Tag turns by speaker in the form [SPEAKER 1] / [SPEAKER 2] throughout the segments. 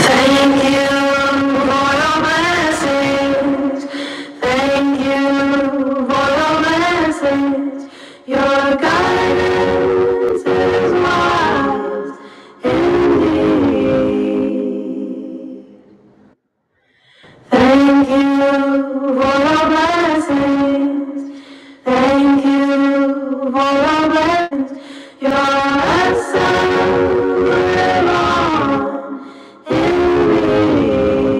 [SPEAKER 1] Thank you for your message. Thank you for your message. Your guidance is wise indeed. Thank you for your blessings. Thank you for your blessings. Your answer is on in me.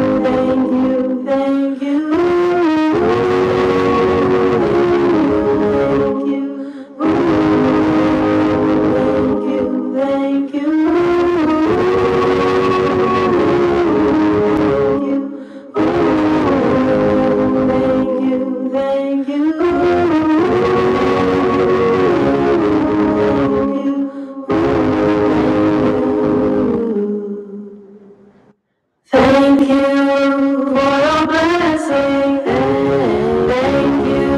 [SPEAKER 1] thank you, thank you, thank you, thank you, thank you, thank you, thank you, thank you. Thank you for your blessing. Thank you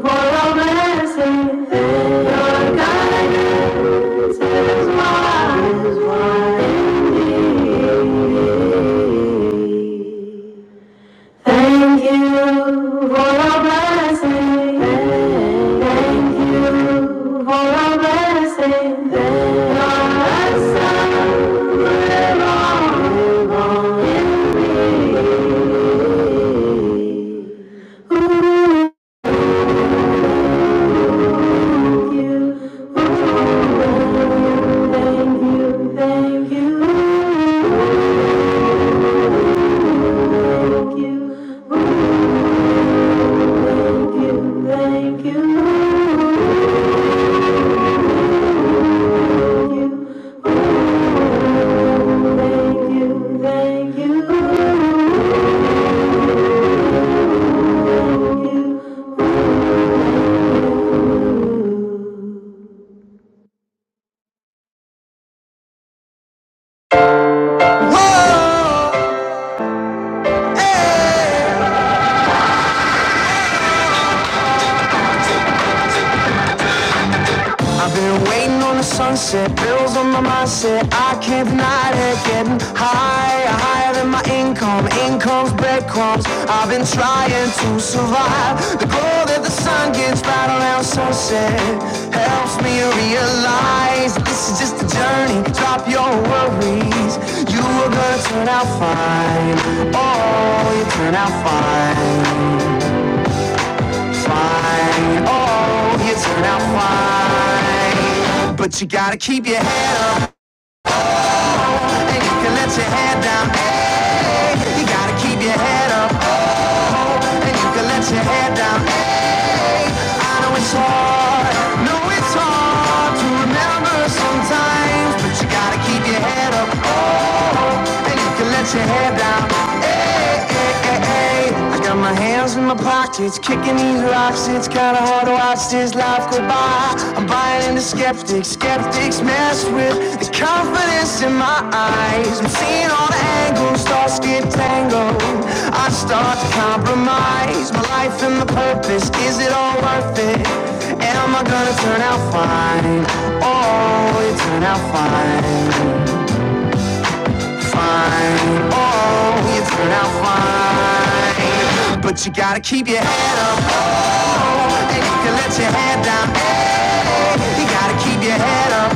[SPEAKER 1] for your blessing. Your guidance is wise, wise indeed. Thank you for your blessing. Thank you for your blessing. Your blessing belong in me. Thank you. Thank you. Thank you. Thank you. Thank you. Thank you. Thank you. Thank you. Thank you. Whoa, hey. I've been waiting on the sunset, bills on my mindset. I can't deny it, getting higher, higher than my income. Income's breadcrumbs. I've been trying to survive. The glow that the sun gets right around sunset helps me realize that this is just a journey. Drop your worries, you are gonna turn out fine. Oh, you turn out fine. fine. Oh, you turn out fine. But you gotta keep your head up. And you can let your head down. Hey, you gotta keep your head up. Oh, and you can let your head down. Hey, I know it's hard, no it's hard to remember sometimes, but you gotta keep your head up, oh, and you can let your head down. Hey, hey, hey, hey. I got my hands in my pockets, kicking these rocks. It's kinda hard to watch this life go by. I'm buying into Skeptics, skeptics mess with the confidence in my eyes. I'm seeing all the angles, thoughts get tangled. I start to compromise my life and my purpose. Is it all worth it? And Am I gonna turn out fine? Oh, you turn out fine, fine. Oh, you turn out fine. But you gotta keep your head up, oh, and you can let your head down. Hey, you gotta keep your head up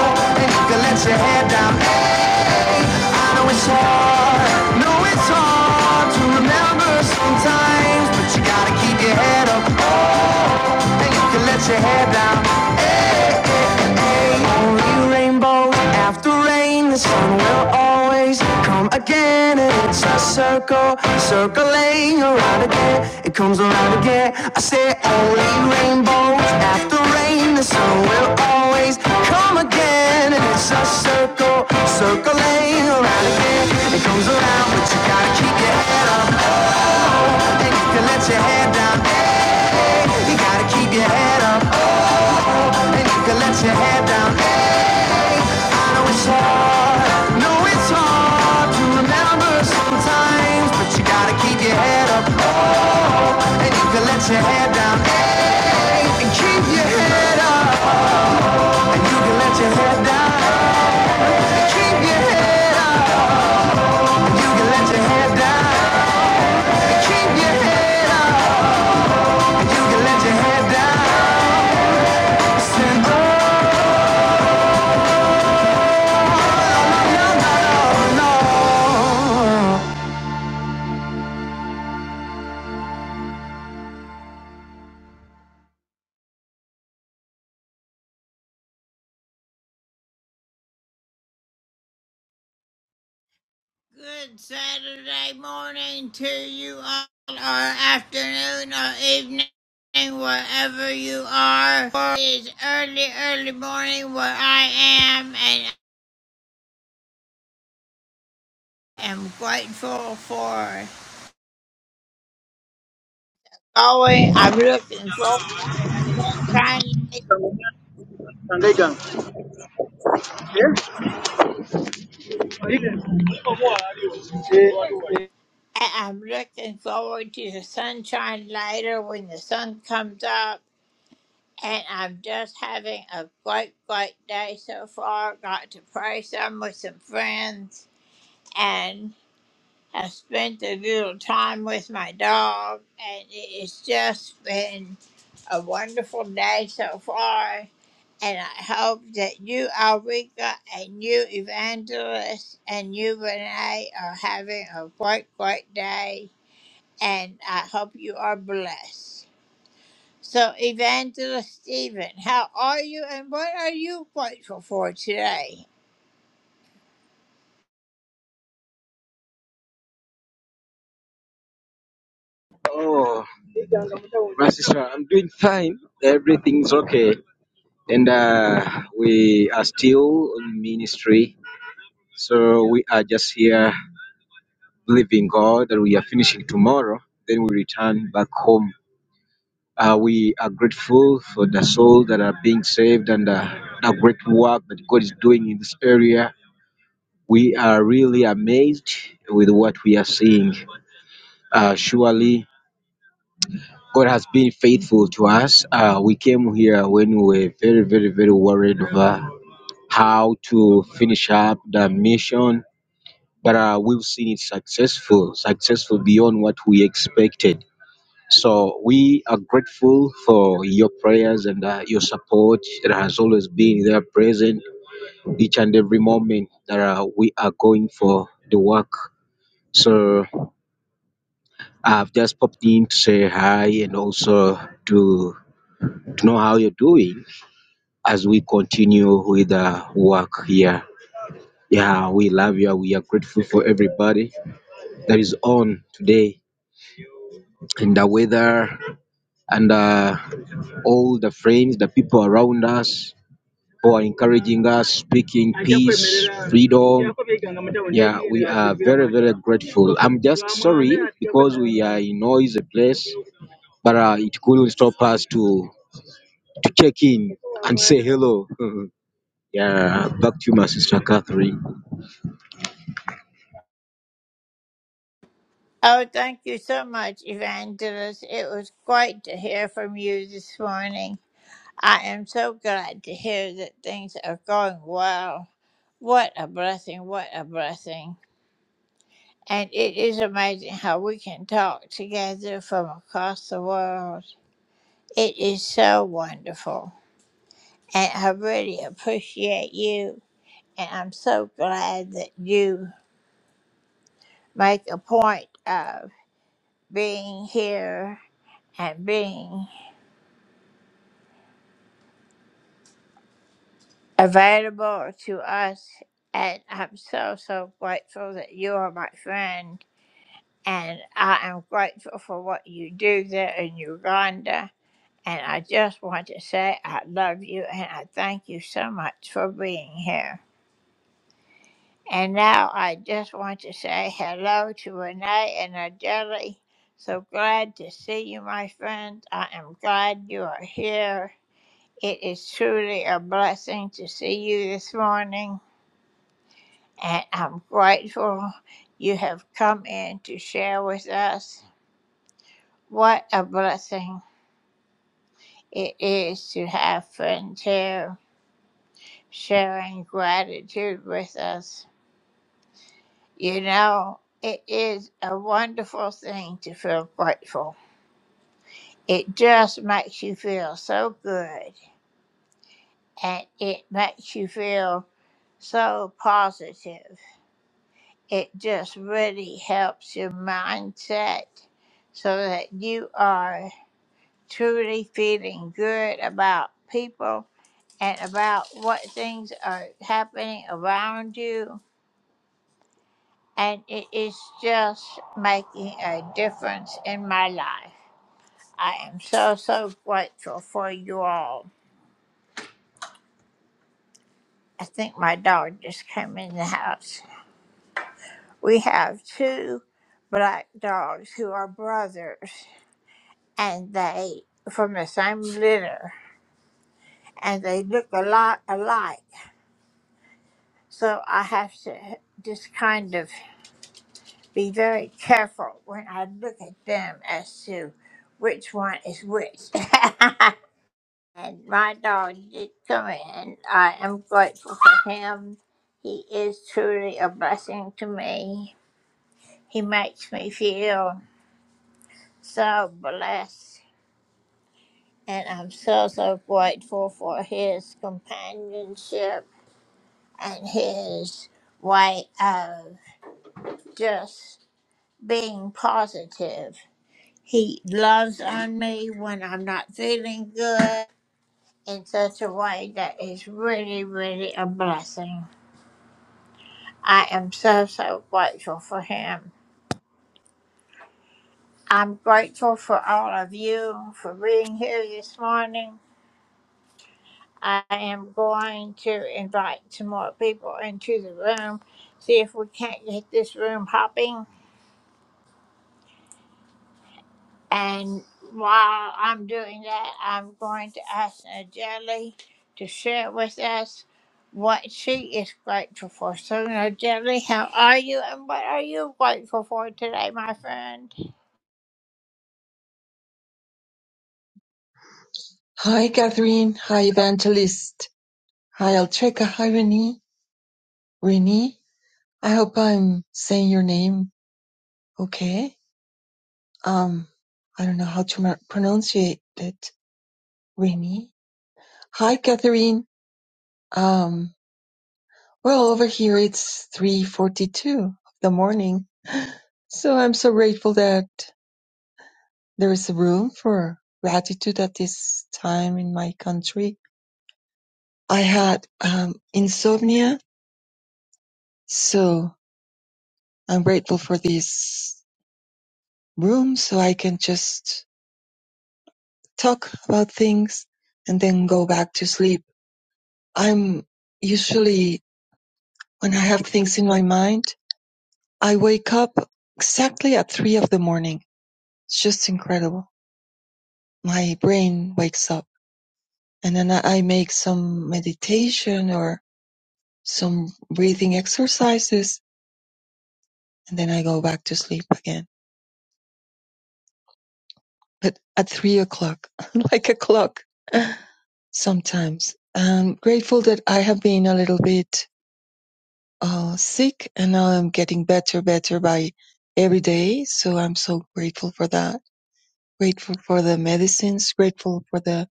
[SPEAKER 1] and you can let your head down. Hey, I know it's hard, know it's hard to remember sometimes, but you gotta keep your head up, oh, and you can let your head down. Only rainbows after rain, the sun will always come again. And it's a circle, circling around again. It comes around again. I say only rainbows after rain, the sun will always come again. And it's a circle, circling around again. It comes around, but you gotta keep your head up. And you can let your head down. you gotta keep your head up. And you can let your head down. know it's hard, know it's hard to remember sometimes, but you gotta keep your head up, and you can let your head down, hey, and keep your head up, and you can let your head down, and keep your head up, and you can let your head down, and keep your head up, and you can let your head down, and oh, no, no, no.
[SPEAKER 2] Megan. Oh, my sister, I'm doing fine. Everything's okay. And uh, we are still on ministry. So we are just here believing God that we are finishing tomorrow. Then we return back home. Uh, we are grateful for the souls that are being saved and uh, the great work that God is doing in this area. We are really amazed with what we are seeing. Uh, surely God has been faithful to us. Uh, we came here when we were very, very, very worried over how to finish up the mission, but uh, we've seen it successful, successful beyond what we expected. So we are grateful for your prayers and uh, your support that has always been there present each and every moment that uh, we are going for the work. So I've just popped in to say hi and also to to know how you're doing as we continue with the work here. Yeah, we love you. We are grateful for everybody that is on today and the weather and uh, all the friends, the people around us who are encouraging us, speaking peace, freedom. Yeah, we are very, very grateful. I'm just sorry because we are in noisy place, but uh, it couldn't stop us to, to check in and say hello. yeah, back to you, my sister Catherine.
[SPEAKER 3] Hi, Catherine. Hi, Evangelist. Hi, Altreka. Hi, Renee. Renee, I hope I'm saying your name okay. Um, I don't know how to mar- pronounce it. Renee. Hi, Catherine. Um, well, over here it's 3.42 of the morning. So I'm so grateful that there is room for gratitude at this time in my country. I had, um, insomnia. So I'm grateful for this room so I can just talk about things and then go back to sleep. I'm usually, when I have things in my mind, I wake up exactly at three of the morning. It's just incredible. My brain wakes up and then I I make some meditation or some breathing exercises and then I go back to sleep again. But at three o'clock, like a clock. sometimes. I'm grateful that I have been a little bit uh, sick and now I'm getting better, better by every day. So I'm so grateful for that. Grateful for the medicines, grateful for the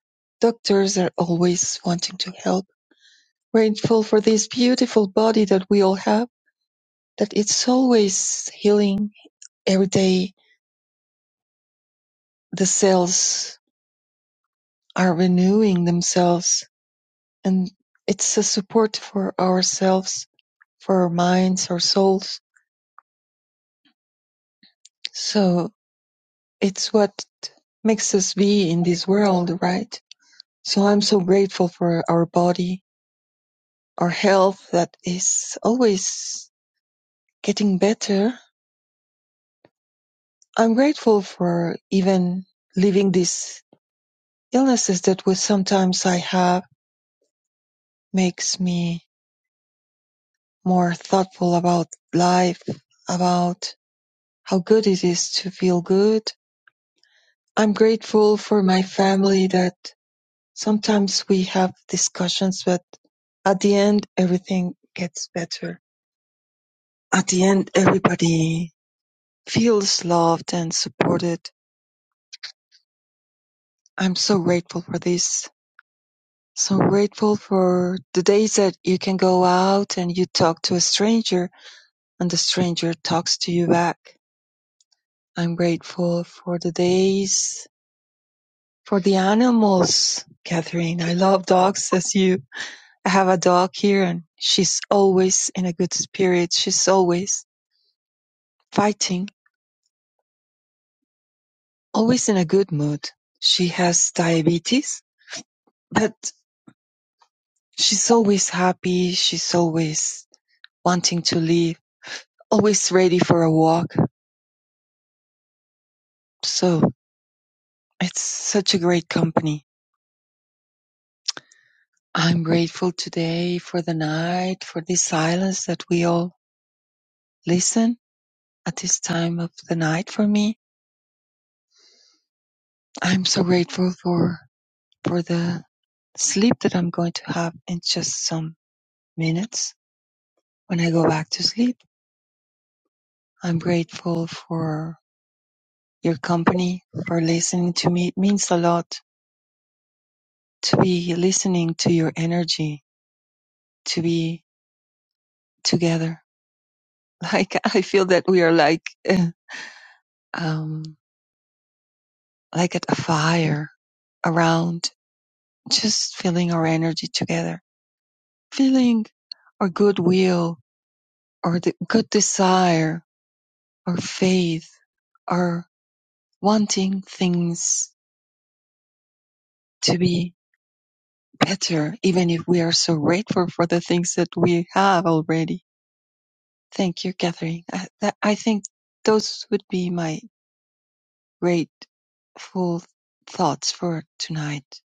[SPEAKER 3] doctors that are always wanting to help. Grateful for this beautiful body that we all have, that it's always healing. Every day the cells are renewing themselves and it's a support for ourselves, for our minds, our souls So it's what makes us be in this world, right? So I'm so grateful for our body, our health that is always getting better. I'm grateful for even living these illnesses that was sometimes I have makes me more thoughtful about life, about how good it is to feel good. I'm grateful for my family that Sometimes we have discussions, but at the end, everything gets better. At the end, everybody feels loved and supported. I'm so grateful for this. So grateful for the days that you can go out and you talk to a stranger and the stranger talks to you back. I'm grateful for the days for the animals, Catherine. I love dogs as you. I have a dog here and she's always in a good spirit. She's always Fighting, always in a good mood. She has diabetes, but she's always happy, she's always wanting to live, always ready for a walk. So it's such a great company. I'm grateful today for the night, for this silence that we all listen at this time of the night for me. I'm so grateful for for the sleep that I'm going to have in just some minutes when I go back to sleep. I'm grateful for your company, for listening to me. It means a lot to be listening to your energy, to be together. Like I feel that we are like, eh, um, like at a fire around, just feeling our energy together, feeling our goodwill, our the good desire, our faith, our wanting things to be better, even if we are so grateful for the things that we have already. Thank you, Catherine. I, that, I think those would be my grateful thoughts for tonight.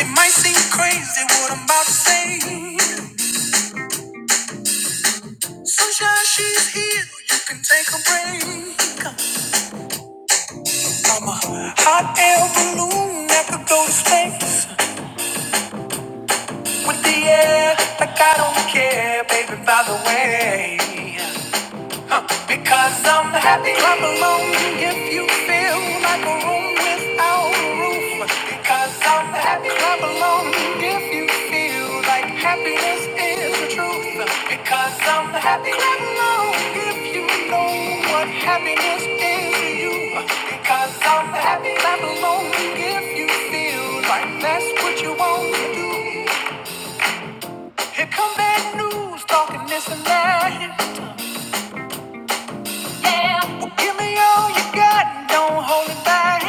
[SPEAKER 1] It might seem crazy what I'm about to say. Sunshine, she's here. You can take a break. I'm a hot air balloon that could go to space with the air like I don't care, baby. By the way. Because I'm happy I'm alone if you feel like a room without a roof. Because I'm happy I'm alone if you feel like happiness is the truth. Because I'm happy I'm alone if you know what happiness is to you. Because I'm happy I'm alone if you feel like that's what you want to do. Here come bad news talking this and that. Well, Give me all you got, and don't hold it back.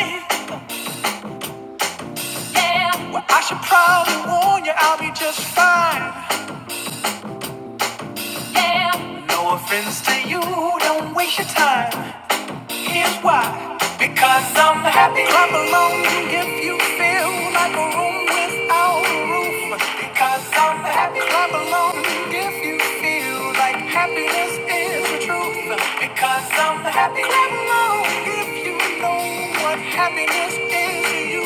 [SPEAKER 1] Well, I should probably warn you, I'll be just fine. No offense to you, don't waste your time. Here's why. Because I'm happy. Clap along if you feel like a room without a roof. Because I'm happy. Clap along if you feel like happiness is the truth. Because I'm happy. Clap along if you know what happiness is to you.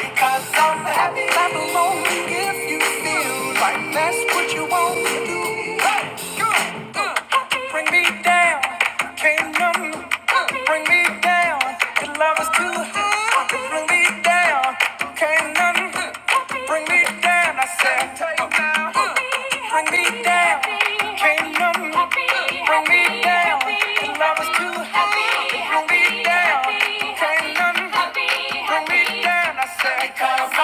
[SPEAKER 1] Because I'm happy. Clap along if you feel like that's what you want to do. Hey, go. Bring me down, can't none bring me down. Your love is too high, bring me down, can't none. And I said, I said.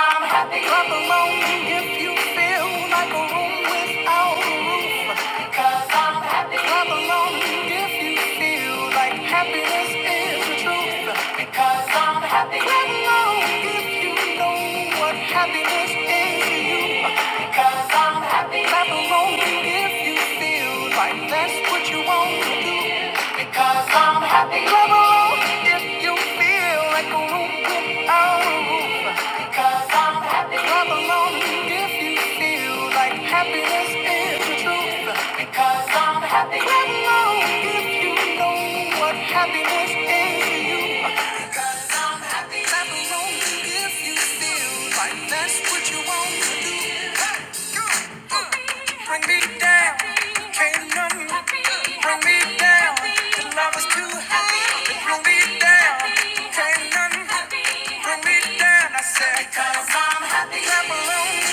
[SPEAKER 1] I'm happy. Clap along if you feel like a room without a roof. Because I'm happy. Clap along if you feel like happiness is the truth. Because I'm happy. Clap along if you know what happiness is to you. Because I'm happy. Clap along if you feel like that's what you want to do. Because I'm happy. Clap along if you feel like a room without a roof. Because I'm happy. Clap along if you feel like happiness is the truth. Because I'm happy. Clap along if you know what happiness is to you. Because I'm happy. Clap along if you feel like that's what you want to do. Hey, you. And I'm glad I said. Cause I'm happy.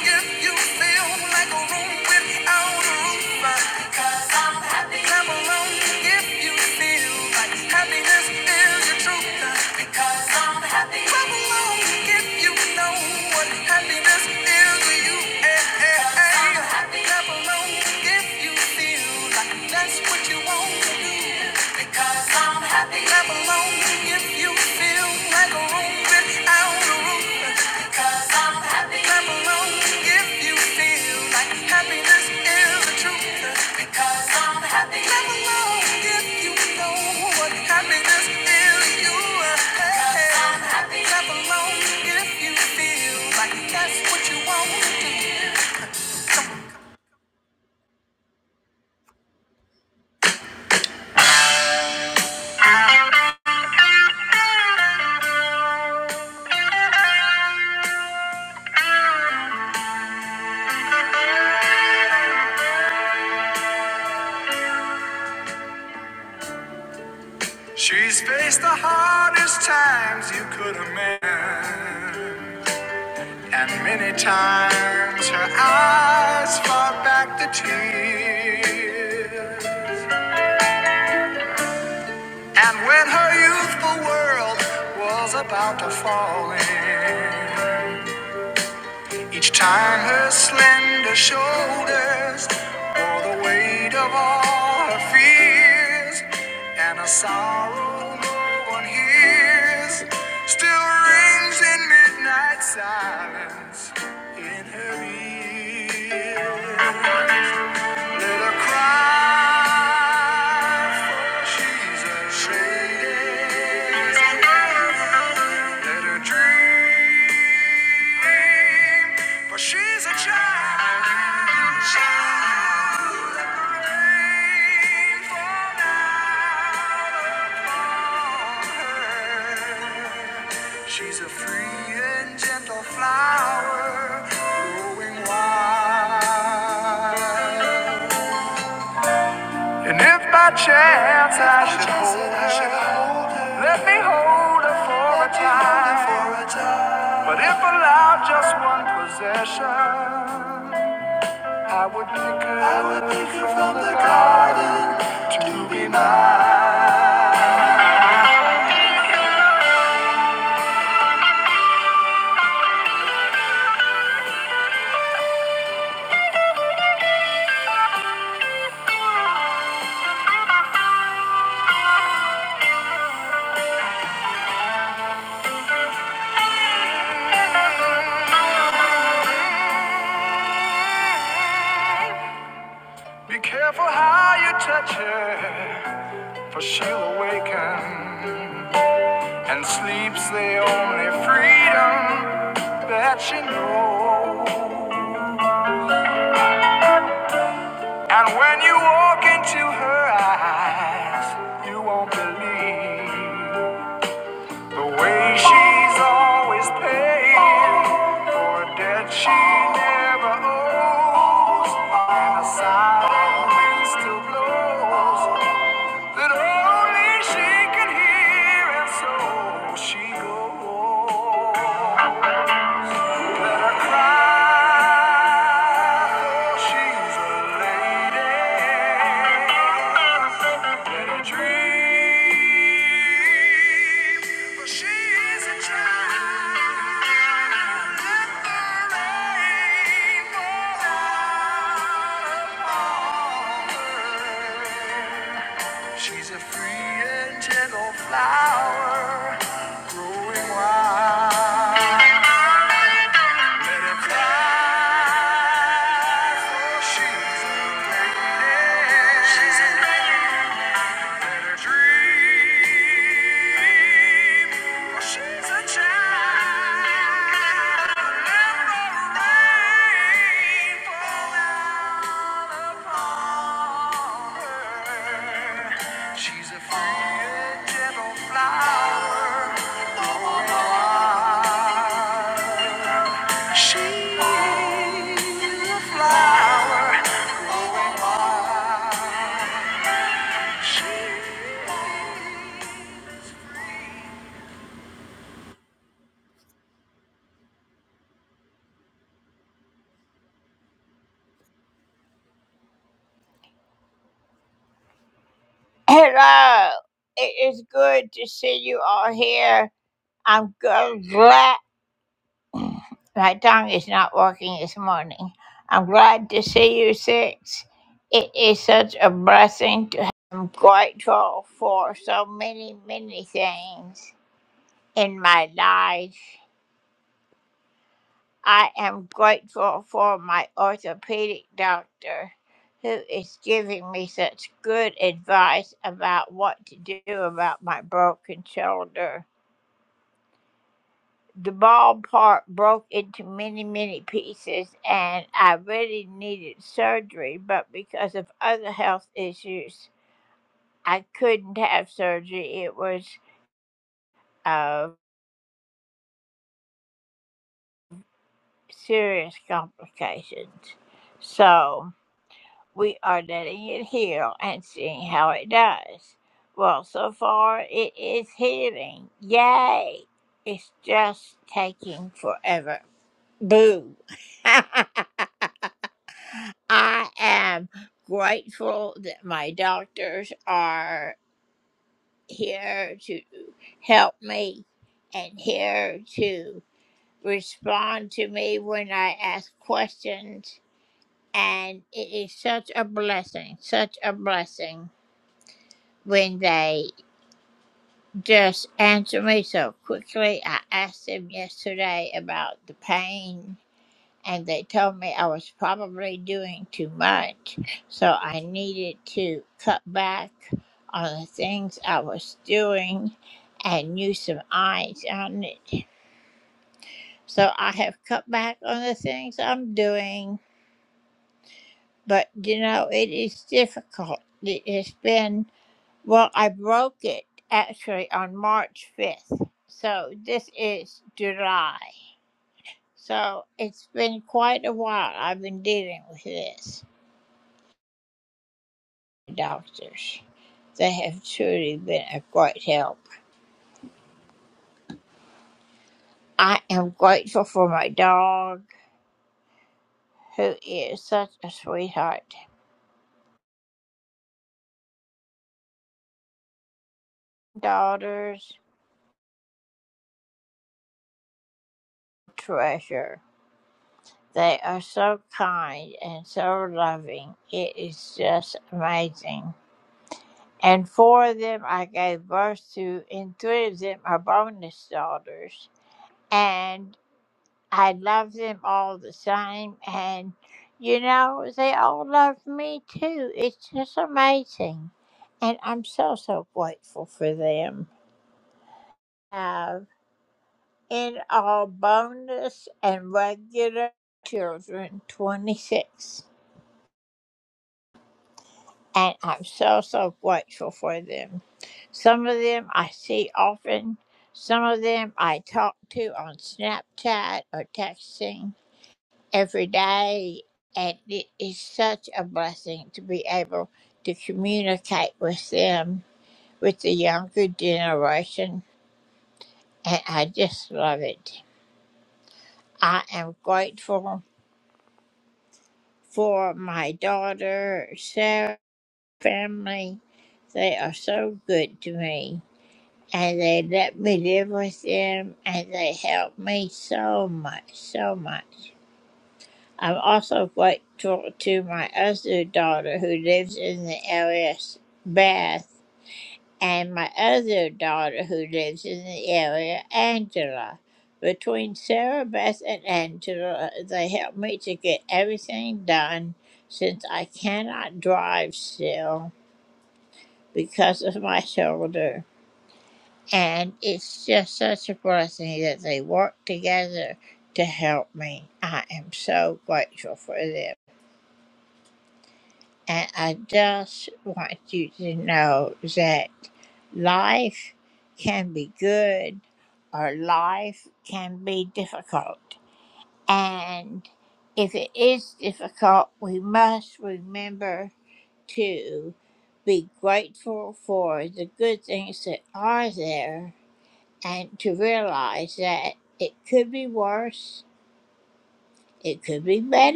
[SPEAKER 1] if you feel like a room without a roof. Cause I'm happy. if you feel like happiness is the truth. Because I'm happy. if you know what happiness is to you. Eh, eh, Because I'm eh. happy. if you feel like that's what you want to do. Because I'm Happy. Clap along if you feel like a room without a roof. Because I'm happy. Clap along if you feel like happiness is the truth. Because I'm happy. Clap along if you know what happiness is. You Because I'm happy. Clap along if you feel like that's what you want to do. She's faced the hardest times you could imagine. And many times her eyes fought back the tears. And when her youthful world was about to fall in, each time her slender shoulders bore the weight of all her fears. And a sorrow no one hears still rings in midnight silence in her ear. Let her cry, for she's afraid. Let her dream, for she's a child. Rainfall down upon her. She's a free and gentle flower growing wild. And if by chance I should hold her, let me hold her for a time. But if allowed just one possession, I would pick her, I would pick her from the garden to be mine. Be careful how you touch her, for she'll awaken. And sleep's the only freedom that you know. And when you walk into her eyes, you won't believe the way she's always paying for a debt she never owes. And a silent wind still blows that only she can hear, and so she goes. Thank you She's a free and gentle flower growing wild. Let her fly, for she's a lady. She's a lady. And a dream. Well, she's a child. And the rain fall down upon her. She's a free gentle flower. Oh, she's a flower. Going wild. I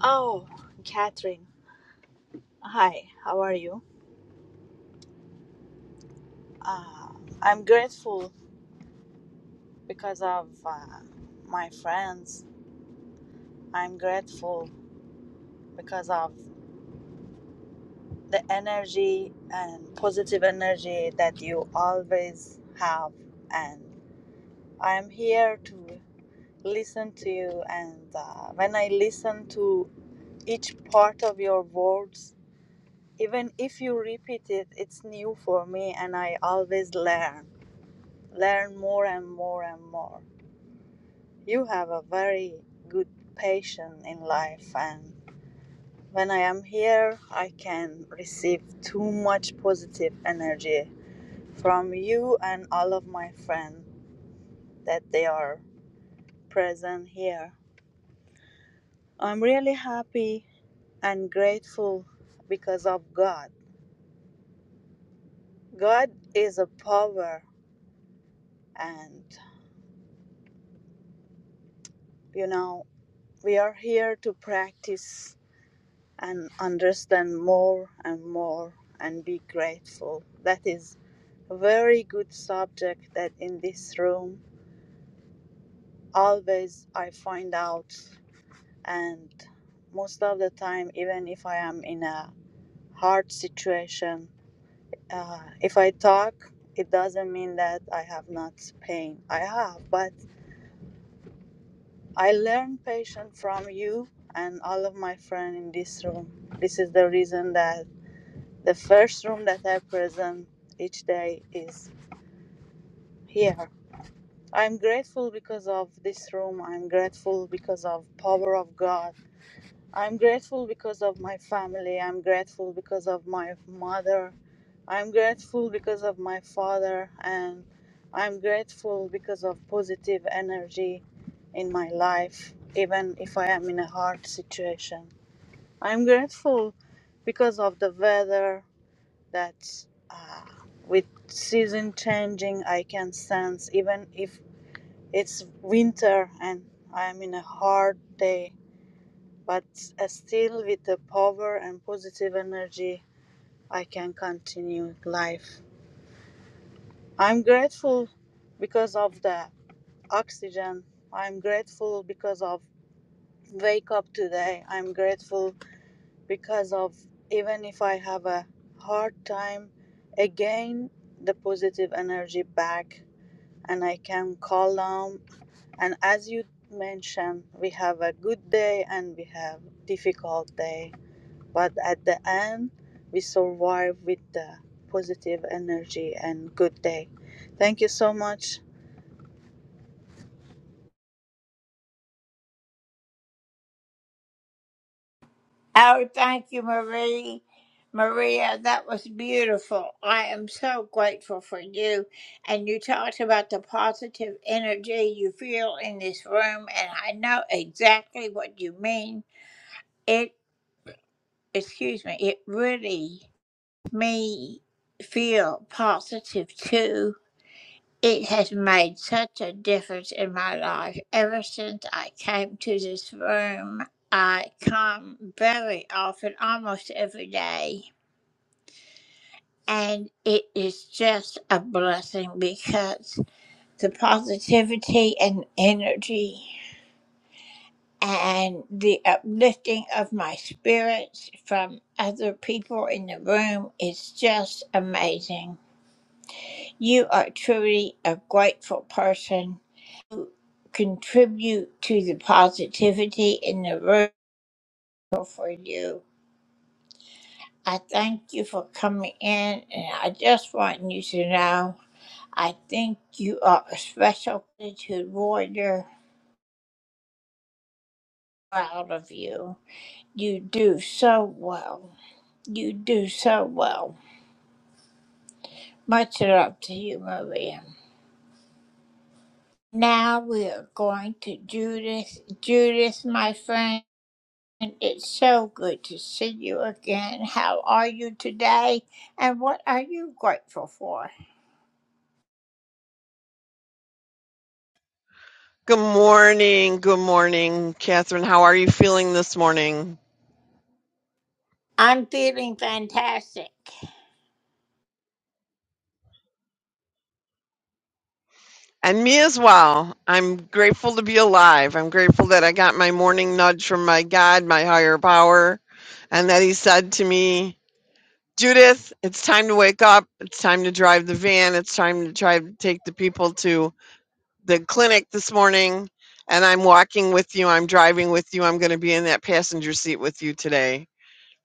[SPEAKER 4] Oh, Catherine. Hi, how are you? Uh, I'm grateful because of uh, my friends. I'm grateful because of the energy and positive energy that you always have. And I'm here to listen to you. And uh, when I listen to each part of your words, even if you repeat it, it's new for me and I always learn Learn more and more and more. You have a very good passion in life, and when I am here, I can receive too much positive energy from you and all of my friends that they are present here. I'm really happy and grateful because of God. God is a power, and you know, we are here to practice and understand more and more and be grateful. That is a very good subject that in this room always I find out and most of the time even if I am in a hard situation uh, if I talk it doesn't mean that I have not pain I have but I learn patience from you and all of my friends in this room this is the reason that The first room that I present each day is here. I'm grateful because of this room. I'm grateful because of power of God. I'm grateful because of my family. I'm grateful because of my mother. I'm grateful because of my father and I'm grateful because of positive energy in my life even if I am in a hard situation. I'm grateful because of the weather. that uh, with season changing i can sense even if it's winter and i'm in a hard day but uh, still with the power and positive energy i can continue life i'm grateful because of the oxygen i'm grateful because of wake up today i'm grateful because of even if i have a hard time again the positive energy back and I can call them. And as you mentioned, we have a good day and we have difficult day, but at the end, we survive with the positive energy and good day. Thank you so much
[SPEAKER 5] Good morning. Good morning, Catherine. How are you feeling this morning? And me as well. I'm grateful to be alive. I'm grateful that I got my morning nudge from my God, my higher power, and that He said to me, Judith, it's time to wake up. It's time to drive the van. It's time to try to take the people to the clinic this morning. And I'm walking with you. I'm driving with you. I'm going to be in that passenger seat with you today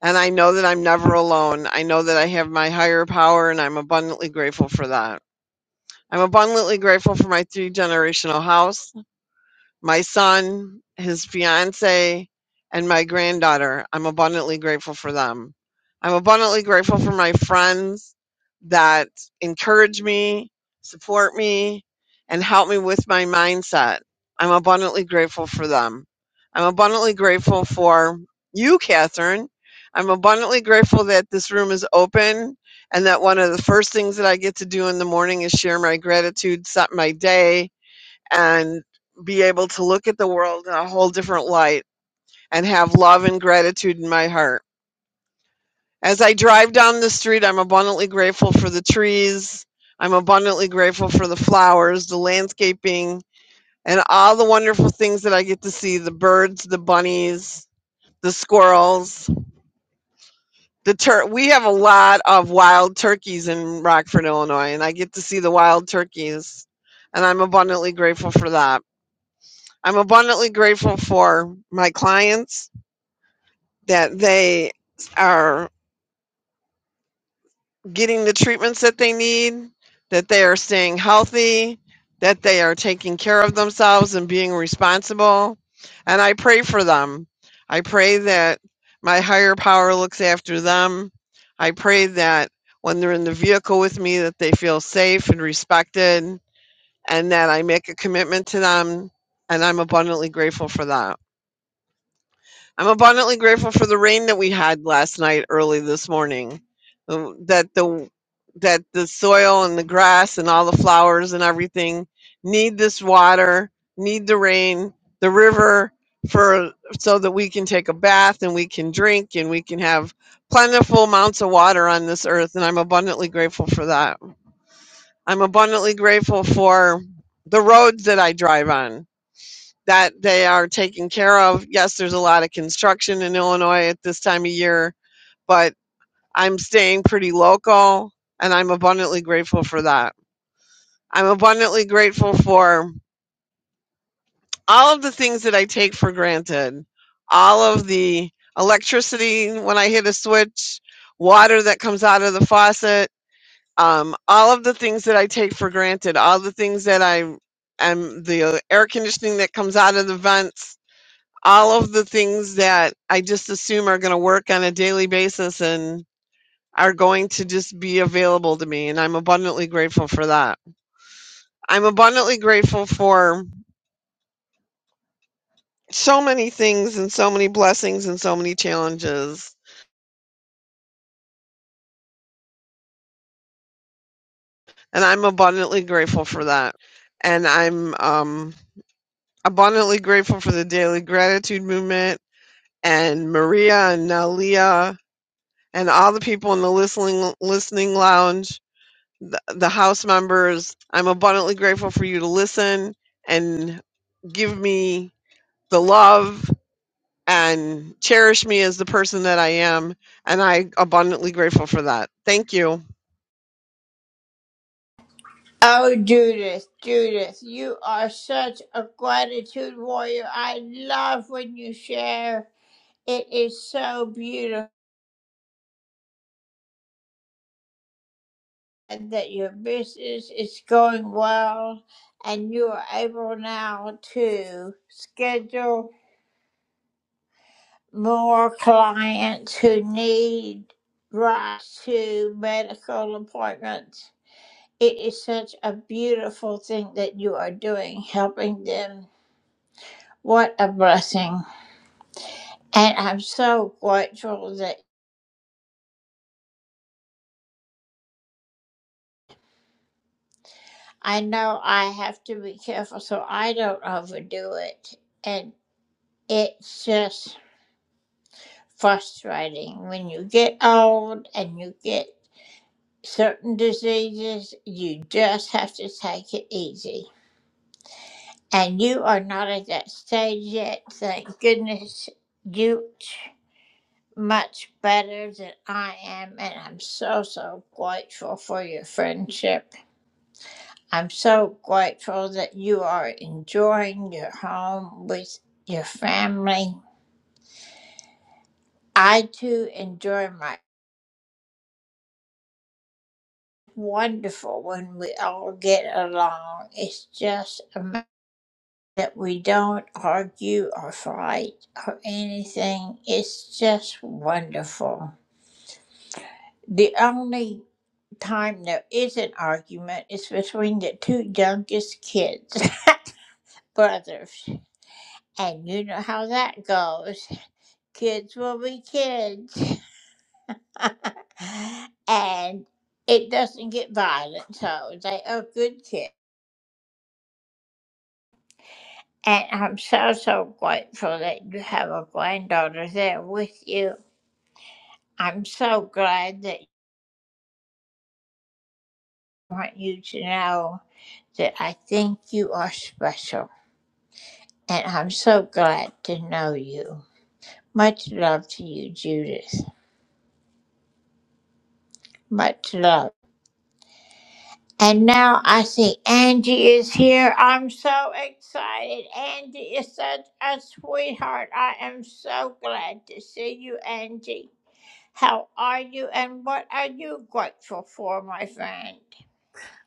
[SPEAKER 5] And I know that I'm never alone. I know that I have my higher power, and I'm abundantly grateful for that. I'm abundantly grateful for my three generational house my son, his fiance, and my granddaughter. I'm abundantly grateful for them. I'm abundantly grateful for my friends that encourage me, support me, and help me with my mindset. I'm abundantly grateful for them. I'm abundantly grateful for you, Catherine. I'm abundantly grateful that this room is open and that one of the first things that I get to do in the morning is share my gratitude, set my day, and be able to look at the world in a whole different light and have love and gratitude in my heart. As I drive down the street, I'm abundantly grateful for the trees. I'm abundantly grateful for the flowers, the landscaping, and all the wonderful things that I get to see the birds, the bunnies, the squirrels. The tur- we have a lot of wild turkeys in Rockford, Illinois, and I get to see the wild turkeys, and I'm abundantly grateful for that. I'm abundantly grateful for my clients that they are getting the treatments that they need, that they are staying healthy, that they are taking care of themselves and being responsible. And I pray for them. I pray that my higher power looks after them. I pray that when they're in the vehicle with me that they feel safe and respected and that I make a commitment to them and I'm abundantly grateful for that. I'm abundantly grateful for the rain that we had last night, early this morning. The- That the that the soil and the grass and all the flowers and everything need this water, need the rain, the river for so that we can take a bath and we can drink and we can have plentiful amounts of water on this earth and I'm abundantly grateful for that. I'm abundantly grateful for the roads that I drive on that they are taken care of. Yes, there's a lot of construction in Illinois at this time of year, but I'm staying pretty local and I'm abundantly grateful for that. I'm abundantly grateful for all of the things that I take for granted, all of the electricity when I hit a switch, water that comes out of the faucet, um, all of the things that I take for granted, all the things that I am the air conditioning that comes out of the vents, all of the things that I just assume are going to work on a daily basis and are going to just be available to me. And I'm abundantly grateful for that. I'm abundantly grateful for so many things and so many blessings and so many challenges. And I'm abundantly grateful for that. And I'm um, abundantly grateful for the daily gratitude movement and Maria and Nalia and all the people in the listening listening lounge the, the House members. I'm abundantly grateful for you to listen and give me the love and cherish me as the person that I am. And I abundantly grateful for that. Thank you.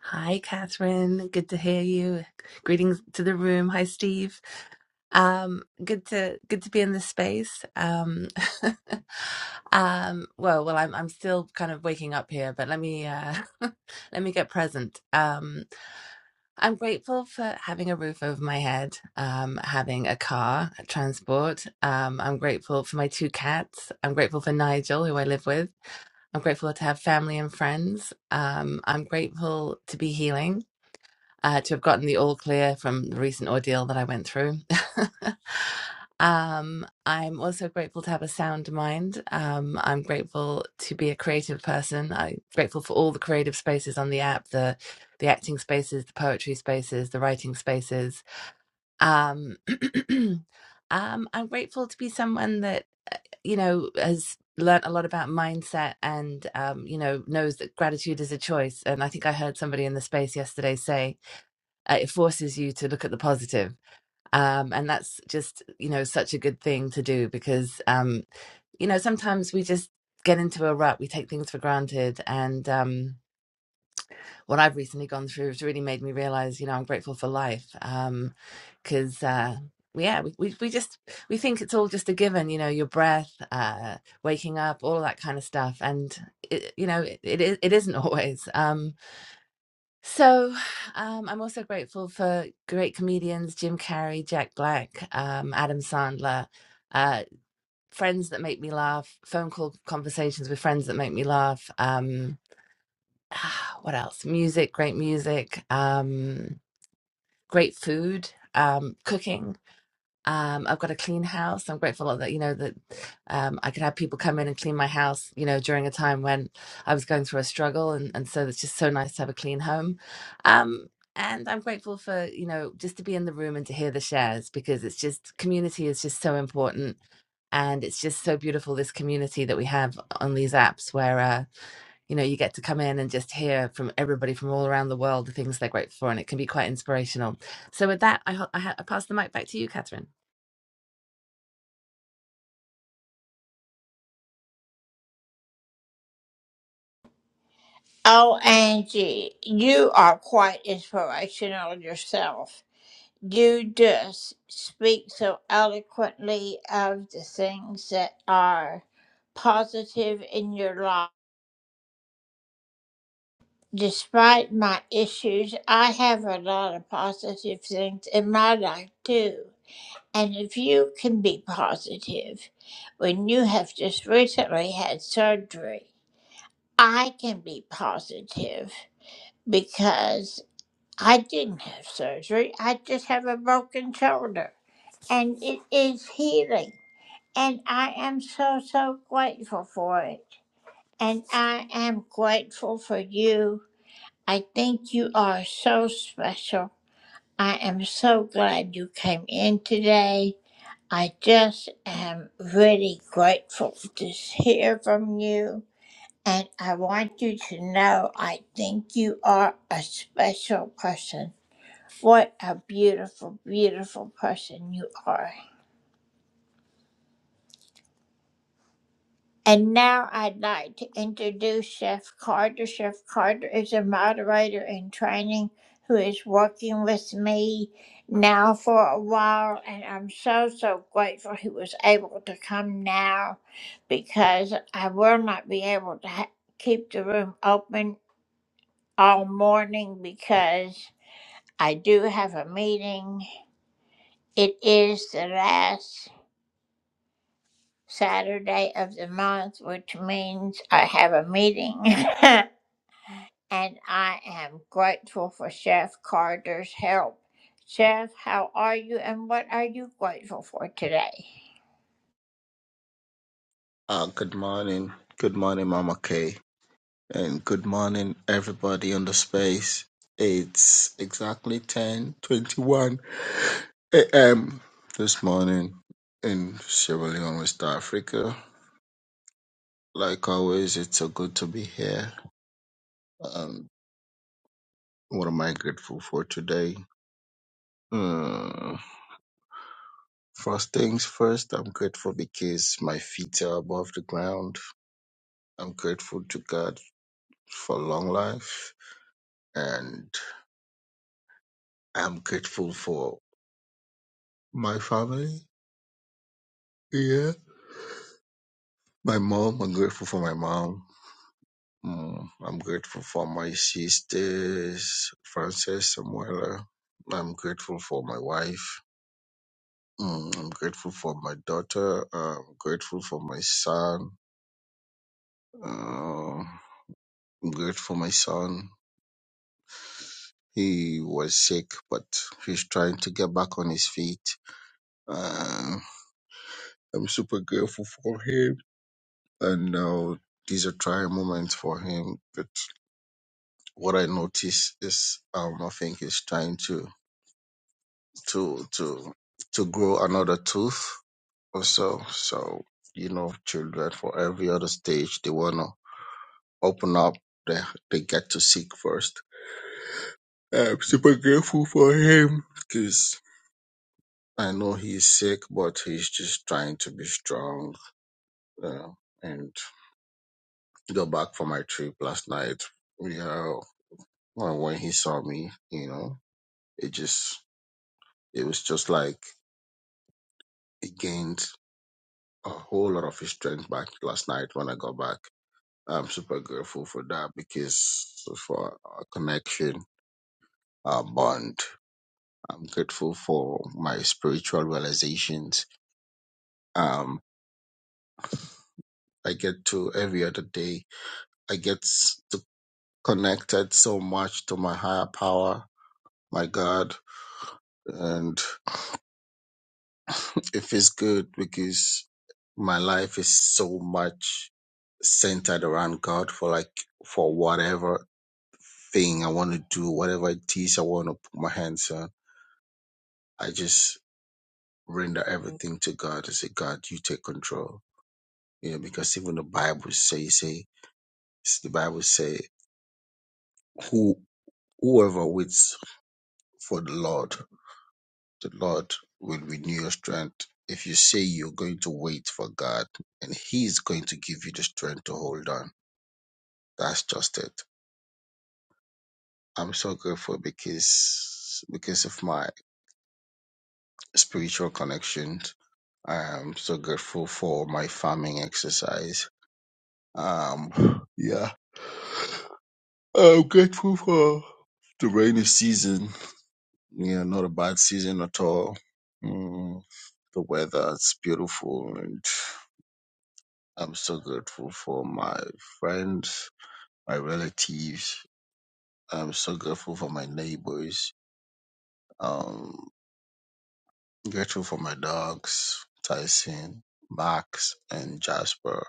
[SPEAKER 6] Hi, Catherine. Good to hear you. Greetings to the room. Hi, Steve. Um, good to good to be in this space. Um, um, well, well, I'm I'm still kind of waking up here, but let me uh, let me get present. Um, I'm grateful for having a roof over my head, um, having a car, transport. Um, I'm grateful for my two cats. I'm grateful for Nigel, who I live with. I'm grateful to have family and friends. Um, I'm grateful to be healing uh, to have gotten the all clear from the recent ordeal that I went through. um, I'm also grateful to have a sound mind. Um, I'm grateful to be a creative person. I'm grateful for all the creative spaces on the app the the acting spaces, the poetry spaces, the writing spaces. Um, um, I'm grateful to be someone that you know has learned a lot about mindset and um, you know knows that gratitude is a choice. And I think I heard somebody in the space yesterday say uh, it forces you to look at the positive um and that's just you know such a good thing to do because um you know sometimes we just get into a rut we take things for granted and um what i've recently gone through has really made me realize you know i'm grateful for life um because uh yeah we, we, we just we think it's all just a given you know your breath uh waking up all of that kind of stuff and it, you know it, it, it isn't always Um, so um, I'm also grateful for great comedians Jim Carrey, Jack Black, um, Adam Sandler, uh, friends that make me laugh, phone call conversations with friends that make me laugh. Um, what else? Music, great music, um, great food, um, cooking. Um, I've got a clean house. I'm grateful that you know that um, I could have people come in and clean my house. You know, during a time when I was going through a struggle, and and so it's just so nice to have a clean home. Um, and I'm grateful for you know just to be in the room and to hear the shares because it's just community is just so important, and it's just so beautiful this community that we have on these apps where uh, you know you get to come in and just hear from everybody from all around the world the things they're grateful for, and it can be quite inspirational. So with that, I ho- I, ha- I pass the mic back to you, Catherine.
[SPEAKER 7] Uh, good morning. Good morning, Mama Kay. And good morning, everybody on the space. It's exactly 10.21 a.m. this morning in Sierra Leone, West Africa. Like always, it's so good to be here. Um, what am I grateful for today? Mm, first things first, I'm grateful because my feet are above the ground. I'm grateful to God for long life. and. I'm grateful for my family. Yeah. My mom, I'm grateful for my mom. Mm, I'm grateful for my sisters, Frances, Samuela. I'm grateful for my wife. Mm, I'm grateful for my daughter. Uh, I'm grateful for my son. Uh, I'm grateful for my son. He was sick, but he's trying to get back on his feet. Uh, I'm super grateful for him. and uh, these are trying moments for him. But what I notice is, um, I think he's trying to to to to grow another tooth or so. So you know, children for every other stage they wanna open up. They they get to seek first. I'm super grateful for him because I know he's sick, but he's just trying to be strong. Uh, and go back for my trip last night. Yeah, when when he saw me, you know. It just it was just like it gained a whole lot of his strength back last night when I got back. I'm super grateful for that because for our connection, our bond. I'm grateful for my spiritual realizations. Um, I get to every other day. I get to connected so much to my higher power, my God, and. It feels good because my life is so much centered around God for like for whatever thing I want to do, whatever it is I want to put my hands on. I just render everything to God and say, God, you take control. You know, because even the Bible say, say the Bible say, who whoever waits for the Lord, the Lord will renew your strength. If you say you're going to wait for God, and He's going to give you the strength to hold on That's just it. I'm so grateful because because of my spiritual connections. I'm so grateful for my farming exercise. Um, yeah, I'm grateful for the rainy season. Yeah, not a bad season at all. Mm, the weather is beautiful, and I'm so grateful for my friends, my relatives. I'm so grateful for my neighbors. Um, Grateful for my dogs, Tyson, Max, and Jasper.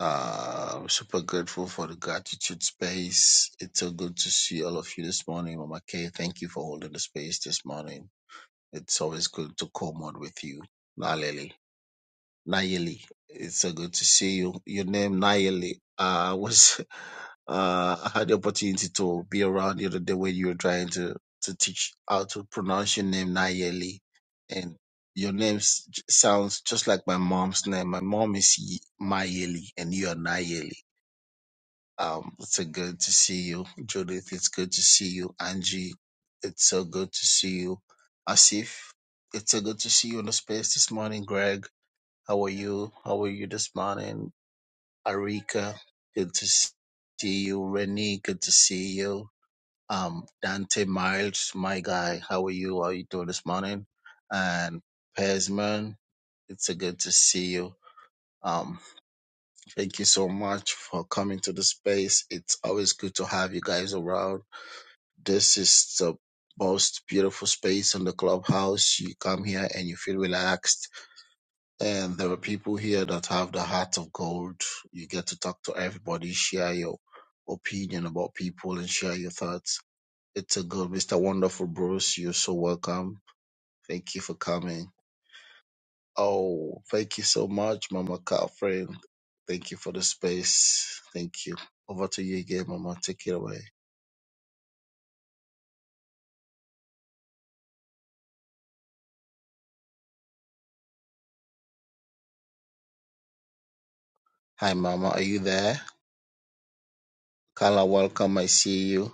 [SPEAKER 7] Uh, I'm super grateful for the gratitude space. It's so good to see all of you this morning, Mama Kay. Thank you for holding the space this morning. It's always good to co-mod with you, Nalele. Nayeli. It's so good to see you. Your name Nayeli. Uh, was uh, I had the opportunity to be around the other day when you were trying to to teach how to pronounce your name Nayeli, and your name s- j- sounds just like my mom's name. My mom is Ye- Mayeli, and you are Nayeli. Um, it's so good to see you, Judith. It's good to see you, Angie. It's so good to see you, Asif. It's so good to see you in the space this morning, Greg how are you? How are you this morning? Arika, good to see you. Renee, good to see you. Um, Dante Miles, my guy, how are you? How are you doing this morning? And Pesman, it's a good to see you. Um, thank you so much for coming to the space. It's always good to have you guys around. This is the most beautiful space on the clubhouse. You come here and you feel relaxed And there are people here that have the heart of gold. You get to talk to everybody, share your opinion about people, and share your thoughts. It's a good, Mr. Wonderful Bruce. You're so welcome. Thank you for coming. Oh, thank you so much, Mama Catherine. Thank you for the space. Thank you. Over to you again, Mama. Take it away. Hi, Mama. Are you there? Carla, welcome. I see you.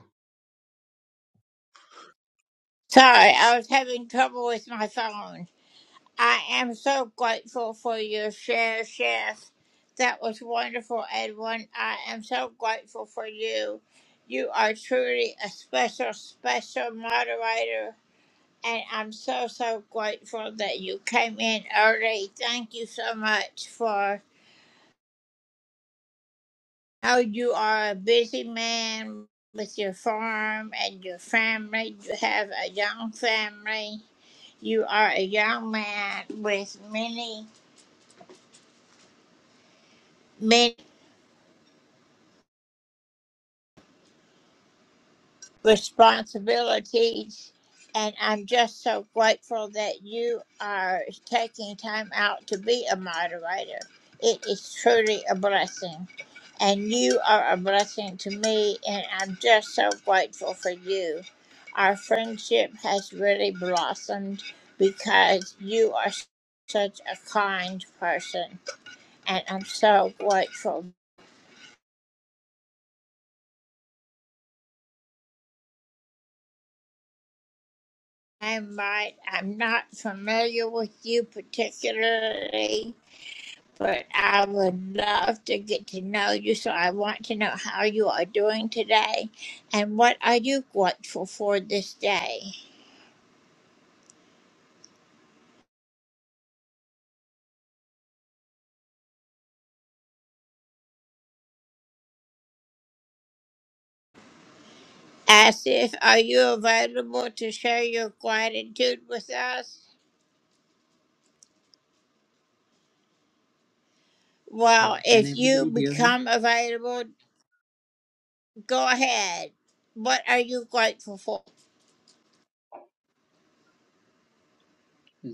[SPEAKER 8] Yeah, can everybody hear me?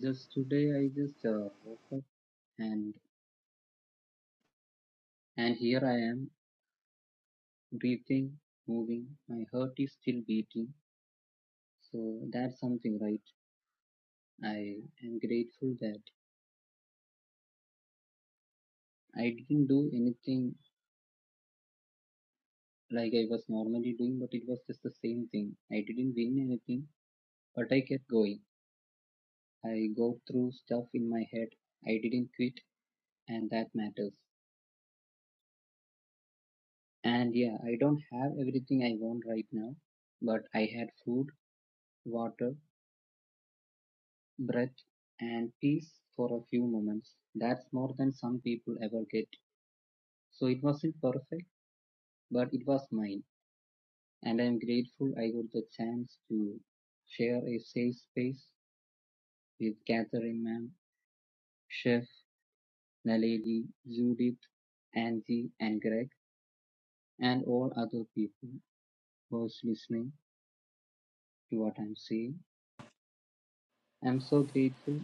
[SPEAKER 8] Just today I just uh, woke up and and here I am breathing, moving. My heart is still beating. So that's something, right? I am grateful that I didn't do anything like I was normally doing, but it was just the same thing. I didn't win anything, but I kept going. I go through stuff in my head. I didn't quit, and that matters. And yeah, I don't have everything I want right now, but I had food water breath and peace for a few moments. That's more than some people ever get. So it wasn't perfect, but it was mine. And I'm grateful I got the chance to share a safe space with Catherine ma'am, Chef, Naledi, Judith, Angie, and Greg, and all other people who's listening to what I'm saying. I'm so grateful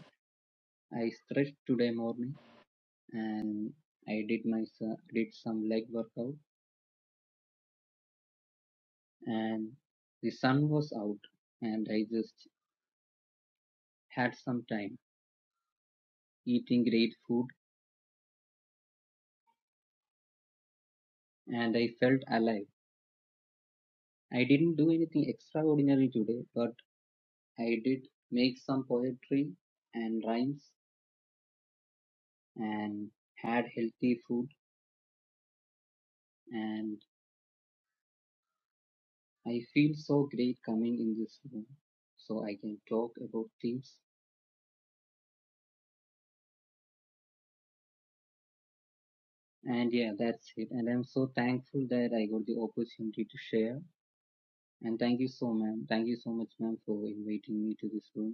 [SPEAKER 8] I stretched today morning and I did my did some leg workout and the sun was out and I just had some time eating great food and I felt alive. I didn't do anything extraordinary today, but I did make some poetry and rhymes and had healthy food and I feel so great coming in this room so I can talk about things. And yeah, that's it. And I'm so thankful that I got the opportunity to share. And thank you so, ma'am. Thank you so much, ma'am, for inviting me to this room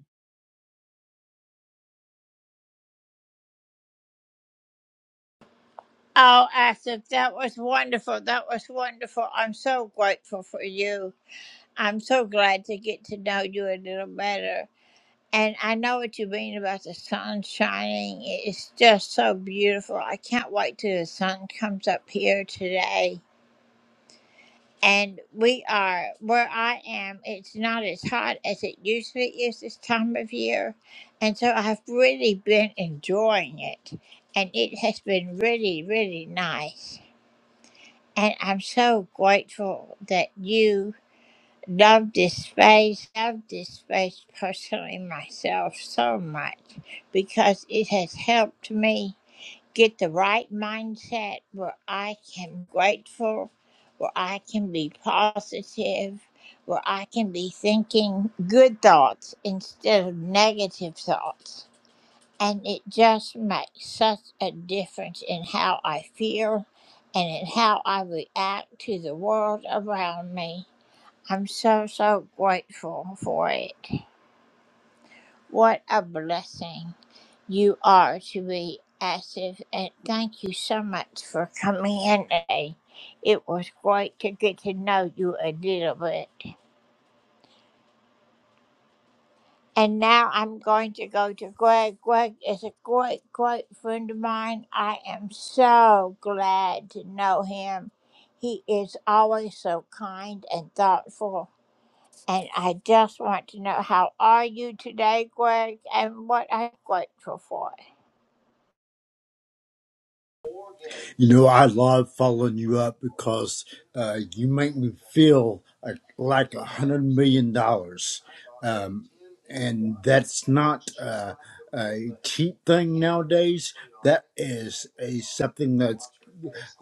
[SPEAKER 9] You know, I love following you up because uh, you make me feel like like a hundred million dollars, um, and that's not uh, a cheap thing nowadays. That is a something that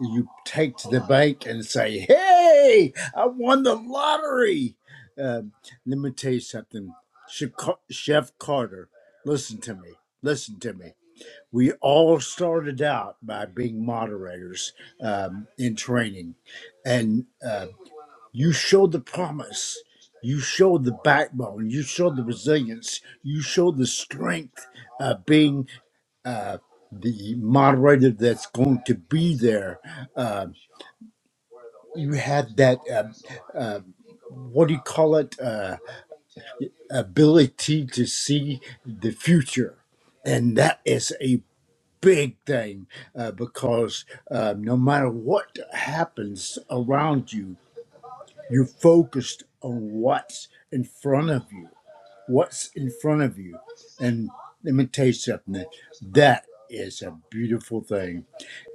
[SPEAKER 9] you take to the bank and say, "Hey, I won the lottery." Um, let me tell you something, Chica- Chef Carter. Listen to me. Listen to me we all started out by being moderators um, in training and uh, you showed the promise you showed the backbone you showed the resilience you showed the strength of being uh, the moderator that's going to be there uh, you had that um uh, what do you call it uh, ability to see the future and that is a big thing uh, because uh, no matter what happens around you, you're focused on what's in front of you. What's in front of you. And let me tell you something that is a beautiful thing.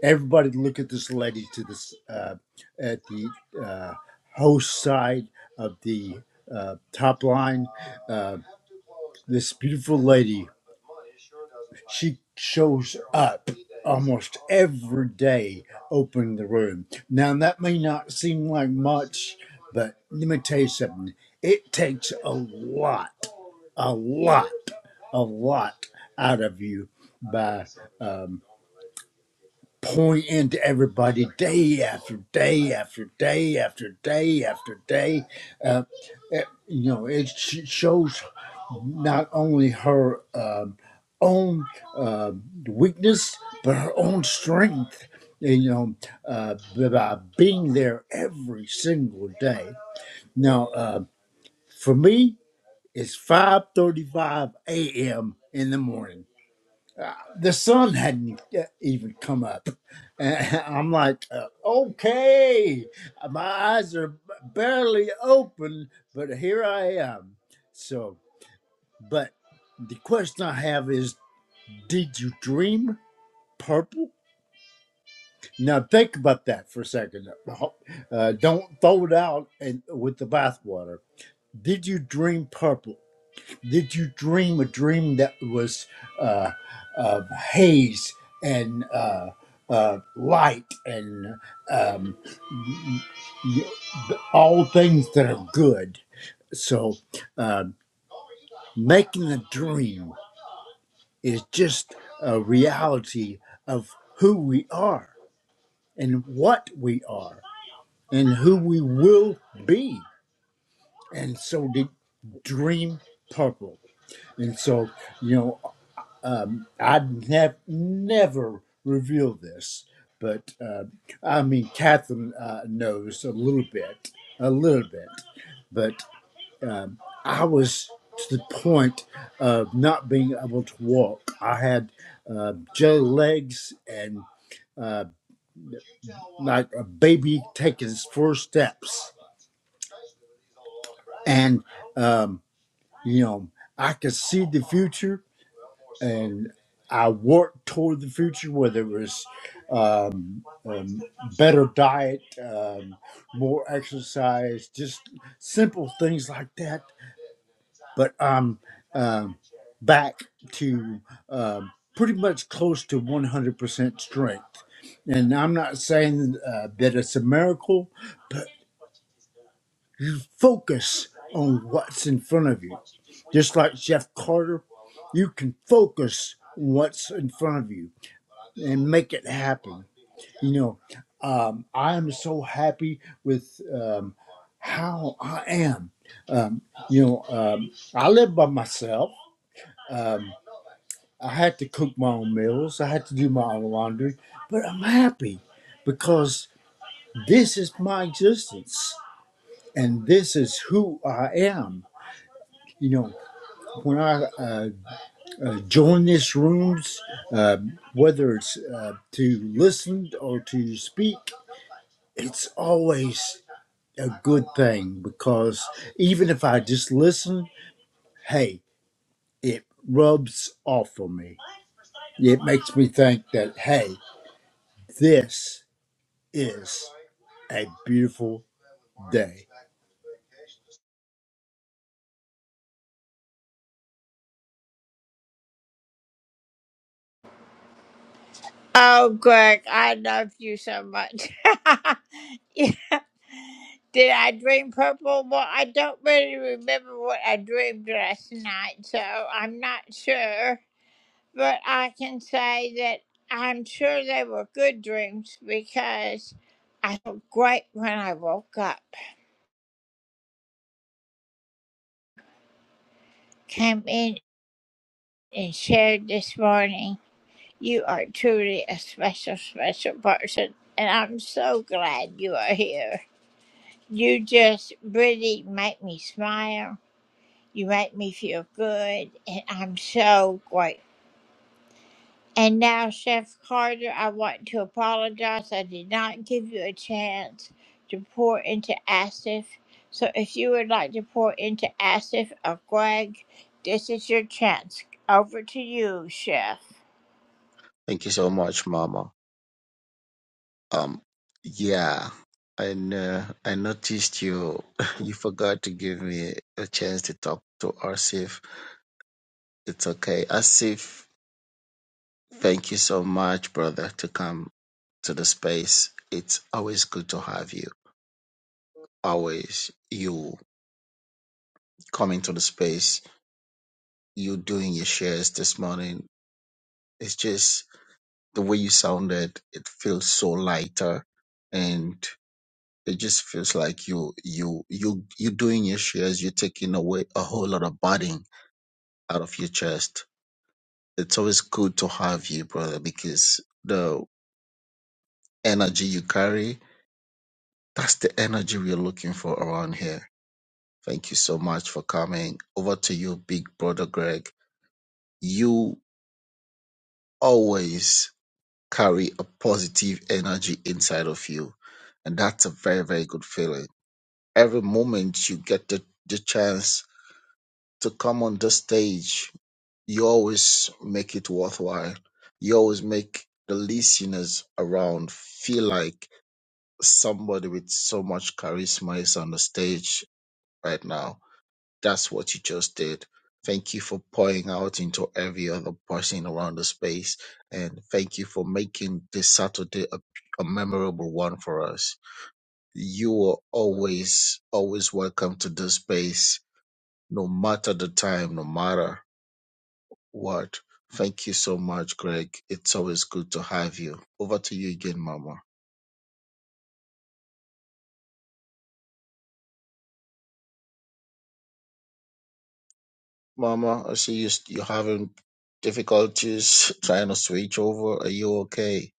[SPEAKER 9] Everybody, look at this lady to this uh, at the uh, host side of the uh, top line. Uh, this beautiful lady she shows up almost every day opening the room. Now, that may not seem like much, but let me tell you something. It takes a lot, a lot, a lot out of you by um, pointing to everybody day after day after day after day after day. uh, it, you know, it sh- shows not only her um, own uh, weakness, but her own strength, and, you know, uh, by being there every single day. Now, uh, for me, it's 5.35 a.m. in the morning the sun hadn't uh, even come up. And I'm like, uh, okay, my eyes are barely open, but here I am. So, but the question I have is, did you dream purple? Now think about that for a second. Uh, don't throw it out and with the bathwater. Did you dream purple? Did you dream a dream that was uh, uh, haze and uh, uh, light and um, y- y- all things that are good? So, uh, making a dream is just a reality of who we are and what we are and who we will be. And so, the dream purple. And so, you know. Um, I'd nev- never reveal this, but uh, I mean, Catherine uh, knows a little bit, a little bit, but um, I was to the point of not being able to walk. I had uh, jelly legs and uh, like a baby taking his first steps. And, um, you know, I could see the future and I worked toward the future, whether it was um, um, better diet, um, more exercise, just simple things like that. But I'm um, back to um pretty much close to 100% strength. And I'm not saying uh, that it's a miracle, but you focus on what's in front of you. Just like Jeff Carter, you can focus on what's in front of you and make it happen. You know, um, I am so happy with um, how I am. Um, you know, um, I live by myself. Um, I had to cook my own meals. I had to do my own laundry, but I'm happy because this is my existence and this is who I am. You know, when I uh, uh, join these rooms, uh, whether it's uh, to listen or to speak, it's always a good thing because even if I just listen, hey, it rubs off on me. It makes me think that, hey, this is a beautiful day.
[SPEAKER 7] Thank you so much, Mama. Um, yeah, and uh, I noticed you you forgot to give me a chance to talk to Asif. It's okay, Asif. Thank you so much, brother, to come to the space. It's always good to have you. Always you coming to the space, you doing your shares this morning. It's just the way you sounded. It feels so lighter, and It just feels like you you you you doing your shares, you're taking away a whole lot of burden out of your chest. It's always good to have you, brother, because the energy you carry, that's the energy we're looking for around here. Thank you so much for coming. Over to you, big brother Greg. You always carry a positive energy inside of you. And that's a very, very good feeling. Every moment you get the, the chance to come on this stage, you always make it worthwhile. You always make the listeners around feel like somebody with so much charisma is on the stage right now. That's what you just did. Thank you for pouring out into every other person around the space. And thank you for making this Saturday a, a memorable one for us. You are always, always welcome to this space, no matter the time, no matter. word. Thank you so much, Greg. It's always good to have you. Over to you again, Mama. Mama, I see you, you're having difficulties trying to switch over. Are you okay?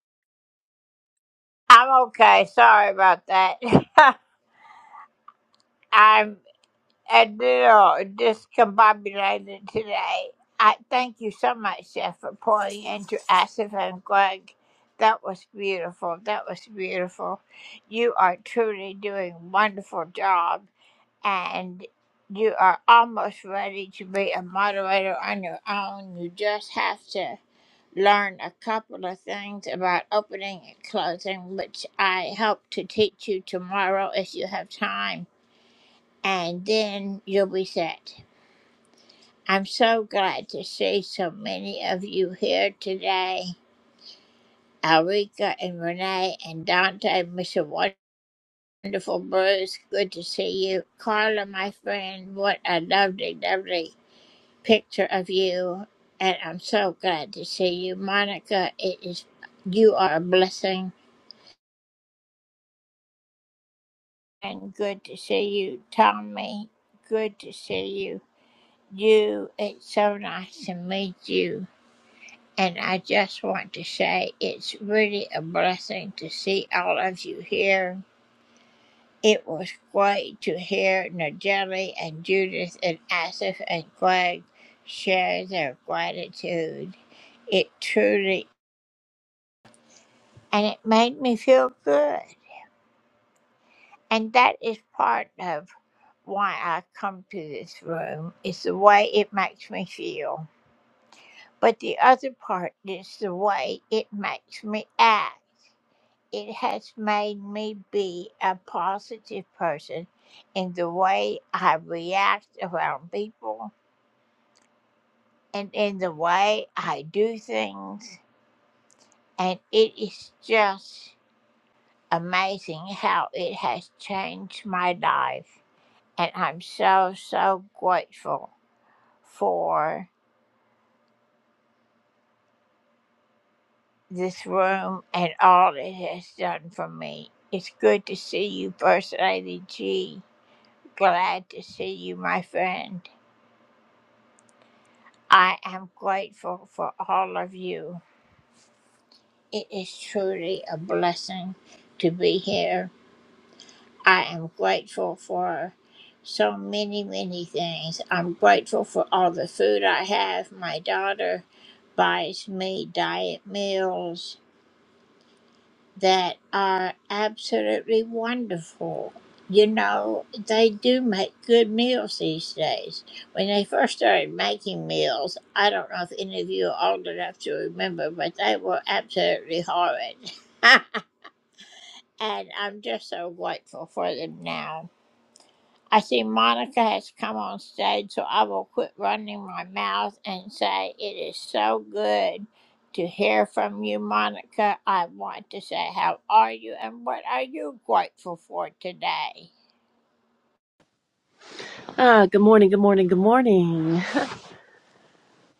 [SPEAKER 10] Ah, good morning, good morning, good morning.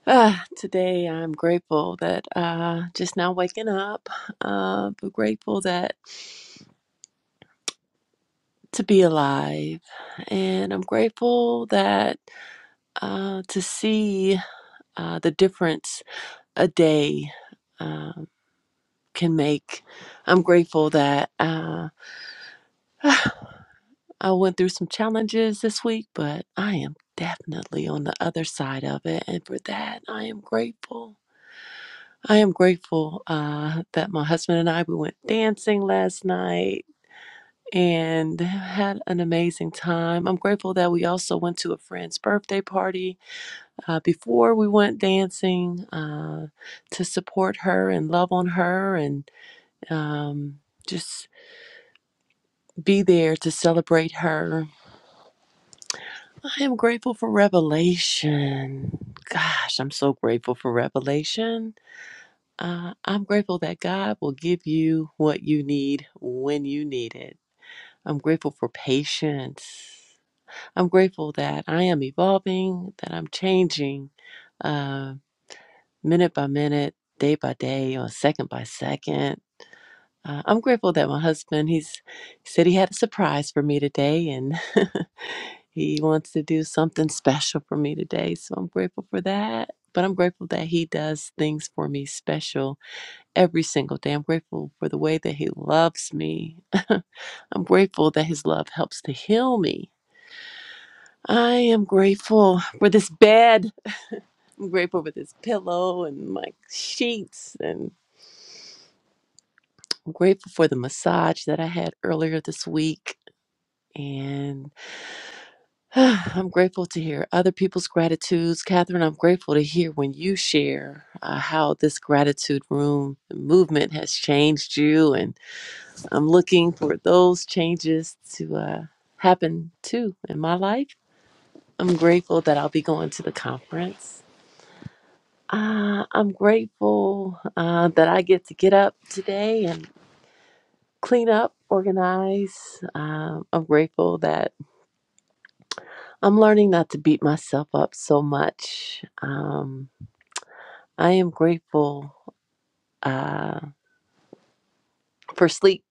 [SPEAKER 10] Ah, today I'm grateful that uh just now waking up. Uh but grateful that to be alive. And I'm grateful that uh to see uh the difference a day um can make. I'm grateful that uh I went through some challenges this week, but I am definitely on the other side of it and for that I am grateful. I am grateful uh, that my husband and I we went dancing last night and had an amazing time. I'm grateful that we also went to a friend's birthday party uh, before we went dancing uh, to support her and love on her and um, just be there to celebrate her. I am grateful for revelation. Gosh, I'm so grateful for revelation. Uh, I'm grateful that God will give you what you need when you need it. I'm grateful for patience. I'm grateful that I am evolving, that I'm changing uh, minute by minute, day by day, or second by second. Uh, I'm grateful that my husband, he's he said he had a surprise for me today, and he wants to do something special for me today. So I'm grateful for that. But I'm grateful that he does things for me special every single day. I'm grateful for the way that He loves me. I'm grateful that His love helps to heal me. I am grateful for this bed. I'm grateful for this pillow and my sheets. And I'm grateful for the massage that I had earlier this week. And I'm grateful to hear other people's gratitudes. Catherine, I'm grateful to hear when you share uh, how this gratitude room movement has changed you and. I'm looking for those changes to uh, happen too in my life. I'm grateful that I'll be going to the conference. Uh, I'm grateful uh, that I get to get up today and clean up, organize. Um, I'm grateful that I'm learning not to beat myself up so much. Um, I am grateful uh, for sleep.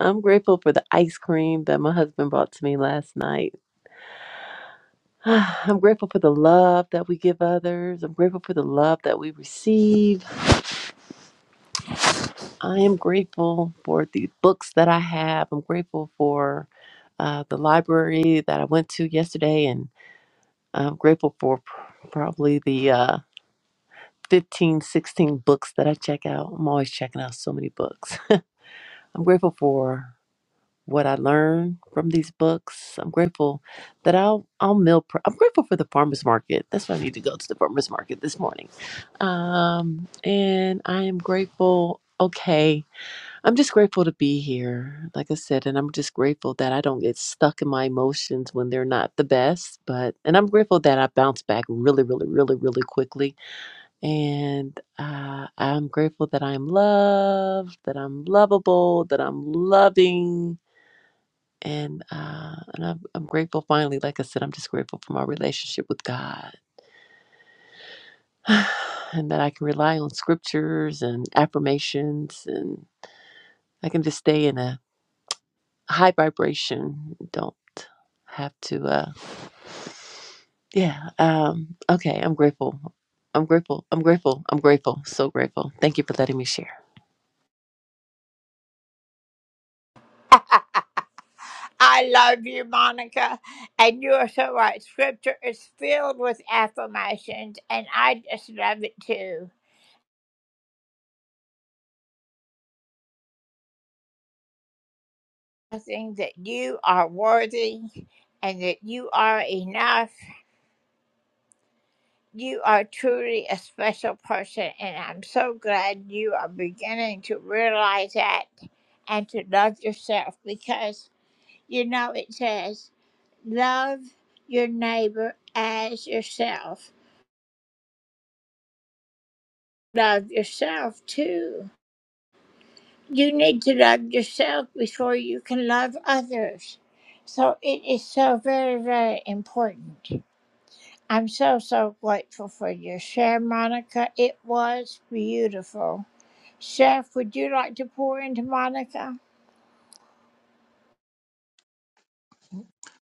[SPEAKER 10] I'm grateful for the ice cream that my husband brought to me last night. I'm grateful for the love that we give others. I'm grateful for the love that we receive. I am grateful for the books that I have. I'm grateful for uh, the library that I went to yesterday, and I'm grateful for pr- probably the uh, 15, 16 books that I check out. I'm always checking out so many books. I'm grateful for what I learned from these books. I'm grateful that I'll I'll meal. Pre- I'm grateful for the farmers market. That's why I need to go to the farmers market this morning. Um, and I am grateful. Okay, I'm just grateful to be here, like I said, and I'm just grateful that I don't get stuck in my emotions when they're not the best. But and I'm grateful that I bounce back really, really, really, really quickly. And uh, I'm grateful that I'm loved, that I'm lovable, that I'm loving and uh, and I'm, I'm grateful. Finally, like I said, I'm just grateful for my relationship with God, and that I can rely on scriptures and affirmations, and I can just stay in a high vibration. Don't have to. Uh, yeah. Um, okay. I'm grateful. I'm grateful. I'm grateful. I'm grateful. So grateful. Thank you for letting me share.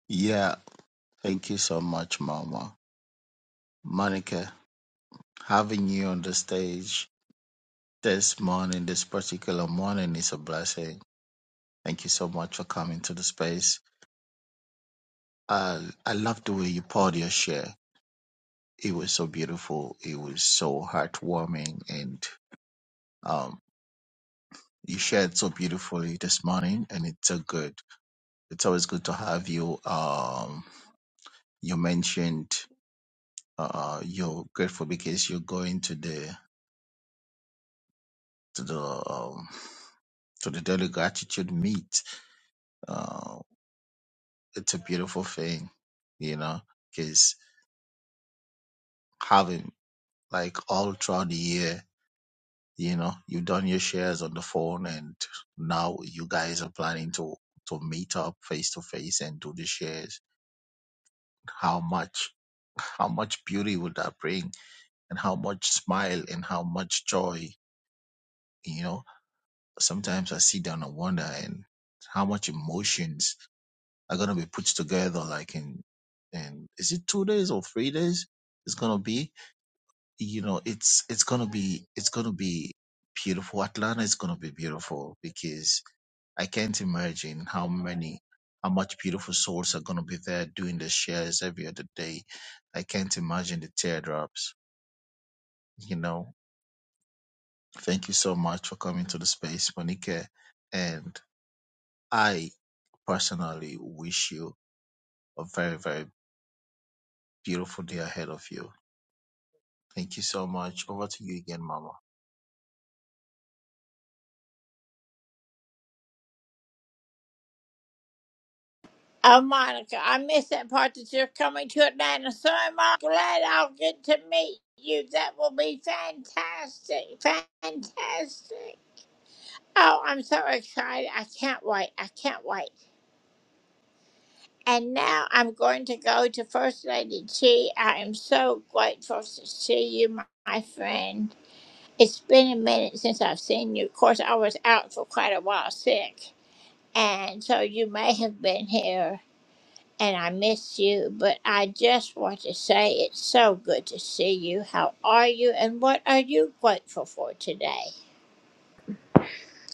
[SPEAKER 7] Yeah, thank you so much, Mama. Monica, having you on the stage this morning, this particular morning, is a blessing. Thank you so much for coming to the space. Uh, I love the way you poured your share. It was so beautiful. It was so heartwarming, and um, You shared so beautifully this morning, and it's so good. It's always good to have you. Um, you mentioned uh, you're grateful because you're going to the to the um, to the daily gratitude meet. Uh, it's a beautiful thing, you know, because having like all throughout the year, you know, you've done your shares on the phone, and now you guys are planning to to meet up face to face and do the shares how much how much beauty would that bring and how much smile and how much joy you know sometimes i sit down and wonder and how much emotions are going to be put together like in and is it two days or three days it's going to be you know it's it's going to be it's going to be beautiful atlanta is going to be beautiful because. I can't imagine how many, how much beautiful souls are going to be there doing the shares every other day. I can't imagine the teardrops, you know. Thank you so much for coming to the space, Monique, And I personally wish you a very, very beautiful day ahead of you. Thank you so much. Over to you again, Mama.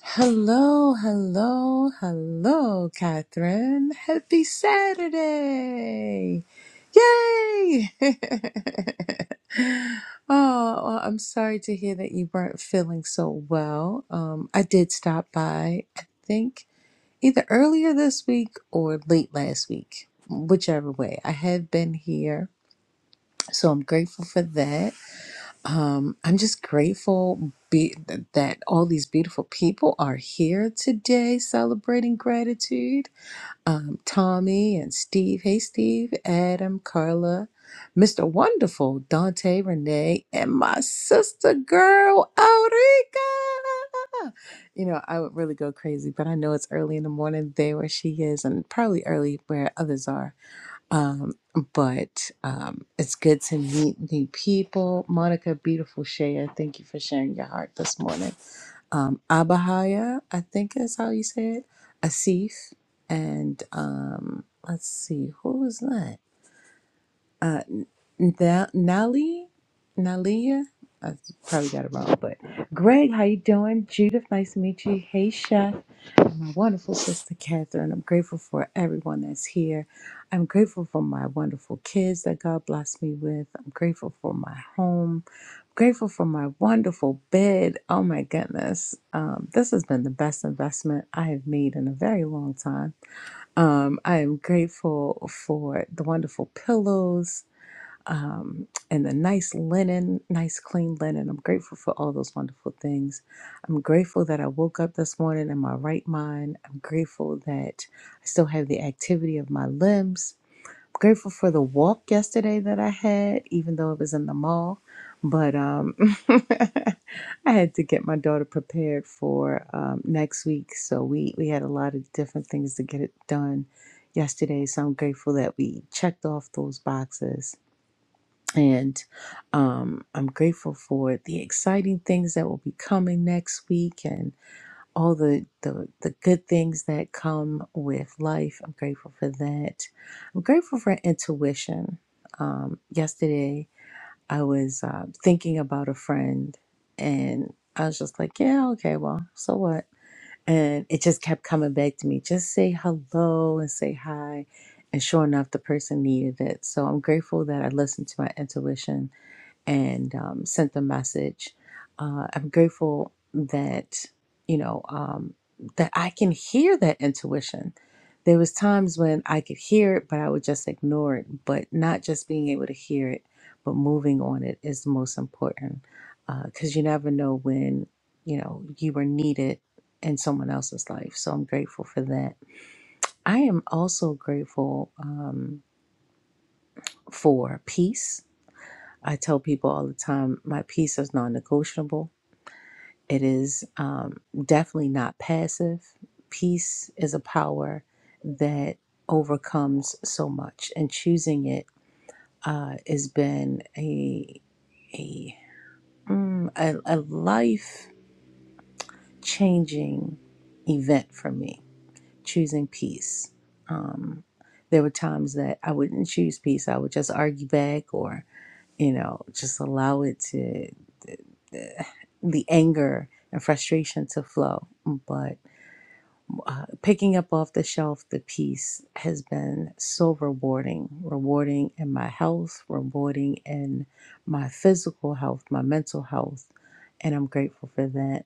[SPEAKER 11] Hello, hello, hello, Catherine. Happy Saturday! Yay! oh, well, I'm sorry to hear that you weren't feeling so well. Um, I did stop by, I think, either earlier this week or late last week, whichever way. I have been here, so I'm grateful for that um, I'm just grateful be- that all these beautiful people are here today celebrating gratitude. Um, Tommy and Steve. Hey, Steve, Adam, Carla, Mr. Wonderful, Dante, Renee, and my sister girl, Aurica. You know, I would really go crazy, but I know it's early in the morning there where she is, and probably early where others are. Um, but um, it's good to meet new people. Monica, beautiful Shaya, thank you for sharing your heart this morning. Um, Abahaya, I think is how you say it. Asif, and um, let's see, who was that? Na- Nali, Nalia. I probably got it wrong, but Greg, how you doing? Judith, nice to meet you. Hey, my wonderful sister Catherine. I'm grateful for everyone that's here. I'm grateful for my wonderful kids that God blessed me with. I'm grateful for my home. I'm grateful for my wonderful bed. Oh my goodness. Um, this has been the best investment I have made in a very long time. Um, I am grateful for the wonderful pillows um, and the nice linen, nice clean linen. I'm grateful for all those wonderful things. I'm grateful that I woke up this morning in my right mind. I'm grateful that I still have the activity of my limbs. I'm grateful for the walk yesterday that I had, even though it was in the mall. But um, I had to get my daughter prepared for um, next week, so we we had a lot of different things to get it done yesterday. So I'm grateful that we checked off those boxes and um, I'm grateful for the exciting things that will be coming next week and all the, the, the good things that come with life. I'm grateful for that. I'm grateful for intuition. Um, yesterday, I was uh, thinking about a friend and I was just like, yeah, okay, well, so what? And it just kept coming back to me. Just say hello and say hi. And sure enough, the person needed it. So I'm grateful that I listened to my intuition and um, sent the message. Uh, I'm grateful that you know um, that I can hear that intuition. There was times when I could hear it, but I would just ignore it. But not just being able to hear it, but moving on it is the most important because you never know when you know you are needed in someone else's life. So I'm grateful for that. I am also grateful um, for peace I tell people all the time my peace is non negotiable. It is um, definitely not passive. Peace is a power that overcomes so much, and choosing it uh, has been a, a, mm, a, a life changing event for me, choosing peace. Um, there were times that I wouldn't choose peace, I would just argue back or you know, just allow it to. the anger and frustration to flow. But uh, picking up off the shelf the piece has been so rewarding, rewarding in my health, rewarding in my physical health, my mental health, and I'm grateful for that.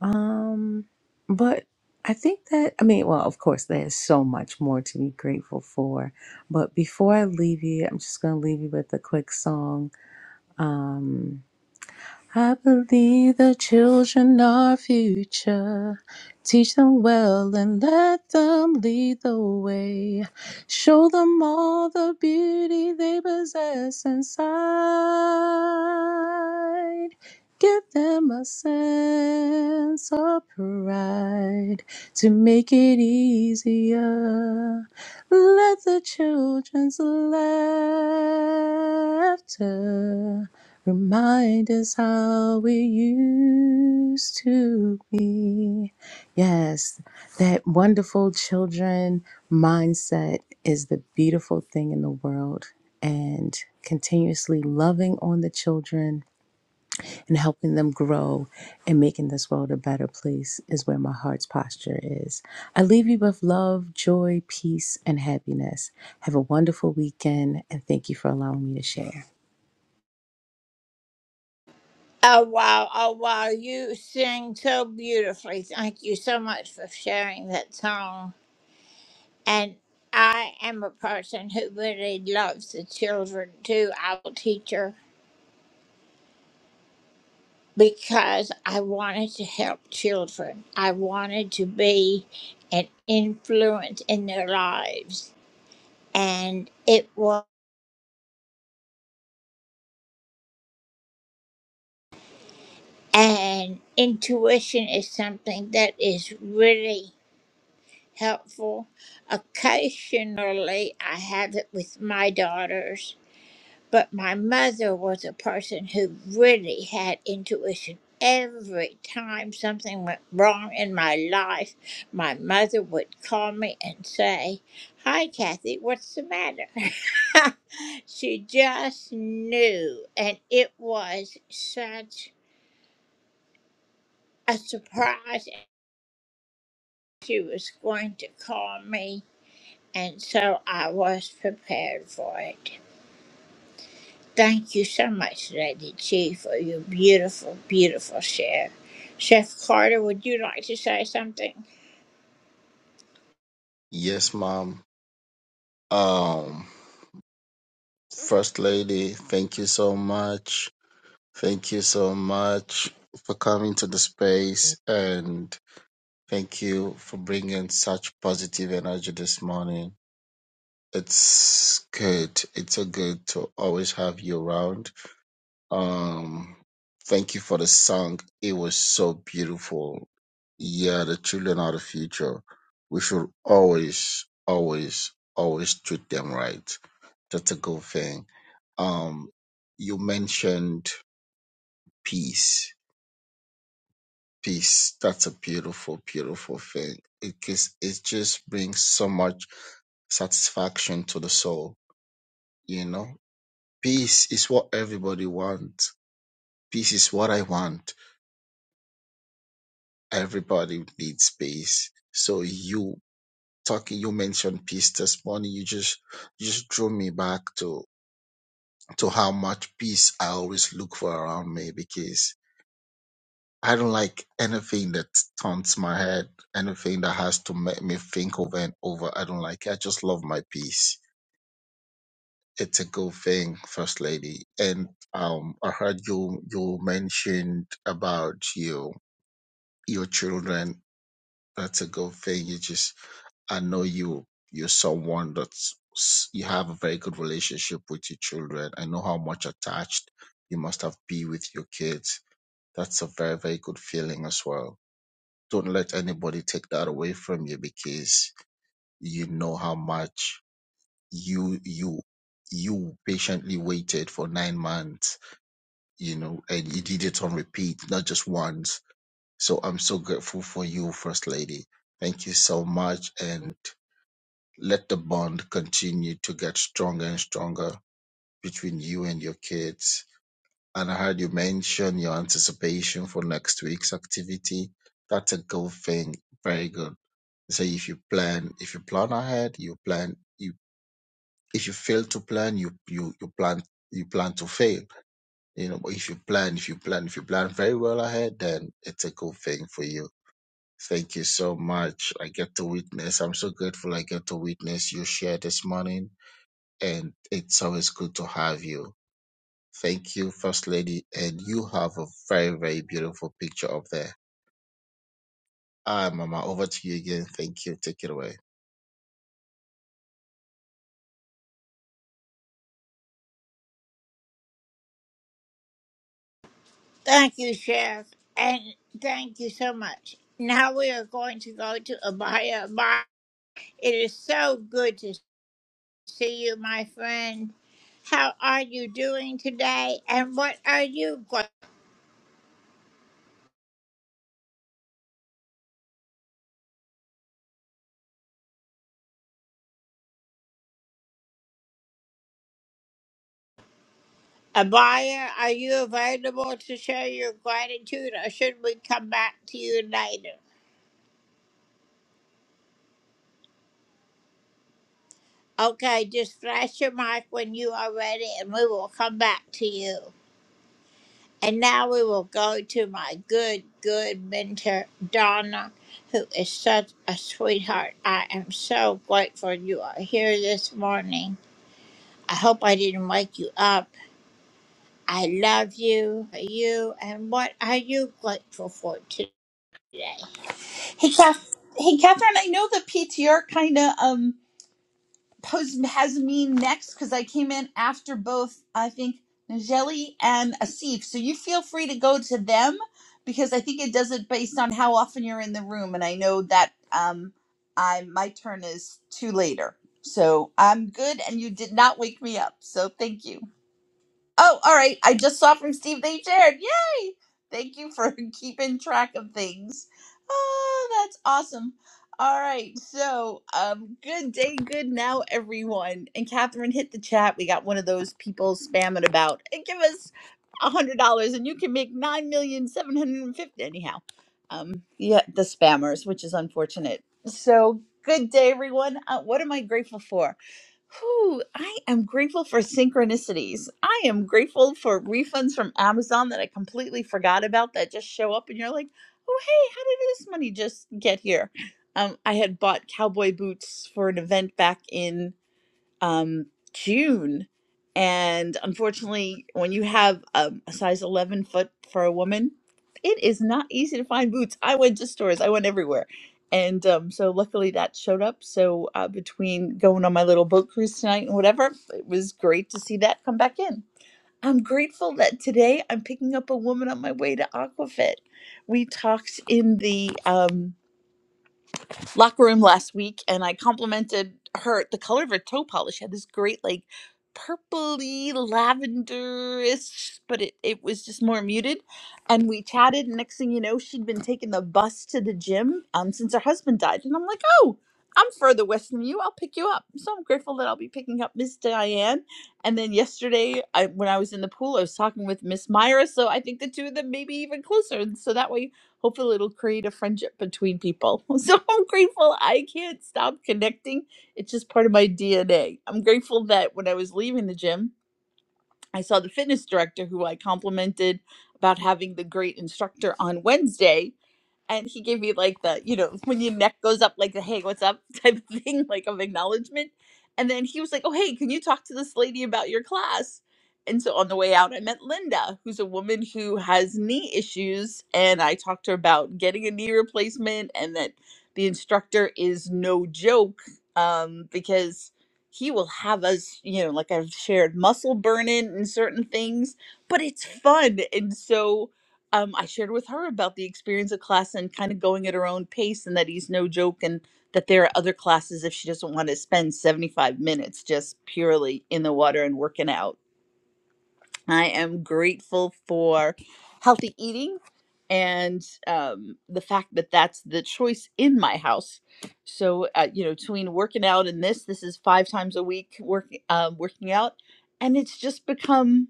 [SPEAKER 11] Um, but I think that I mean, well, of course, there's so much more to be grateful for. But before I leave you, I'm just gonna leave you with a quick song. Um, I believe the children are future. Teach them well and let them lead the way. Show them all the beauty they possess inside. Give them a sense of pride to make it easier. Let the children's laughter Remind us how we used to be. Yes, that wonderful children mindset is the beautiful thing in the world. And continuously loving on the children and helping them grow and making this world a better place is where my heart's posture is. I leave you with love, joy, peace, and happiness. Have a wonderful weekend, and thank you for allowing me to share.
[SPEAKER 7] Yes, Mom. Um, First Lady, thank you so much. Thank you so much for coming to the space and Thank you for bringing such positive energy this morning. It's good. It's so good to always have you around. Um, thank you for the song. It was so beautiful. Yeah, the children are the future. We should always, always, always treat them right. That's a good thing. Um, you mentioned peace. Peace. That's a beautiful, beautiful thing. It, is- it just brings so much satisfaction to the soul. You know, peace is what everybody wants. Peace is what I want. Everybody needs peace. So you talking, you mentioned peace this morning. You just, you just drew me back to, to how much peace I always look for around me because I don't like anything that taunts my head, anything that has to make me think over and over. I don't like it. I just love my peace It's a good thing, First Lady. And um, I heard you you mentioned about your your children. That's a good thing. You just I know you you're someone that's s- you have a very good relationship with your children. I know how much attached you must have be with your kids. That's a very very good feeling as well. Don't let anybody take that away from you because you know how much you you you patiently waited for nine months you know, and you did it on repeat, not just once. So I'm so grateful for you, First Lady. Thank you so much. And let the bond continue to get stronger and stronger between you and your kids. And I heard you mention your anticipation for next week's activity. That's a good thing. Very good. So if you plan, if you plan ahead, you plan, you, if you fail to plan, you, you, you plan, you plan to fail You know, but if you plan, if you plan, if you plan very well ahead, then it's a good thing for you. Thank you so much. I get to witness. I'm so grateful I get to witness you share this morning. And it's always good to have you. Thank you, First Lady. And you have a very, very beautiful picture up there. Ah, Mama, over to you again. Thank you. Take it away.
[SPEAKER 12] Hey, Kath- hey, Catherine. I know the PTR kind of um posed has me next because I came in after both. I think Najeli and Asif. So you feel free to go to them because I think it does it based on how often you're in the room, and I know that um I my turn is two later. So I'm good, and you did not wake me up. So thank you. Oh, all right. I just saw from Steve they shared. Yay! Thank you for keeping track of things. Oh, that's awesome. All right. So, um, good day, good now, everyone. And Catherine hit the chat. We got one of those people spamming about. And give us a hundred dollars, and you can make nine million seven hundred and fifty. Anyhow, um, yeah, the spammers, which is unfortunate. So, good day, everyone. Uh, what am I grateful for? Whew, I am grateful for synchronicities. I am grateful for refunds from Amazon that I completely forgot about that just show up and you're like, oh, hey, how did this money just get here? Um, I had bought cowboy boots for an event back in um, June. And unfortunately, when you have um, a size 11 foot for a woman, it is not easy to find boots. I went to stores, I went everywhere. And um, so luckily that showed up. So uh, between going on my little boat cruise tonight and whatever, it was great to see that come back in. I'm grateful that today I'm picking up a woman on my way to Aquafit. We talked in the um locker room last week and I complimented her the color of her toe polish She had this great like purpley lavenderish but it, it was just more muted and we chatted and next thing you know she'd been taking the bus to the gym um since her husband died and I'm like oh I'm further west than you I'll pick you up so I'm grateful that I'll be picking up Miss Diane and then yesterday I when I was in the pool I was talking with Miss Myra so I think the two of them may be even closer and so that way Hopefully, it'll create a friendship between people. So I'm grateful I can't stop connecting. It's just part of my DNA. I'm grateful that when I was leaving the gym, I saw the fitness director who I complimented about having the great instructor on Wednesday and he gave me like the you know when your neck goes up like the hey what's up type of thing like of acknowledgement and then he was like oh hey can you talk to this lady about your class and so on the way out i met linda who's a woman who has knee issues and i talked to her about getting a knee replacement and that the instructor is no joke um, because he will have us you know like i've shared muscle burning and certain things but it's fun and so um, I shared with her about the experience of class and kind of going at her own pace, and that he's no joke, and that there are other classes if she doesn't want to spend 75 minutes just purely in the water and working out. I am grateful for healthy eating and um, the fact that that's the choice in my house. So, uh, you know, between working out and this, this is five times a week work, uh, working out, and it's just become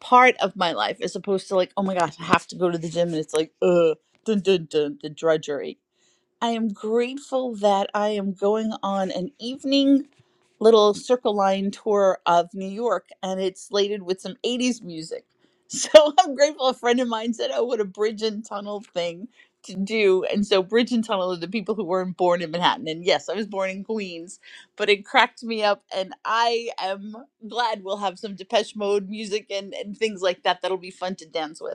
[SPEAKER 12] part of my life as opposed to like, oh my gosh, I have to go to the gym and it's like, uh, dun, dun, dun, the drudgery. I am grateful that I am going on an evening little circle line tour of New York and it's slated with some 80s music. So I'm grateful a friend of mine said, Oh, what a bridge and tunnel thing to do. And so, bridge and tunnel are the people who weren't born in Manhattan. And yes, I was born in Queens, but it cracked me up. And I am glad we'll have some Depeche Mode music and, and things like that that'll be fun to dance with.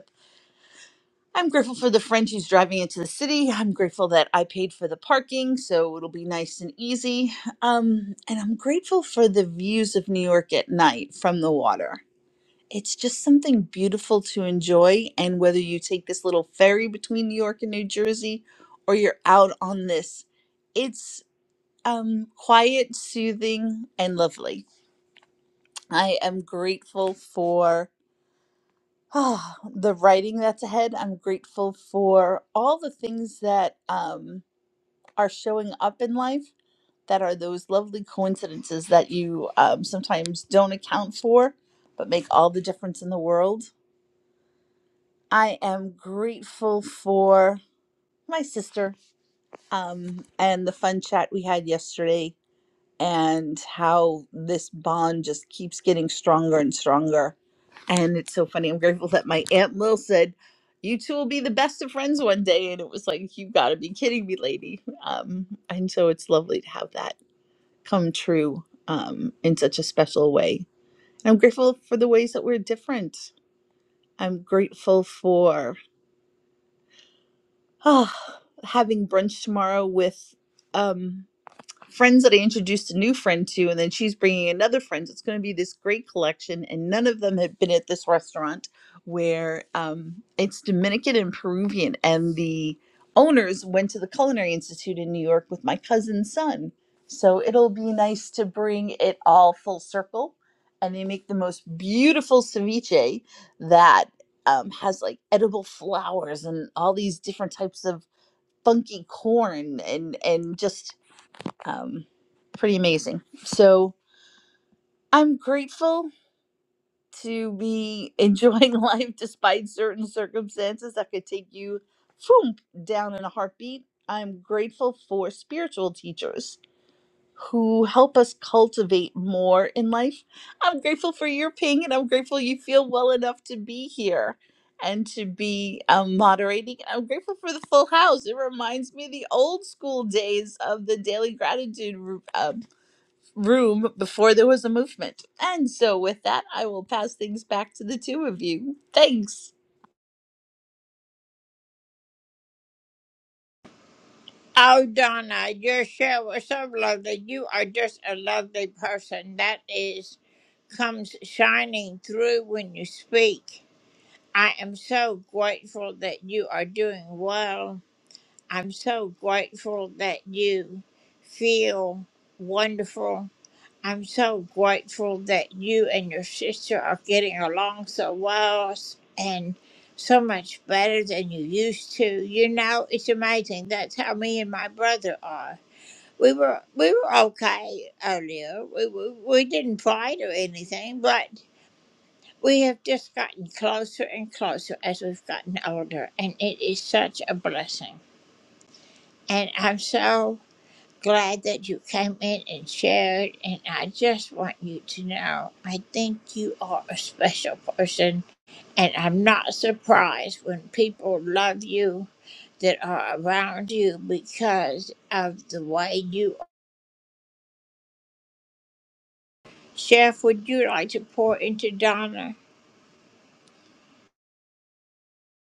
[SPEAKER 12] I'm grateful for the friend who's driving into the city. I'm grateful that I paid for the parking, so it'll be nice and easy. Um, and I'm grateful for the views of New York at night from the water. It's just something beautiful to enjoy. And whether you take this little ferry between New York and New Jersey or you're out on this, it's um, quiet, soothing, and lovely. I am grateful for Ah, the writing that's ahead. I'm grateful for all the things that um, are showing up in life that are those lovely coincidences that you um, sometimes don't account for, but make all the difference in the world. I am grateful for my sister um, and the fun chat we had yesterday and how this bond just keeps getting stronger and stronger. And it's so funny. I'm grateful that my Aunt Lil said, You two will be the best of friends one day. And it was like, You gotta be kidding me, lady. Um, and so it's lovely to have that come true um, in such a special way. I'm grateful for the ways that we're different. I'm grateful for oh, having brunch tomorrow with. Um, friends that I introduced a new friend to, and then she's bringing another friend. It's going to be this great collection, and none of them have been at this restaurant where um, it's Dominican and Peruvian, and the owners went to the Culinary Institute in New York with my cousin's son. So it'll be nice to bring it all full circle, and they make the most beautiful ceviche that um, has like edible flowers and all these different types of funky corn and and just um, pretty amazing. So I'm grateful to be enjoying life despite certain circumstances that could take you boom, down in a heartbeat. I'm grateful for spiritual teachers who help us cultivate more in life. I'm grateful for your ping and I'm grateful you feel well enough to be here and to be um, moderating. I'm grateful for the full house. It reminds me of the old school days of the daily gratitude room room before there was a movement. And so, with that, I will pass things back to the two of you. Thanks.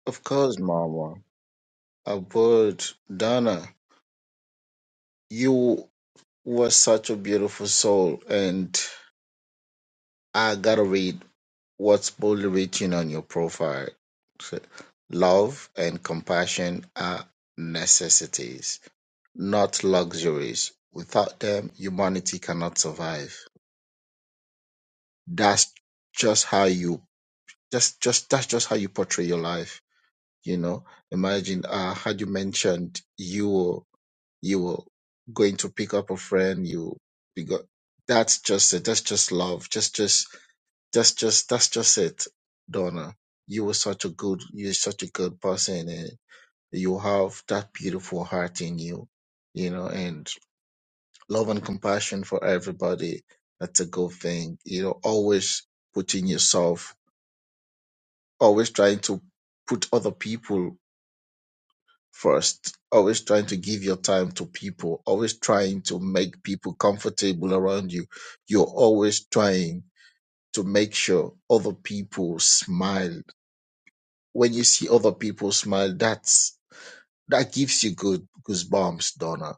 [SPEAKER 7] Of course, Mama. I would. Donna, you were such a beautiful soul. And I gotta read. what's boldly written on your profile. So, Love and compassion are necessities, not luxuries. Without them, humanity cannot survive. That's just how you that's just that's just how you portray your life. You know, imagine uh had you mentioned you were you were going to pick up a friend, you you got that's just it, that's just love. Just just That's just that's just it, Donna. You were such a good you're such a good person and you have that beautiful heart in you, you know, and love and compassion for everybody. That's a good thing. You know, always putting yourself, always trying to put other people first, always trying to give your time to people, always trying to make people comfortable around you. You're always trying to make sure other people smile when you see other people smile, that's that gives you good goosebumps, Donna.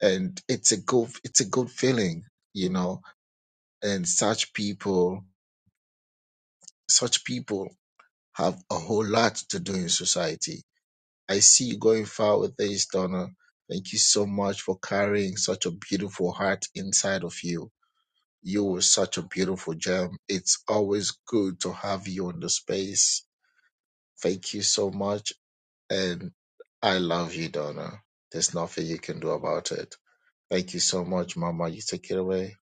[SPEAKER 7] And it's a good it's a good feeling, you know. And such people such people have a whole lot to do in society. I see you going far with this, Donna. Thank you so much for carrying such a beautiful heart inside of you. You were such a beautiful gem. It's always good to have you in the space. Thank you so much And I love you, Donna. There's nothing you can do about it. Thank you so much, Mama. You take it away.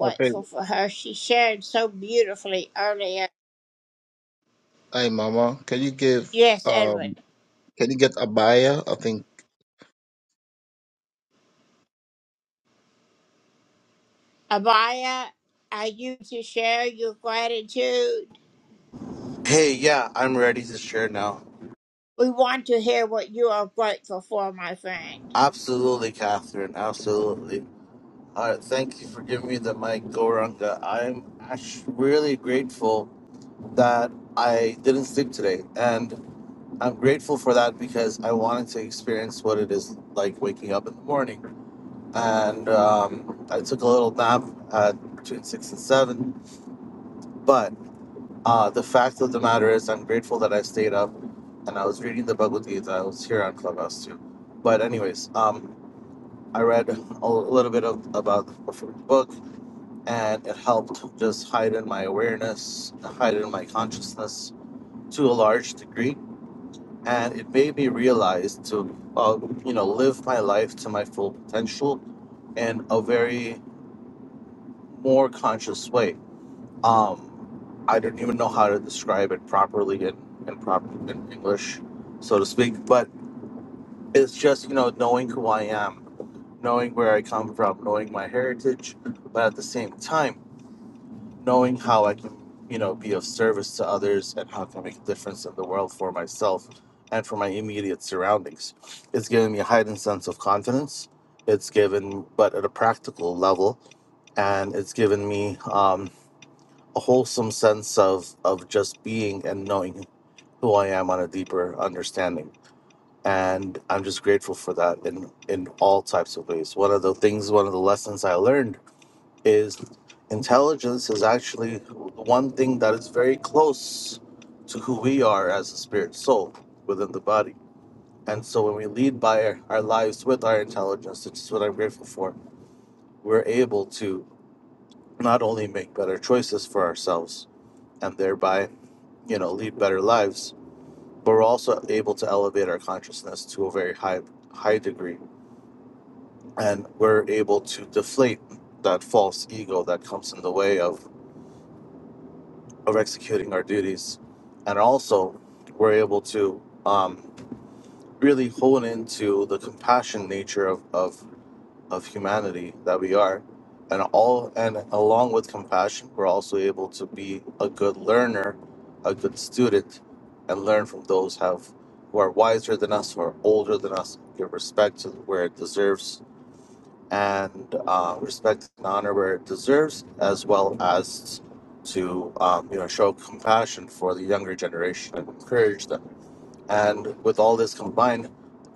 [SPEAKER 7] Okay. Hi, Mama. Can you give um can you get Abaya? I think
[SPEAKER 13] Hey, yeah, I'm ready to share now. Absolutely, Catherine. Absolutely. All right, thank you for giving me the mic, Goranga. I'm actually really grateful that I didn't sleep today, and I'm grateful for that because I wanted to experience what it is like waking up in the morning. And um, I took a little nap at between six and seven, but. Uh, the fact of the matter is, I'm grateful that I stayed up and I was reading the Bhagavad Gita. I was here on Clubhouse too. But, anyways, um, I read a little bit of, about the book and it helped just heighten my awareness, heighten my consciousness to a large degree. And it made me realize to, uh, you know, live my life to my full potential in a very more conscious way Um, I don't even know how to describe it properly in in, proper, in English, so to speak. But it's just you know knowing who I am, knowing where I come from, knowing my heritage, but at the same time knowing how I can you know be of service to others and how I can make a difference in the world for myself and for my immediate surroundings. It's given me a heightened sense of confidence. It's given, but at a practical level, and it's given me. um a wholesome sense of of just being and knowing who I am on a deeper understanding. And I'm just grateful for that in in all types of ways. One of the things, one of the lessons I learned is intelligence is actually one thing that is very close to who we are as a spirit soul within the body. And so when we lead by our, our lives with our intelligence, which is what I'm grateful for, we're able to not only make better choices for ourselves, and thereby. you know lead better lives but we're also able to elevate our consciousness to a very high high degree and we're able to deflate that false ego that comes in the way of of executing our duties and also we're able to um, really hone into the compassion nature of, of of humanity that we are and all and along with compassion we're also able to be a good learner a good student and learn from those have who are wiser than us who are older than us give respect to where it deserves and uh, respect and honor where it deserves as well as to um, you know show compassion for the younger generation and encourage them and with all this combined,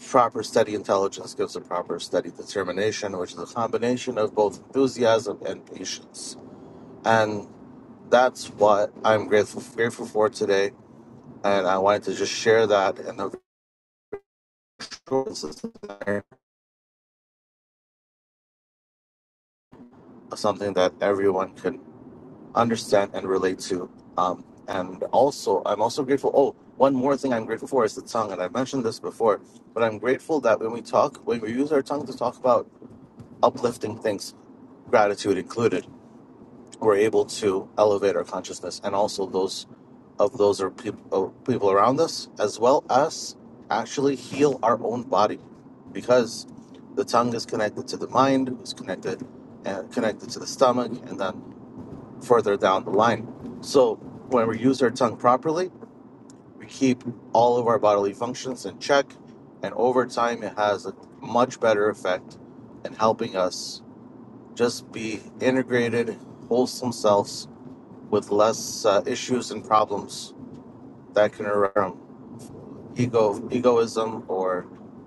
[SPEAKER 13] proper steady intelligence gives a proper steady determination, which is a combination of both enthusiasm and patience. And that's what I'm grateful grateful for today. And I wanted to just share that in a short, consistent manner, something that everyone can understand and relate to. Um, and also, I'm also grateful. Oh, one more thing I'm grateful for is the tongue. And I mentioned this before, but I'm grateful that when we talk, when we use our tongue to talk about uplifting things, gratitude included, we're able to elevate our consciousness and also those of those are people people around us, as well as actually heal our own body, because the tongue is connected to the mind, is connected uh, connected to the stomach, and then further down the line. So when we use our tongue properly, we keep all of our bodily functions in check, and over time, it has a much better effect in helping us just be integrated, wholesome selves with less uh, issues and problems that can arise ego, egoism, or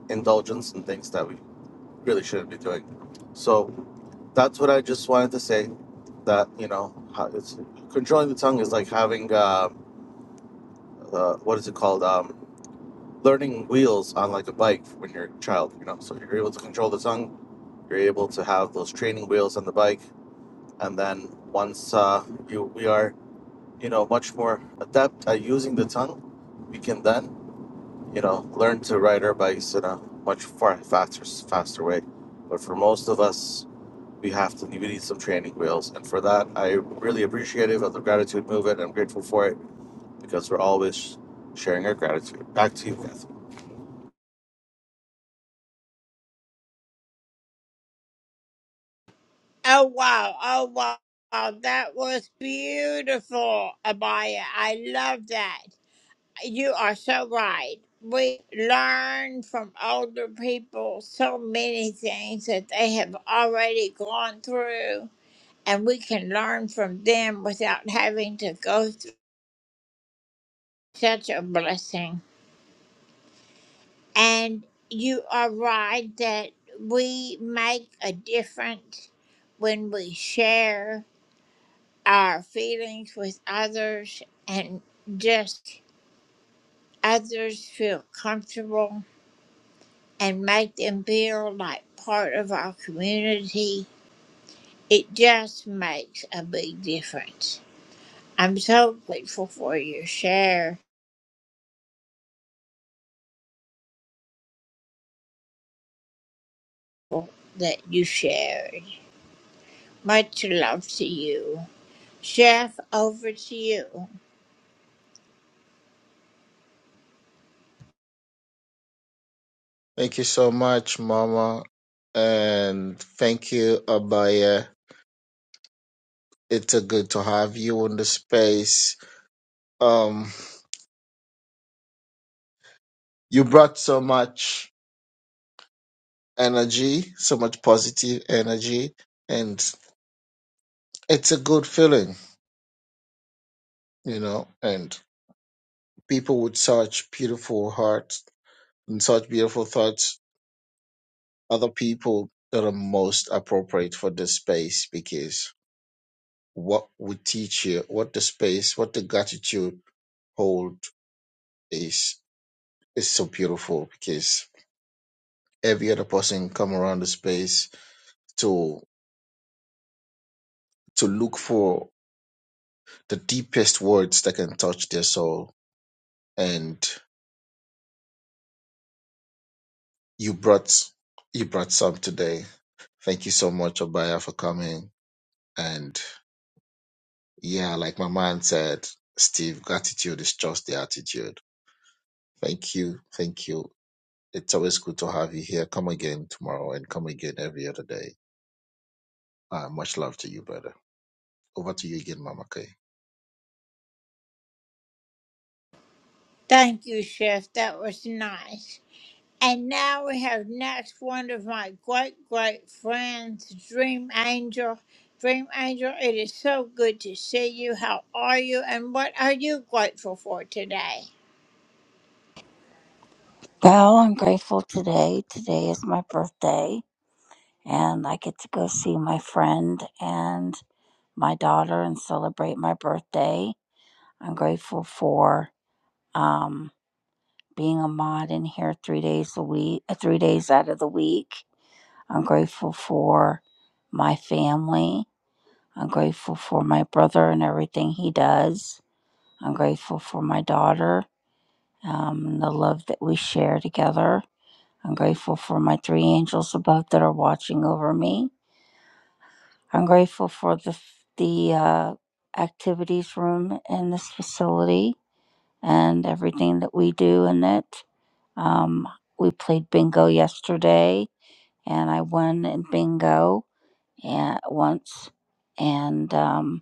[SPEAKER 13] indulgence and things that we really shouldn't be doing. So that's what I just wanted to say. That you know, how it's controlling the tongue is like having uh, uh, what is it called? Um, learning wheels on like a bike when you're a child. You know, so you're able to control the tongue. You're able to have those training wheels on the bike, and then once uh, you we are you know, much more adept at using the tongue, we can then, you know, learn to ride our bikes in a much far faster faster way. But for most of us, we have to we need some training wheels, and for that, I really appreciative of the gratitude movement. I'm grateful for it because we're always sharing our gratitude. Back to you, Catherine.
[SPEAKER 7] thank you so much, Mama. And thank you, Abaya. It's a good to have you in the space. Um you brought so much energy, so much positive energy, and it's a good feeling, you know, and people with such beautiful hearts and such beautiful thoughts are the people that are most appropriate for this space because what we teach here, what the space, what the gratitude hold is is so beautiful because every other person come around the space to to look for the deepest words that can touch their soul. And you brought you brought some today. Thank you so much, Abaya, for coming. and. Yeah, like my man said, Steve, gratitude is just the attitude. Thank you. Thank you. It's always good to have you here. Come again tomorrow and come again every other day. Uh, much love to you, brother. Over to you again, Mama Kay.
[SPEAKER 14] Well, I'm grateful today. Today is my birthday, and I get to go see my friend and my daughter and celebrate my birthday. I'm grateful for um, being a mod in here three days a week, uh, three days out of the week. I'm grateful for my family. I'm grateful for my brother and everything he does. I'm grateful for my daughter um, and the love that we share together. I'm grateful for my three angels above that are watching over me. I'm grateful for the the uh, activities room in this facility and everything that we do in it. Um, we played bingo yesterday, and I won in bingo and once, and um,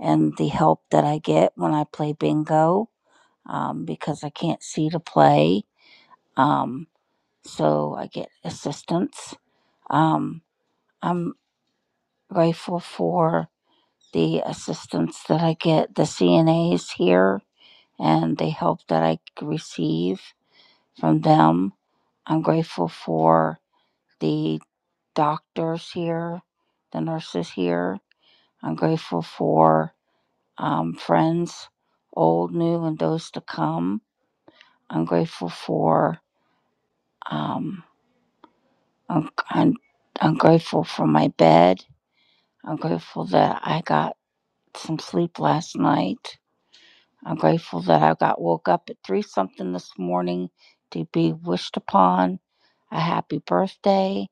[SPEAKER 14] and the help that I get when I play bingo um, because I can't see to play, um, so I get assistance. Um, I'm grateful for the assistance that I get, the CNAs here, and the help that I receive from them. I'm grateful for the doctors here, the nurses here. I'm grateful for um, friends, old, new, and those to come. I'm grateful for um, I'm, I'm, I'm grateful for my bed. I'm grateful that I got some sleep last night. I'm grateful that I got woke up at three something this morning to be wished upon a happy birthday.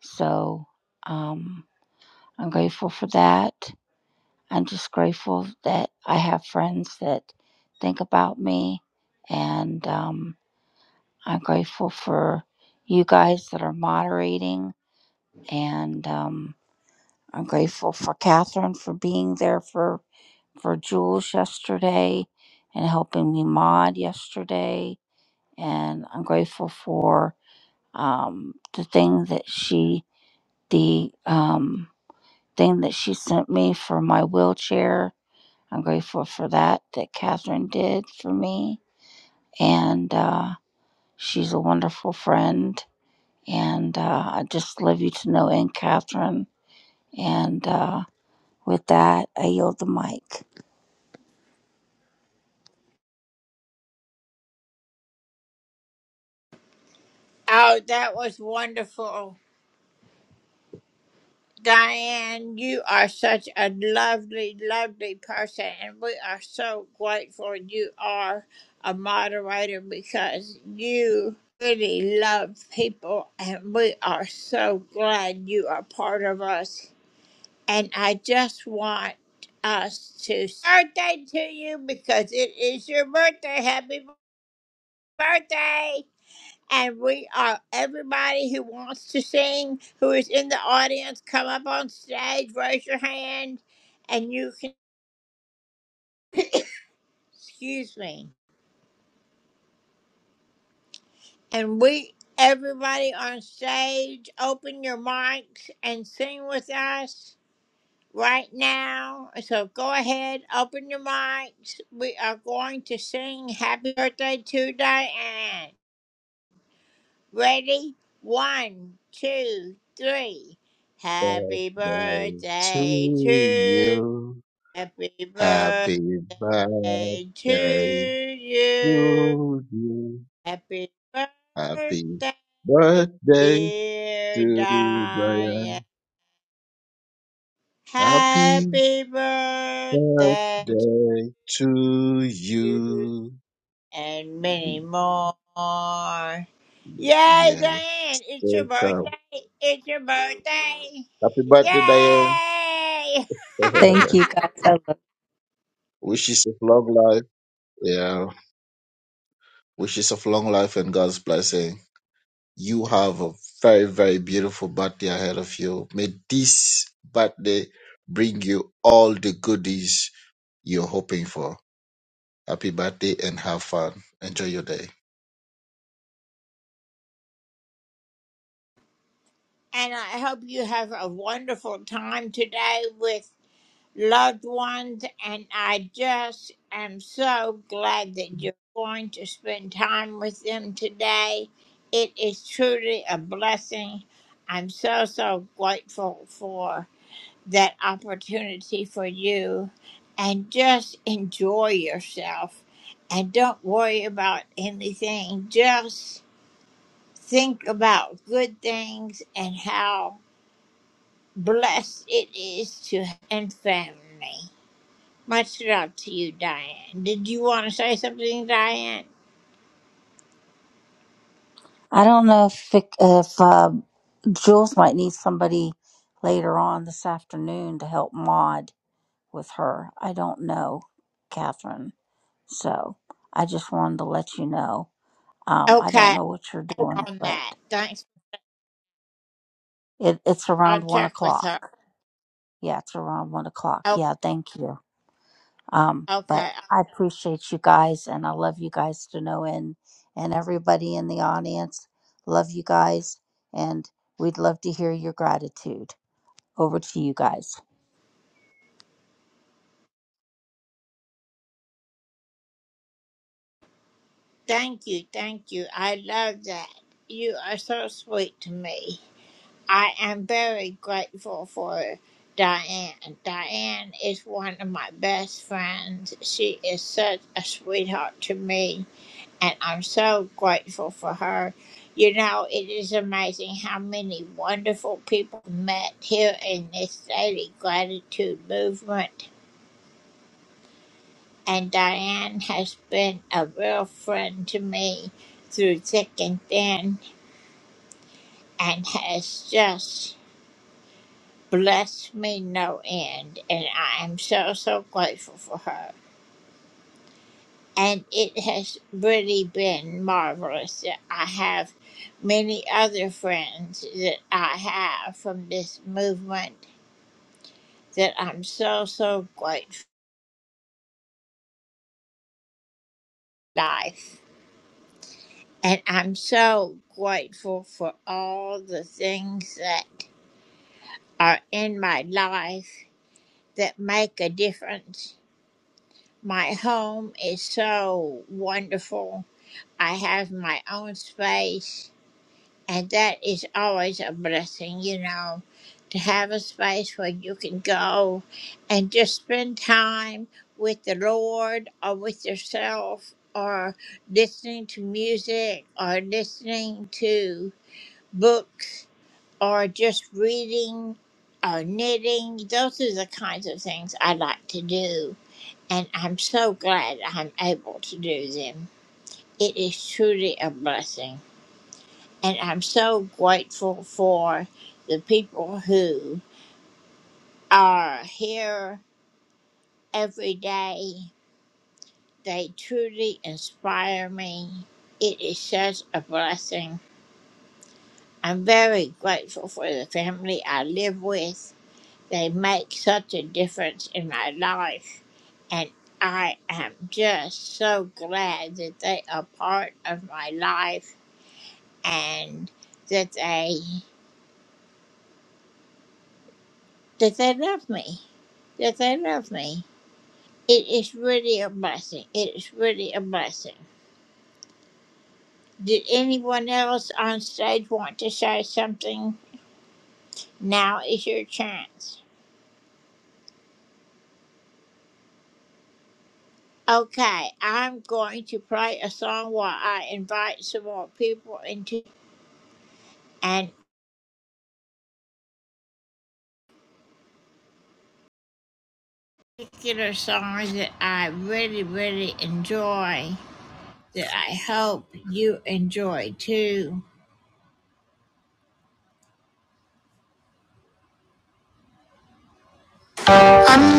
[SPEAKER 14] So um, I'm grateful for that. I'm just grateful that I have friends that think about me, and um, I'm grateful for you guys that are moderating, and um, I'm grateful for Catherine for being there for for Jules yesterday and helping me mod yesterday and I'm grateful for um, the thing that she the um, thing that she sent me for my wheelchair. I'm grateful for that that Catherine did for me, and uh, she's a wonderful friend. And uh, I just love you to know, Aunt Catherine. And uh, with that, I yield the mic.
[SPEAKER 7] Birthday to you. Happy birthday to you. Happy birthday to Brian. Happy birthday to you. Yeah. So cool. Happy birthday, Diane.
[SPEAKER 14] Thank you guys. I love
[SPEAKER 7] Wishes of long life. Yeah. Wishes of long life and God's blessing. You have a very, very beautiful birthday ahead of you. May this birthday bring you all the goodies you're hoping for. Happy birthday and have fun. Enjoy your day.
[SPEAKER 14] I don't know if Vic, if uh, Jules might need somebody later on this afternoon to help Maud. with her. I don't know, Catherine. So I just wanted to let you know. Um, I don't know what you're doing, but it, it's around one o'clock. Yeah, it's around one o'clock. Yeah, thank you. Um, but I appreciate you guys and I love you guys to know and and everybody in the audience. Love you guys and we'd love to hear your gratitude. Over to you guys.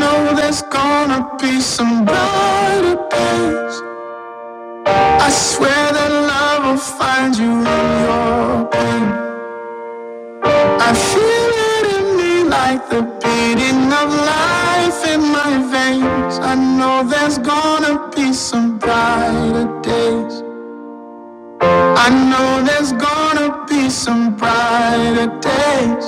[SPEAKER 1] know there's gonna be some brighter days. I swear that love will find you in your pain. I feel it in me like the beating of life in my veins. I know there's gonna be some brighter days. I know there's gonna be some brighter days.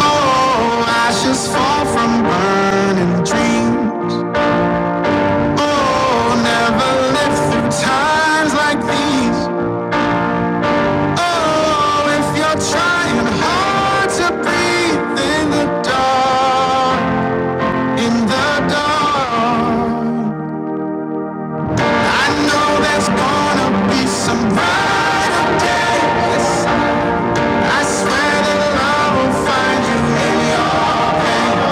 [SPEAKER 1] Oh, ashes fall from burning dreams. Oh, never live through times like these. Oh, if you're trying hard to breathe in the dark, in the dark, I know there's gonna be some brighter days. I swear that love will find you in your pain.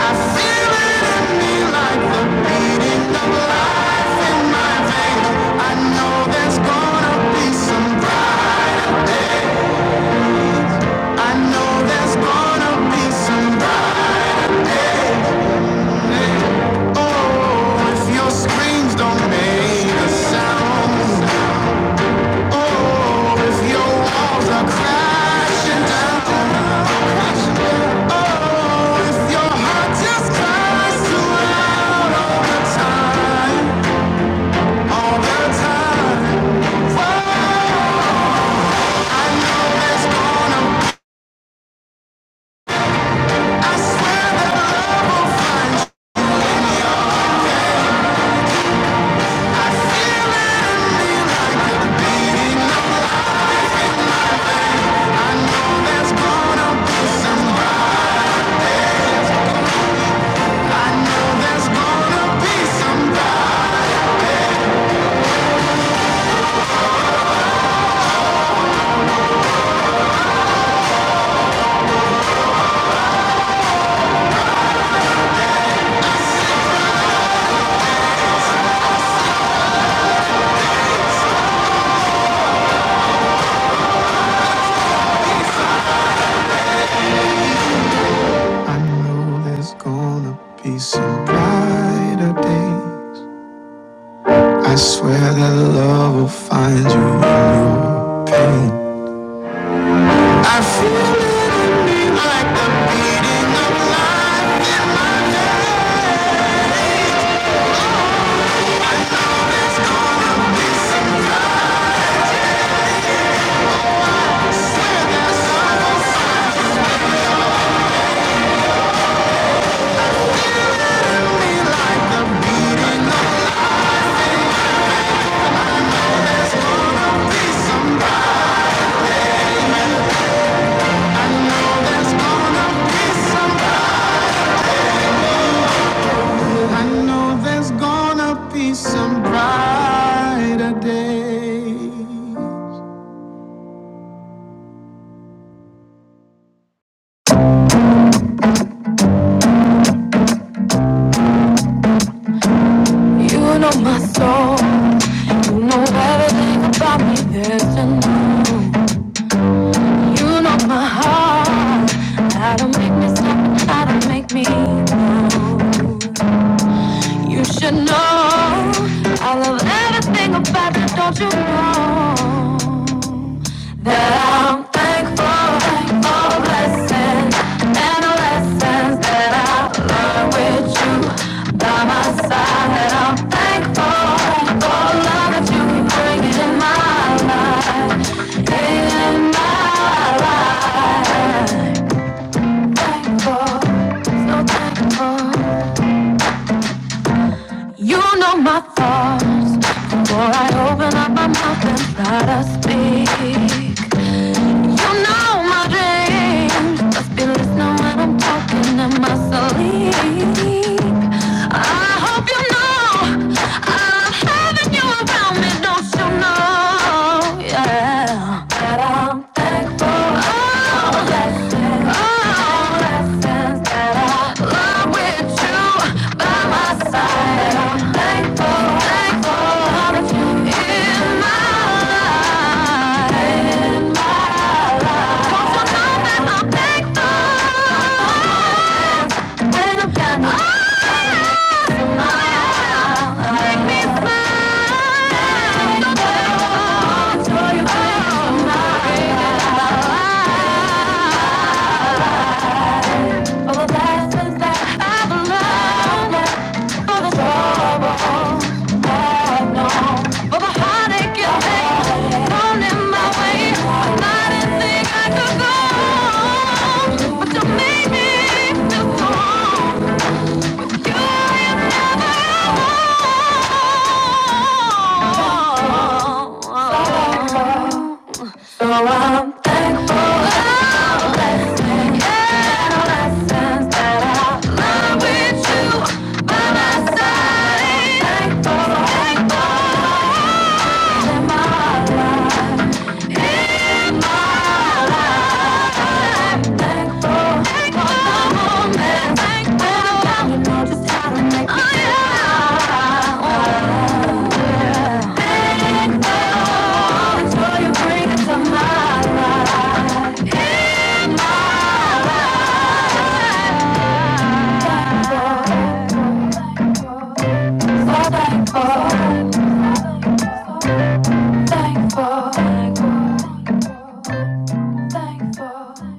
[SPEAKER 1] I feel it in me like the beating of life in my veins. I know there's gonna be some brighter day. I know there's gonna be some brighter day. Oh, if your screams don't make a sound. Oh, if your walls are crashing down. Oh, if your heart just cries to Some brighter day. I swear that love will find you in your pain. I feel it like the beating of the sun. Swear that love will find me like the beating of the sun. There's gonna be somebody. I know there's gonna be somebody. I know there's gonna be some brighter day. You know my soul, and you know everything about me There to know. You know my heart, how to make me stop, how to make me know. You should know I love everything about you, don't you know? That I'm thankful for all blessings and the lessons that I learned with you by my side. That I'm thankful for the love that you keep bringing in my life, in my life. Thankful, so thankful. You know my thoughts. Before I open up my mouth and start to speak, you know my dreams must be listening when I'm talking in my sleep. I hope you know I'm having you around me, don't you know? Yeah, that I'm thankful. Oh, blessed. Make me smile. Thankful, thankful, thankful, thankful.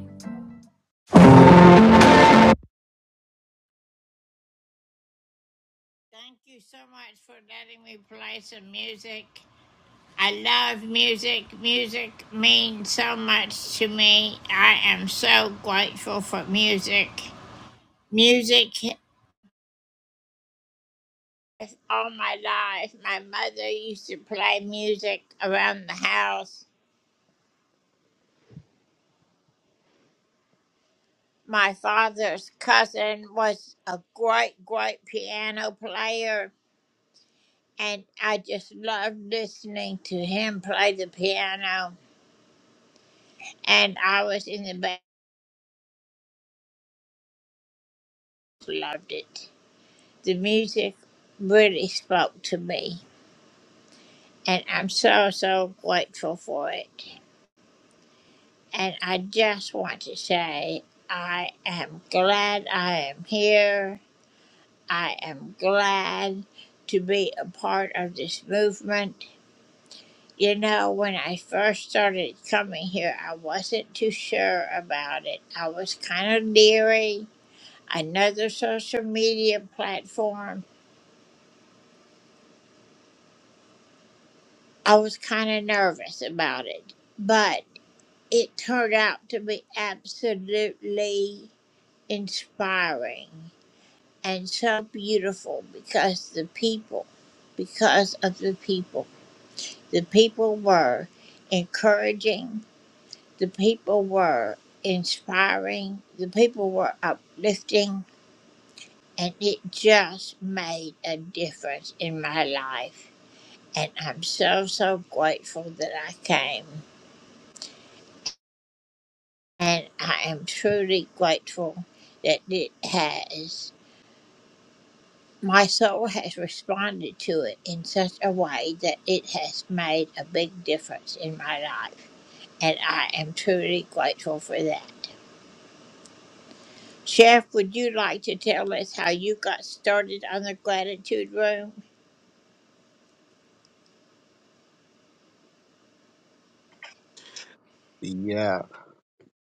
[SPEAKER 7] Yeah.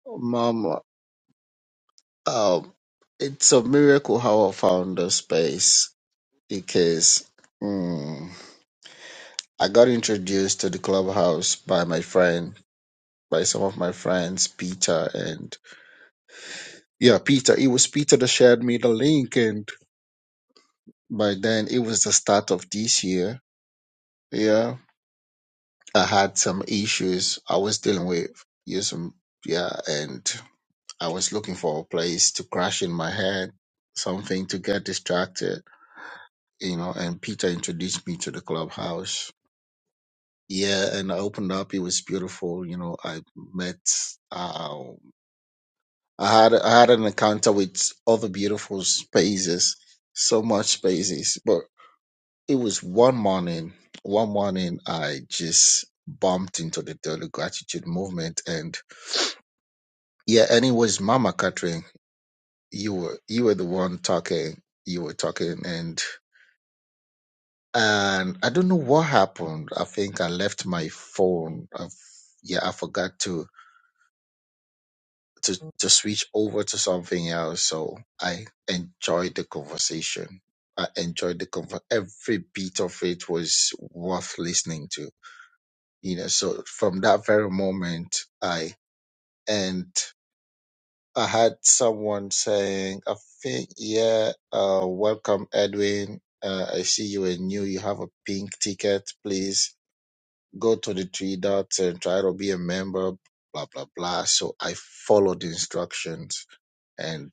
[SPEAKER 7] Mom, um, it's a miracle how I found the space because. mm, I got introduced to the clubhouse by my friend, by some of my friends, Peter and yeah, Peter. It was Peter that shared me the link, and by then it was the start of this year. Yeah, I had some issues I was dealing with. Yeah, some yeah, and I was looking for a place to crash in my head, something to get distracted, you know. And Peter introduced me to the clubhouse. Yeah, and I opened up. It was beautiful. You know, I met. uh, I had I had an encounter with other beautiful spaces, so much spaces. But it was one morning. One morning, I just bumped into the Daily Gratitude Movement, and yeah, and it was Mama Catherine. You were you were the one talking. You were talking, and and I don't know what happened. I think I left my phone. i yeah, I forgot to. to to switch over to something else. So I enjoyed the conversation. I enjoyed the conver- every bit of it was worth listening to. You know, so from that very moment, I and I had someone saying, "I think, yeah, uh, welcome, Edwin. Uh, I see you are new. You have a pink ticket. Please go to the three dots and try to be a member." Blah blah blah. So I followed the instructions, and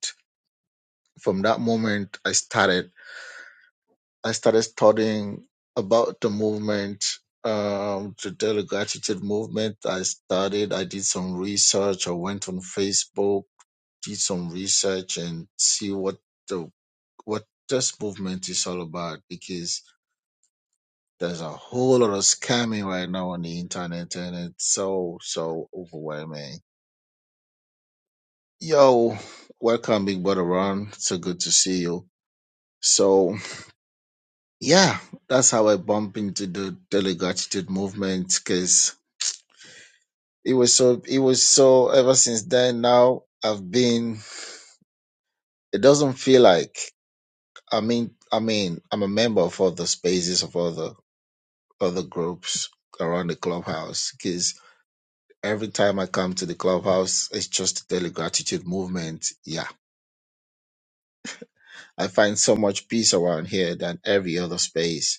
[SPEAKER 7] from that moment I started I started studying about the movement, um, the daily gratitude movement. I studied, I did some research, I went on Facebook, did some research and see what the what this movement is all about because there's a whole lot of scamming right now on the internet and it's so so overwhelming. Yo, welcome Big Brother Ron. So good to see you. So yeah, that's how I bumped into the daily gratitude movement because it was so it was so ever since then now I've been it doesn't feel like I mean I mean I'm a member of all the spaces of all the other groups around the clubhouse because every time I come to the clubhouse it's just the daily gratitude movement. Yeah. I find so much peace around here than every other space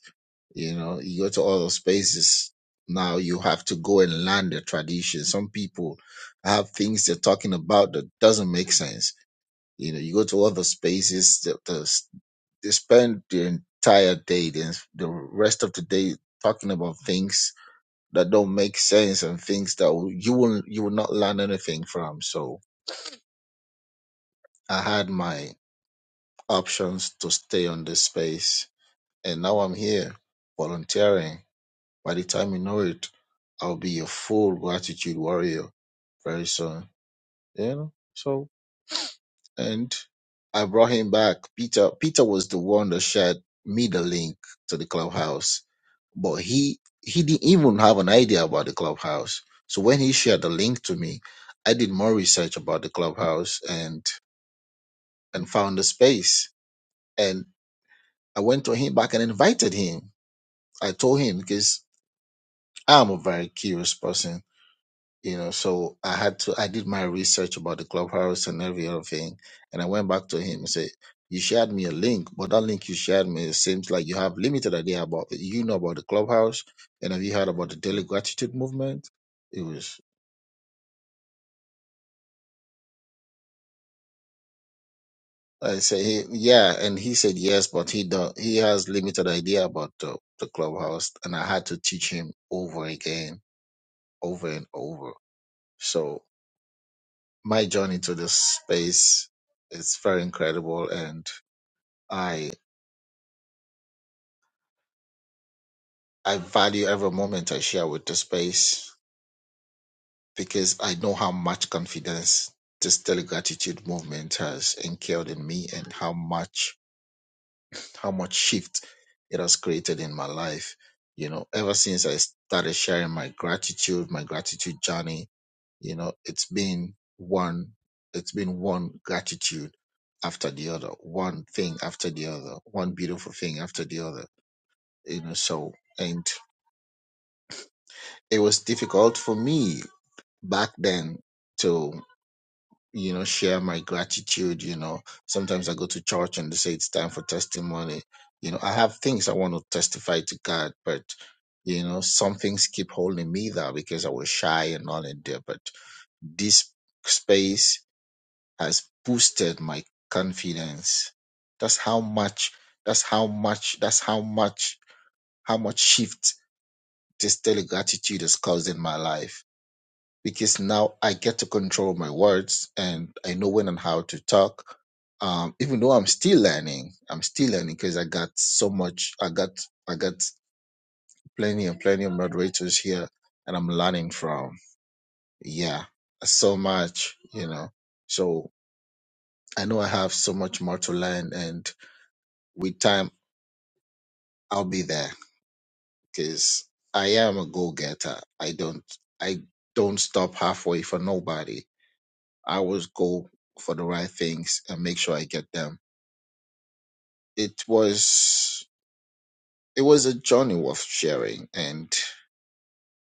[SPEAKER 7] You know, you go to all those spaces. Now you have to go and learn the tradition. Some people have things they're talking about that doesn't make sense. You know, you go to other spaces, the, the, they spend the entire day, the, the rest of the day talking about things that don't make sense and things that will- you will you will not learn anything from. So I had my options to stay on this space, and now I'm here volunteering. By the time you know it, I'll be a full gratitude warrior very soon. You know? So and I brought him back. Peter Peter was the one that shared me the link to the clubhouse. But he he didn't even have an idea about the clubhouse. So when he shared the link to me, I did more research about the clubhouse and and found the space. And I went to him back and invited him. I told him because I'm a very curious person you know so i had to i did my research about the clubhouse and every other thing and i went back to him and said you shared me a link but that link you shared me it seems like you have limited idea about you know about the clubhouse and have you heard about the daily gratitude movement it was i say "Hey, yeah and he said yes but he don't he has limited idea about the, the clubhouse and i had to teach him over again over and over so my journey to this space is very incredible and I. I value every moment I share with the space because I know how much confidence this daily gratitude movement has instilled in me and how much how much shift it has created in my life. You know, ever since I started sharing my gratitude, my gratitude journey, you know it's been one it's been one gratitude after the other one thing after the other one beautiful thing after the other you know so and it was difficult for me back then to you know share my gratitude you know sometimes i go to church and they say it's time for testimony you know i have things i want to testify to god but you know some things keep holding me there because i was shy and all in there but this space has boosted my confidence that's how much that's how much that's how much how much shift this daily gratitude has caused in my life because now I get to control my words and I know when and how to talk. Um, even though I'm still learning, I'm still learning because I got so much. I got I got plenty and plenty of moderators here, and I'm learning from. Yeah, so much, you know. So I know I have so much more to learn, and with time I'll be there because I am a go getter. I don't I don't stop halfway for nobody I always go for the right things and make sure I get them. It was it was a journey of sharing and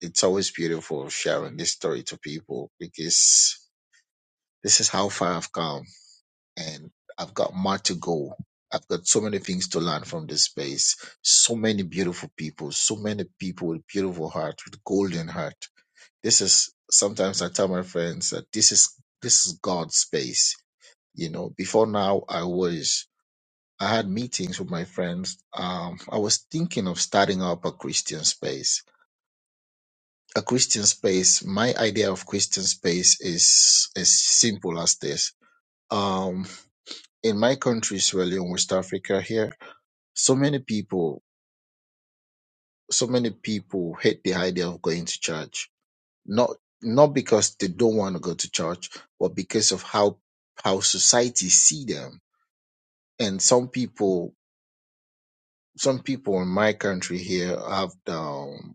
[SPEAKER 7] it's always beautiful sharing this story to people because this is how far I've come and I've got more to go. I've got so many things to learn from this space. So many beautiful people, so many people with beautiful heart, with golden heart. This is sometimes I tell my friends that this is this is God's space. You know, before now I was I had meetings with my friends. Um, I was thinking of starting up a Christian space. A Christian space, my idea of Christian space is as simple as this. Um, in my country, Sierra Leone, West Africa, here, so many people, so many people hate the idea of going to church. Not not because they don't want to go to church, but because of how how society see them. And some people, some people in my country here have the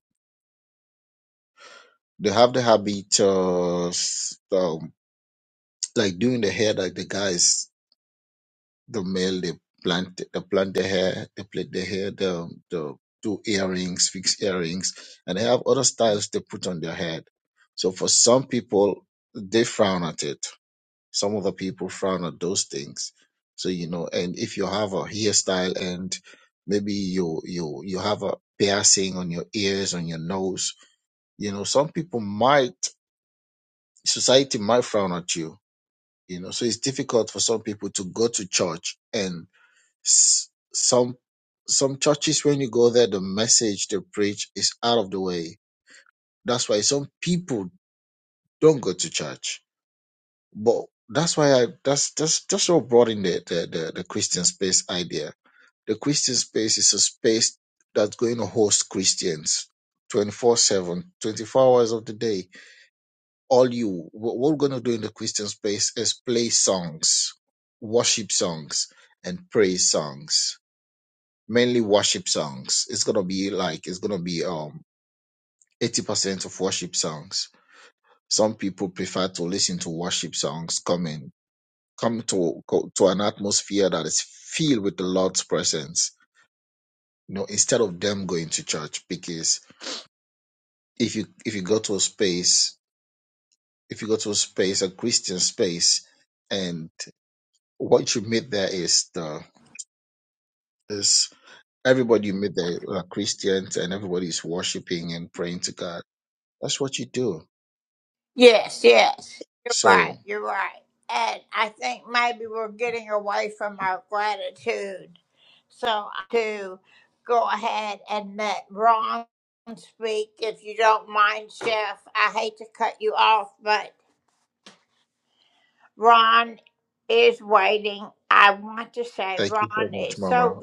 [SPEAKER 7] They have the habit of um, like doing the hair like the guys, the male, they plant they plant their hair, they plait their hair, the the do earrings, fix earrings, and they have other styles they put on their head. So for some people, they frown at it. Some other people frown at those things. So you know, and if you have a hairstyle and maybe you you you have a piercing on your ears, on your nose, you know, some people might society might frown at you you know so it's difficult for some people to go to church and s- some some churches when you go there the message they preach is out of the way that's why some people don't go to church but that's why i that's that's that's what brought in the the, the, the christian space idea the christian space is a space that's going to host christians 24 7, 24 hours of the day all you what we're going to do in the christian space is play songs worship songs and praise songs mainly worship songs it's going to be like it's going to be um 80% of worship songs some people prefer to listen to worship songs coming come in- come to go to an atmosphere that is filled with the lord's presence you know instead of them going to church because if you if you go to a space if you go to a space a christian space and what you meet there is the is everybody you meet there are Christians and everybody is worshiping and praying to God. That's what you do. So thank you so much, Mama.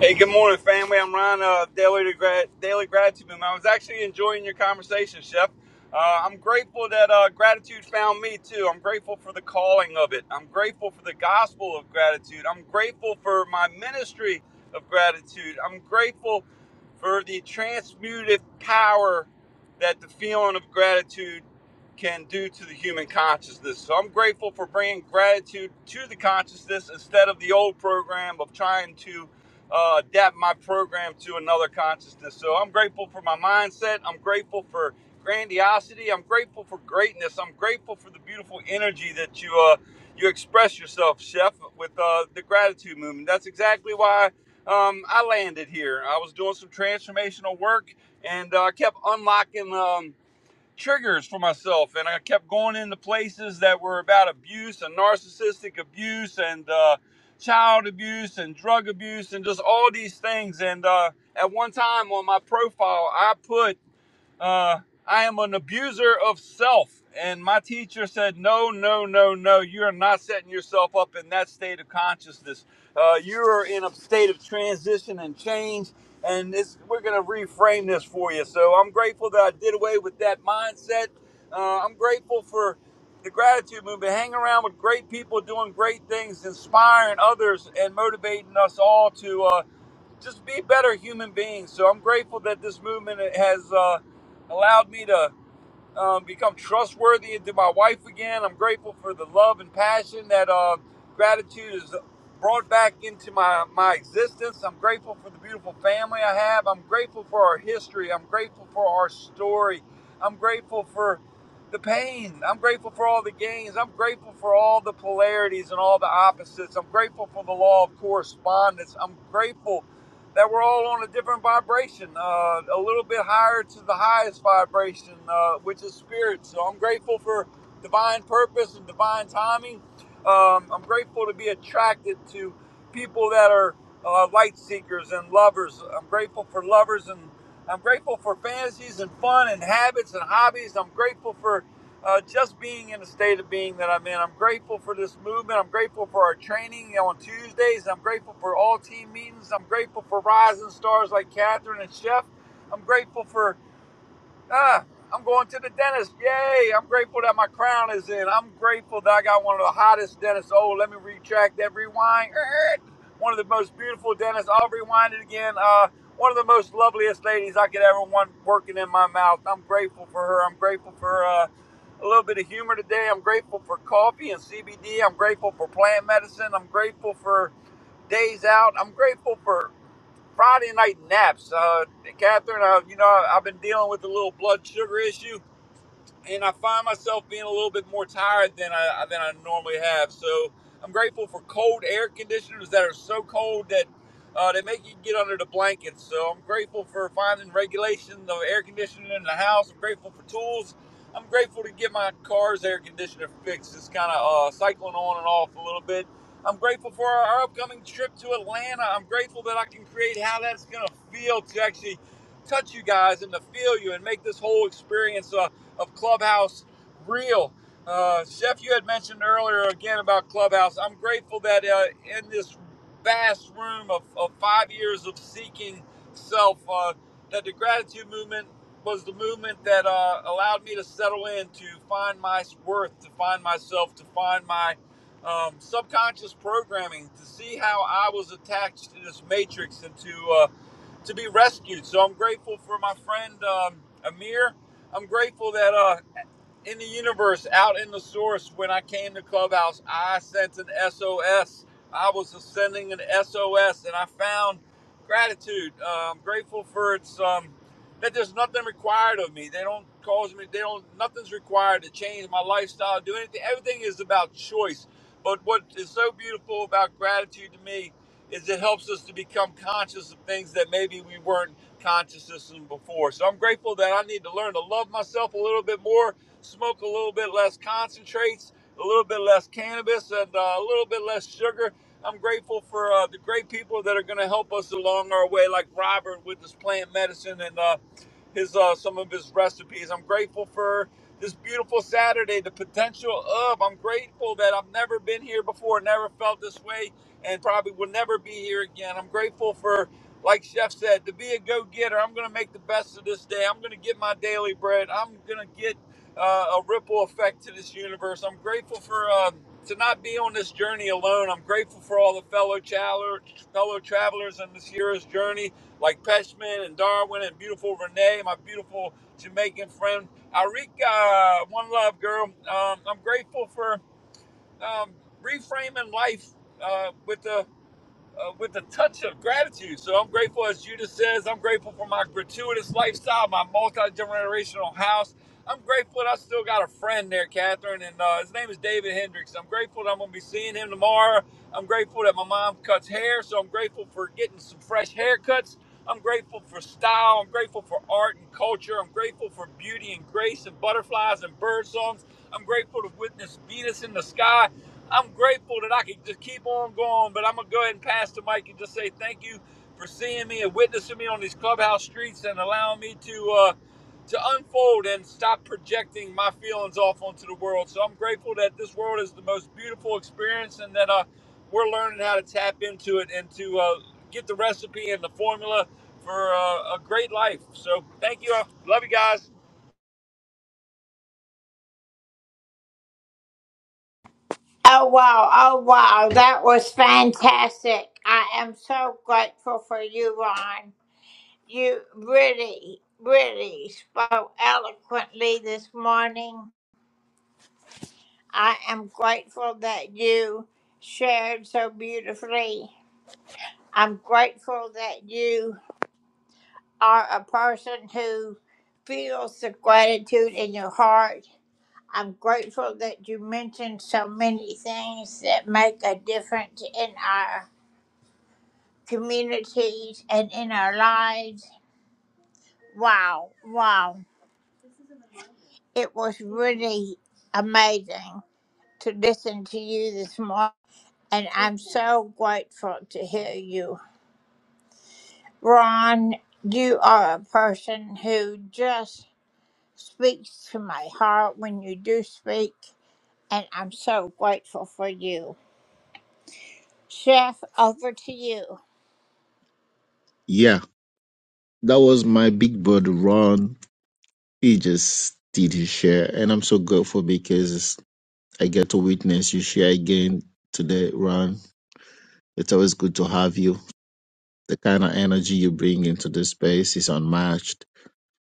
[SPEAKER 15] Hey, good morning, family. I'm Ryan, uh, Daily, to Gra- Daily Gratitude Movement. I was actually enjoying your conversation, Chef. Uh, I'm grateful that uh, gratitude found me, too. I'm grateful for the calling of it. I'm grateful for the gospel of gratitude. I'm grateful for my ministry of gratitude. I'm grateful for the transmutive power that the feeling of gratitude can do to the human consciousness. So I'm grateful for bringing gratitude to the consciousness instead of the old program of trying to uh, adapt my program to another consciousness. So I'm grateful for my mindset. I'm grateful for grandiosity. I'm grateful for greatness. I'm grateful for the beautiful energy that you uh, you express yourself, Chef, with uh, the gratitude movement. That's exactly why um, I landed here. I was doing some transformational work, and uh, I uh, kept unlocking. Um, triggers for myself, and I kept going into places that were about abuse and narcissistic abuse and uh, child abuse and drug abuse and just all these things. And uh, at one time on my profile, I put uh, I am an abuser of self. And my teacher said, No, no, no, no. You are not setting yourself up in that state of consciousness. Uh, you are in a state of transition and change. And it's, we're going to reframe this for you. So I'm grateful that I did away with that mindset. Uh, I'm grateful for the gratitude movement. Hang around with great people doing great things, inspiring others, and motivating us all to. uh, just be better human beings. So I'm grateful that this movement has uh, allowed me to um, become trustworthy to my wife again. I'm grateful for the love and passion that uh, gratitude has brought back into my, my existence. I'm grateful for the beautiful family I have. I'm grateful for our history. I'm grateful for our story. I'm grateful for the pain. I'm grateful for all the gains. I'm grateful for all the polarities and all the opposites. I'm grateful for the law of correspondence. I'm grateful that we're all on a different vibration, uh, a little bit higher to the highest vibration, uh, which is spirit. So I'm grateful for divine purpose and divine timing. Um, I'm grateful to be attracted to people that are uh, light seekers and lovers. I'm grateful for lovers and. I'm grateful for fantasies and fun and habits and hobbies. I'm grateful for uh, just being in the state of being that I'm in. I'm grateful for this movement. I'm grateful for our training on Tuesdays. I'm grateful for all team meetings. I'm grateful for rising stars like Catherine and Chef. I'm grateful for Ah, I'm going to the dentist. Yay! I'm grateful that my crown is in. I'm grateful that I got one of the hottest dentists. Oh, let me retract that rewind. Er, One of the most beautiful dentists. I'll rewind it again. Uh, one of the most loveliest ladies I could ever want working in my mouth. I'm grateful for her. I'm grateful for uh, a little bit of humor today. I'm grateful for coffee and CBD. I'm grateful for plant medicine. I'm grateful for days out. I'm grateful for Friday night naps. Uh, Catherine, uh, you know, I've been dealing with a little blood sugar issue and I find myself being a little bit more tired than I than I normally have. So I'm grateful for cold air conditioners that are so cold that uh, they make you get under the blankets. So I'm grateful for finding regulation of air conditioning in the house. I'm grateful for tools. I'm grateful to get my car's air conditioner fixed. It's kind of uh, cycling on and off a little bit. I'm grateful for our, our upcoming trip to Atlanta. I'm grateful that I can create how that's going to feel to actually touch you guys and to feel you and make this whole experience. uh, of Clubhouse Real. Uh, Chef, you had mentioned earlier again about Clubhouse. I'm grateful that uh, in this vast room of, of five years of seeking self, uh, that the gratitude movement was the movement that uh, allowed me to settle in, to find my worth, to find myself, to find my um, subconscious programming, to see how I was attached to this matrix and to. uh, to be rescued. So I'm grateful for my friend um, Amir. I'm grateful that uh, in the universe, out in the source, when I came to Clubhouse, I sent an SOS. I was sending an SOS, and I found gratitude. Uh, I'm grateful for its um, that there's nothing required of me. They don't cause me. They don't. Nothing's required to change my lifestyle. Do anything. Everything is about choice. But what is so beautiful about gratitude to me is it helps us to become conscious of things that maybe we weren't conscious of before. So I'm grateful that I need to learn to love myself a little bit more smoke a little bit less concentrates, a little bit less cannabis, and uh, a little bit less sugar. I'm grateful for uh, the great people that are going to help us along our way, like Robert with his plant medicine and uh, his uh, some of his recipes. I'm grateful for this beautiful Saturday, the potential of. I'm grateful that I've never been here before, never felt this way, and probably will never be here again. I'm grateful for, like Chef said, to be a go getter. I'm going to make the best of this day. I'm going to get my daily bread. I'm going to get uh, a ripple effect to this universe. I'm grateful for uh, to not be on this journey alone. I'm grateful for all the fellow traveler, fellow travelers in this hero's journey, like Peshman and Darwin and beautiful Renee, my beautiful Jamaican friend Arika. One love, girl. Um, I'm grateful for um, reframing life uh, with the uh, with a touch of gratitude. So I'm grateful, as Judith says, I'm grateful for my gratuitous lifestyle, my multi generational house. I'm grateful that I still got a friend there, Catherine, and uh, his name is David Hendricks. I'm grateful that I'm going to be seeing him tomorrow. I'm grateful that my mom cuts hair, so I'm grateful for getting some fresh haircuts. I'm grateful for style. I'm grateful for art and culture. I'm grateful for beauty and grace and butterflies and bird songs. I'm grateful to witness Venus in the sky. I'm grateful that I can just keep on going, but I'm gonna go ahead and pass the mic and just say thank you for seeing me and witnessing me on these clubhouse streets and allowing me to uh, to unfold and stop projecting my feelings off onto the world. So I'm grateful that this world is the most beautiful experience and that uh, we're learning how to tap into it and to uh, get the recipe and the formula for uh, a great life. So thank you. Love you guys.
[SPEAKER 7] Yeah, that was my big brother Ron. He just did his share, and I'm so grateful because I get to witness you share again today, Ron. It's always good to have you. The kind of energy you bring into this space is unmatched.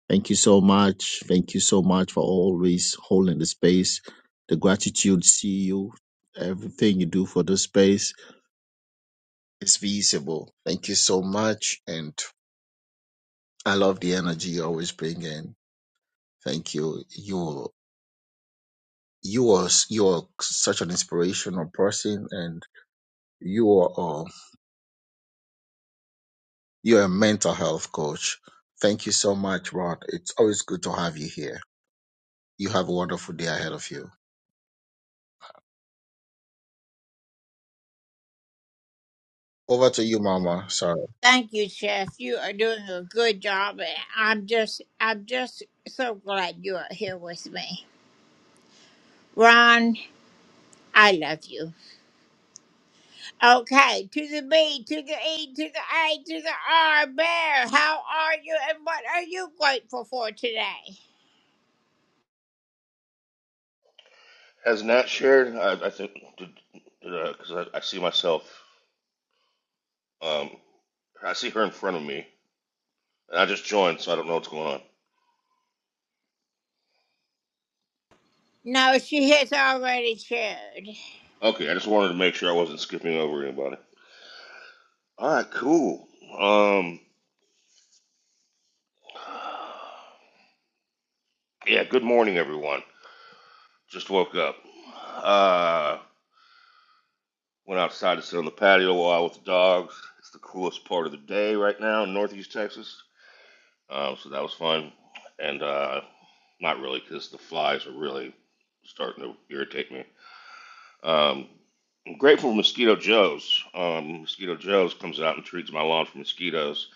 [SPEAKER 7] Thank you so much. Thank you so much for always holding the space. The gratitude, see you. Everything you do for this space is visible. Thank you so much. And I love the energy you always bring in. Thank you. You, you are, you are such an inspirational person and you are, uh, you're a mental health coach. Thank you so much, Rod. It's always good to have you here. You have a wonderful day ahead of you. Over to you, Mama. Sorry.
[SPEAKER 16] has Nat shared? I, I think because uh, I, I see myself. Um, I see her in front of me, and I just joined, so I don't know what's going on. Okay, I just wanted to make sure I wasn't skipping over anybody. All right, cool. Um, yeah. Good morning, everyone. Just woke up. Uh, went outside to sit on the patio a while with the dogs. It's the coolest part of the day right now in Northeast Texas. Um, so that was fun, and uh, not really because the flies are really starting to irritate me. Um, I'm grateful for Mosquito Joe's. Um, Mosquito Joe's comes out and treats my lawn for mosquitoes.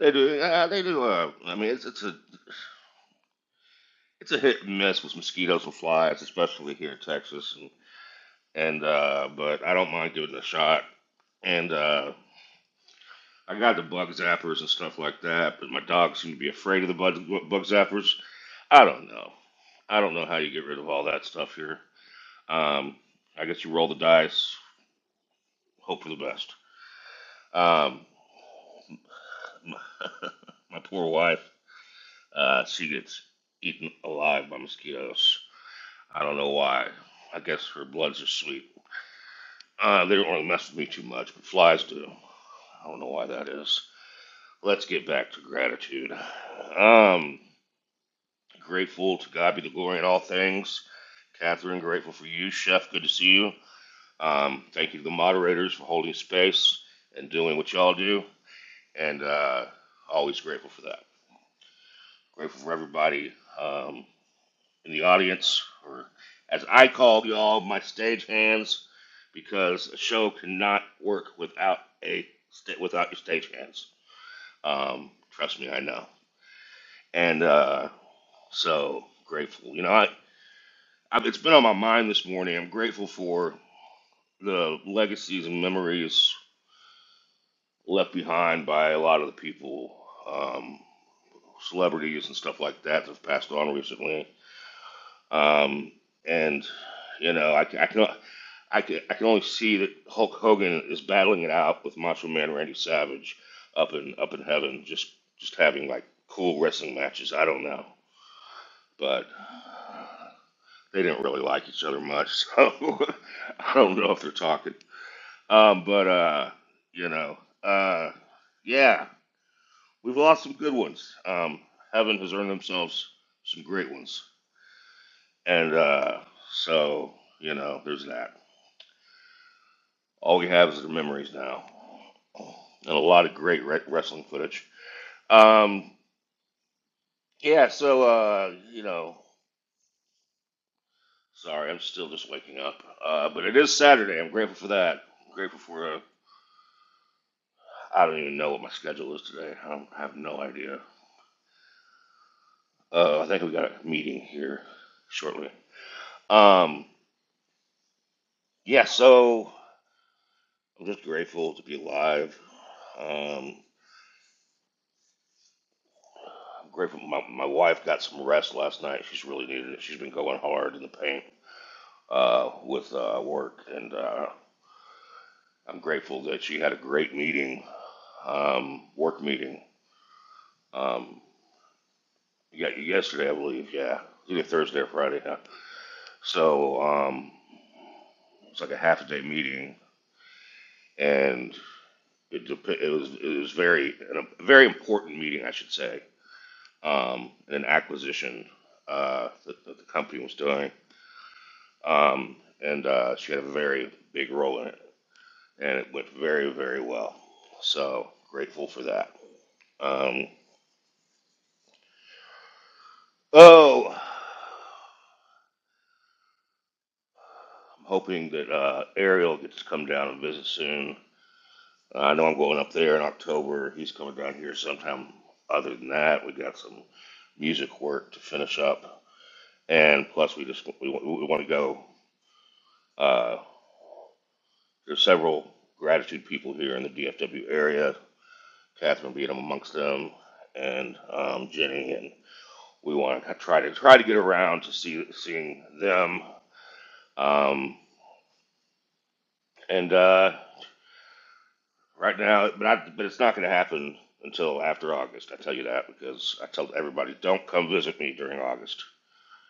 [SPEAKER 16] They do. Uh, they do. Uh, I mean, it's it's a it's a hit and miss with mosquitoes and flies, especially here in Texas. And and uh, but I don't mind giving it a shot. And uh, I got the bug zappers and stuff like that, but my dogs seem to be afraid of the bug, bug zappers. I don't know. I don't know how you get rid of all that stuff here. Um, I guess you roll the dice, hope for the best. Um, my poor wife, uh, she gets eaten alive by mosquitoes. I don't know why. I guess her bloods are sweet. Uh, they don't really mess with me too much, but flies do. I don't know why that is. Let's get back to gratitude. Um, grateful to God be the glory in all things. Catherine, grateful for you. Chef, good to see you. Um, thank you to the moderators for holding space and doing what y'all do, and uh, always grateful for that. Grateful for everybody um, in the audience, or as I call y'all, my stage hands, because a show cannot work without a sta- without your stage hands. Um, trust me, I know. And uh, so grateful. You know, I, I it's been on my mind this morning. I'm grateful for the legacies and memories left behind by a lot of the people, um, celebrities and stuff like that that have passed on recently. Um, and you know, I, I can I can I can only see that Hulk Hogan is battling it out with Macho Man Randy Savage up in up in heaven, just just having like cool wrestling matches. I don't know, but they didn't really like each other much, so I don't know if they're talking. Um, but uh, you know, uh, yeah. We've lost some good ones. Um, Heaven has earned themselves some great ones. And uh, so, you know, there's that. All we have is the memories now. And a lot of great re- wrestling footage. Um, yeah, so, uh, you know, sorry, I'm still just waking up. Uh, but it is Saturday. I'm grateful for that. I'm grateful for, uh, I don't even know what my schedule is today. I, don't, I have no idea. Uh, I think we got a meeting here shortly. Um, yeah, so I'm just grateful to be alive. Um, I'm grateful my, my wife got some rest last night. She's really needed it. She's been going hard in the paint uh, with uh, work, and uh, I'm grateful that she had a great meeting, um, work meeting. Um, yeah, yesterday I believe. Yeah, either Thursday or Friday. Yeah. So um, it's like a half a day meeting, and it dep- it was it was very a very important meeting, I should say um, in an acquisition uh, that, that the company was doing, um, and uh, she had a very big role in it, and it went very, very well. So grateful for that. Um, oh, I'm hoping that uh, Ariel gets to come down and visit soon. Uh, I know I'm going up there in October. He's coming down here sometime. Other than that, we got some music work to finish up, and plus we just we, we, we want to go. Uh, There's several gratitude people here in the DFW area, Catherine being amongst them, and um, Jenny, and we want to try to try to get around to see seeing them. Um, and uh, right now, but, I, but it's not going to happen until after August. I tell you that because I tell everybody, don't come visit me during August.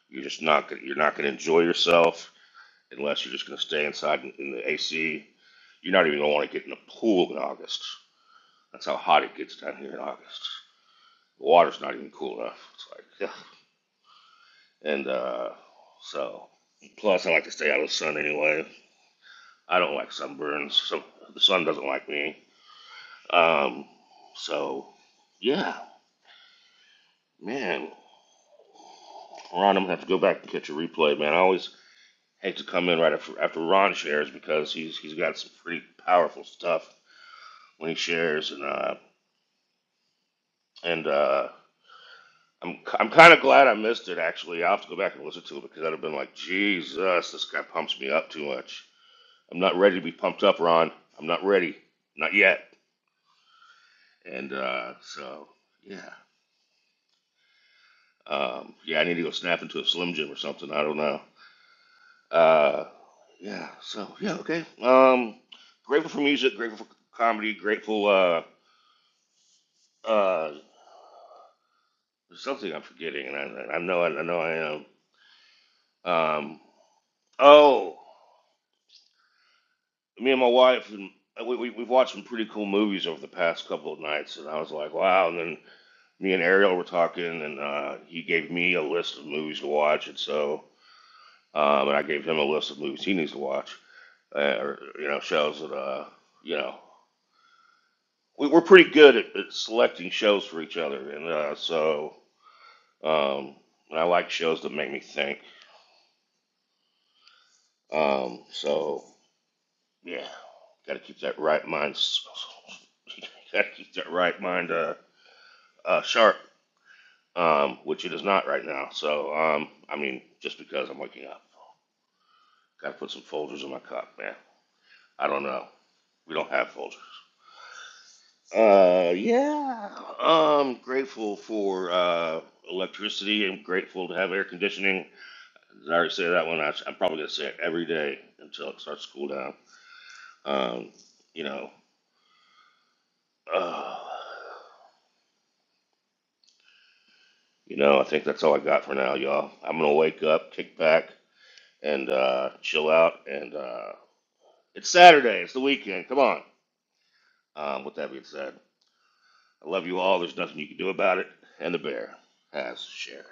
[SPEAKER 16] You're just not gonna, you're not going to enjoy yourself unless you're just going to stay inside in, in the AC. You're not even going to want to get in the pool in August. That's how hot it gets down here in August. The water's not even cool enough. It's like, ugh. and uh, so plus I like to stay out of the sun anyway. I don't like sunburns. So the sun doesn't like me. Um, so yeah, man, Ron, I'm gonna have to go back and catch a replay, man. I always hate to come in right after, after Ron shares because he's he's got some pretty powerful stuff when he shares, and uh, and uh, I'm I'm kind of glad I missed it. Actually, I'll have to go back and listen to it because I'd have been like, Jesus, this guy pumps me up too much. I'm not ready to be pumped up, Ron. I'm not ready, not yet. And uh, so, yeah, um, yeah, I need to go snap into a Slim Jim or something. I don't know. Uh, yeah. So yeah, okay. Um, grateful for music, grateful for comedy, grateful. Uh, uh, there's something I'm forgetting, and I, I know I, know I am. Um, oh. me and my wife and we, we we've watched some pretty cool movies over the past couple of nights, and I was like, wow. And then me and Ariel were talking, and uh, he gave me a list of movies to watch, and so um, and I gave him a list of movies he needs to watch, uh, or you know shows that uh you know we, we're pretty good at, at selecting shows for each other, and uh, so um, and I like shows that make me think. Um, so yeah, got to keep that right mind. Got to keep that right mind. Uh, uh, sharp, um, which it is not right now. So, um, I mean, just because I'm waking up, gotta put some folders in my cup, man. I don't know. We don't have folders. Uh, yeah. I'm grateful for uh, electricity. I'm grateful to have air conditioning. Did I already say that one? I, I'm probably gonna say it every day until it starts to cool down. Um, you know. Uh, you know, I think that's all I got for now, y'all. I'm gonna wake up, kick back, and uh, chill out, and. Uh, It's Saturday. It's the weekend. Come on. Um, with that being said, I love you all. There's nothing you can do about it. And the bear has shared.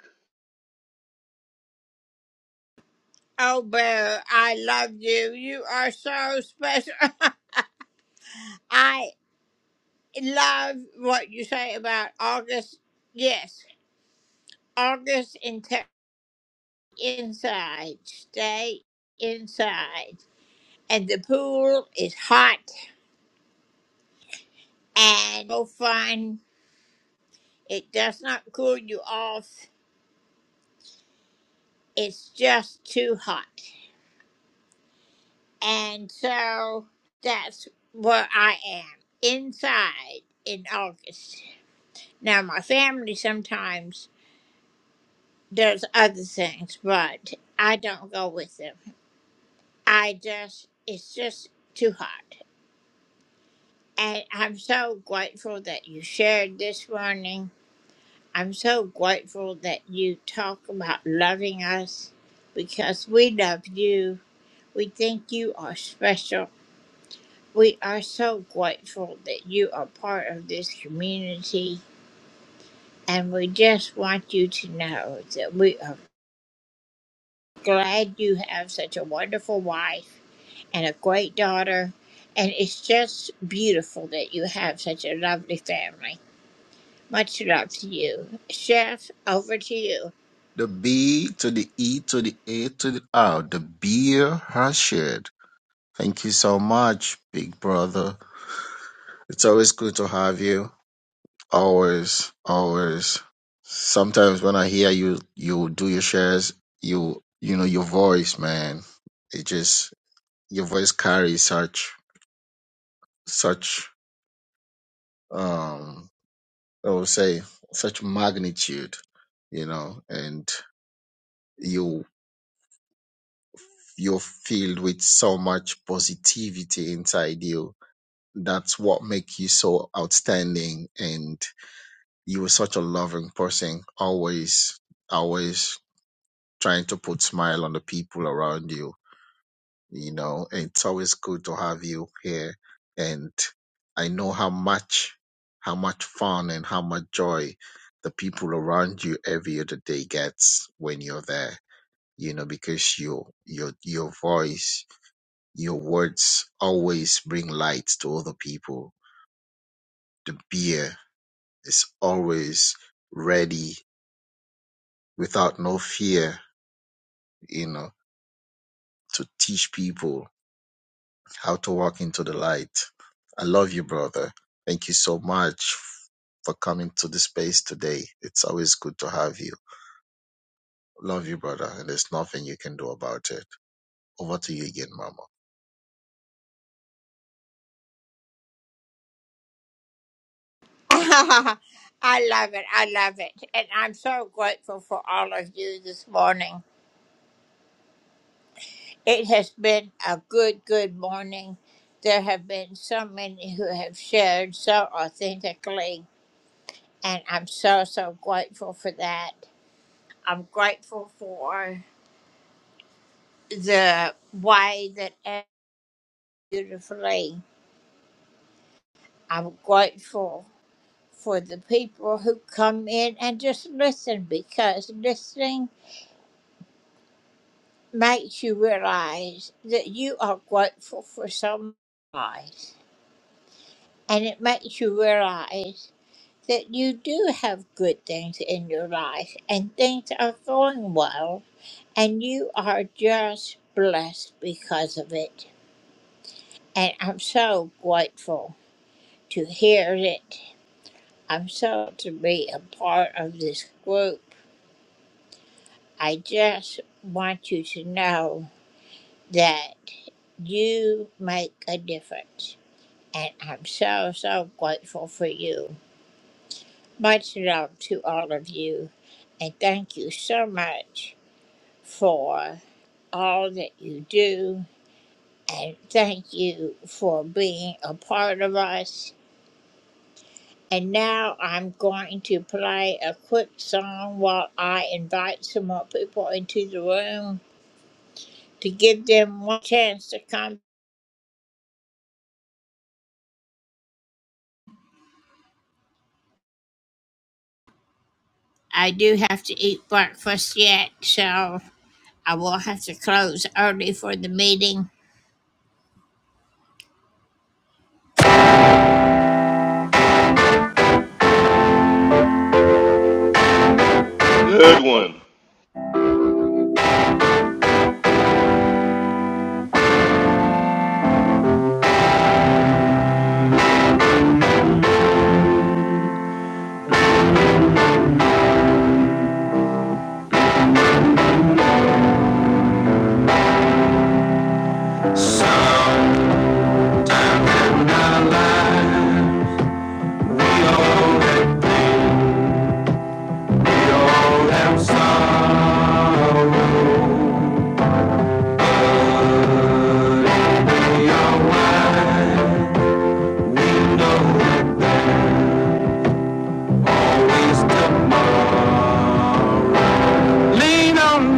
[SPEAKER 7] The B to the E to the A to the R. The beer has shared. Thank you so much, big brother. It's always good to have you. Always, always. Sometimes when I hear you, you do your shares, you, you know, your voice, man. It just, your voice carries such, such, um, I would say, such magnitude, you know, and you. you're filled with so much positivity inside you. That's what makes you so outstanding. And you are such a loving person, always, always trying to put smile on the people around you. You know, it's always good to have you here. And I know how much, how much fun and how much joy the people around you every other day gets when you're there. You know, because your your your voice your words always bring light to other people. The beer is always ready without no fear, you know, to teach people how to walk into the light. I love you, brother. Thank you so much for coming to the space today. It's always good to have you. Love you, brother, and there's nothing you can do about it. Over to you again, Mama.
[SPEAKER 16] Good one.
[SPEAKER 1] Lean on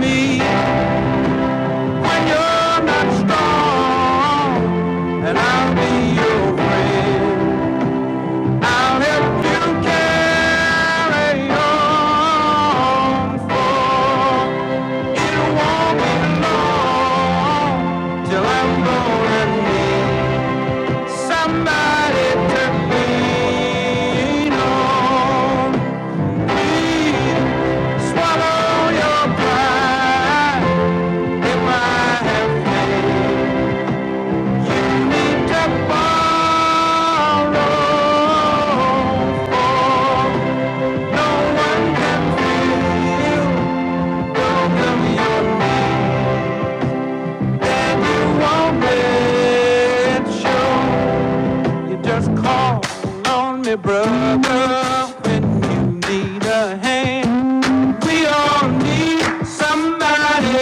[SPEAKER 1] me when you're not strong, and I'll be your friend. I'll help you carry on for Till I'm gone and need somebody to lean on. Please swallow your pride. If I have failed, you need to borrow. For no one can feel both of your needs. Then you won't let show. You just call on me, brother, when you need a hand. We all need somebody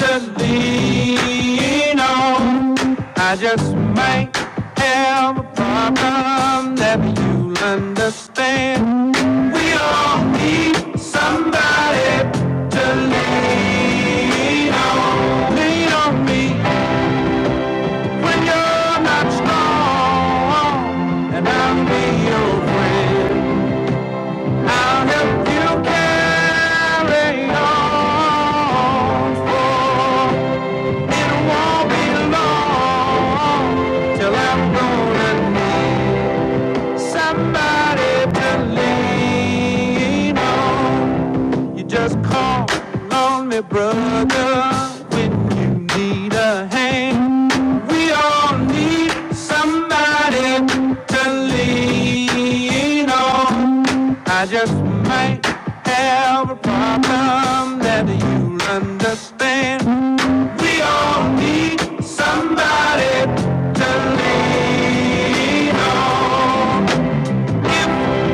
[SPEAKER 1] to lean on. I just might have a problem that you'll understand. We all need somebody to lean on. Lean on me when you're not strong. And I'll be your friend. I'll help you carry on. For it won't be long till I'm gonna need somebody to lean on. You just call on me, brother, when you need a hand. We all need somebody to lean on. I just might have a problem that you'll understand. We all need somebody to lean on. If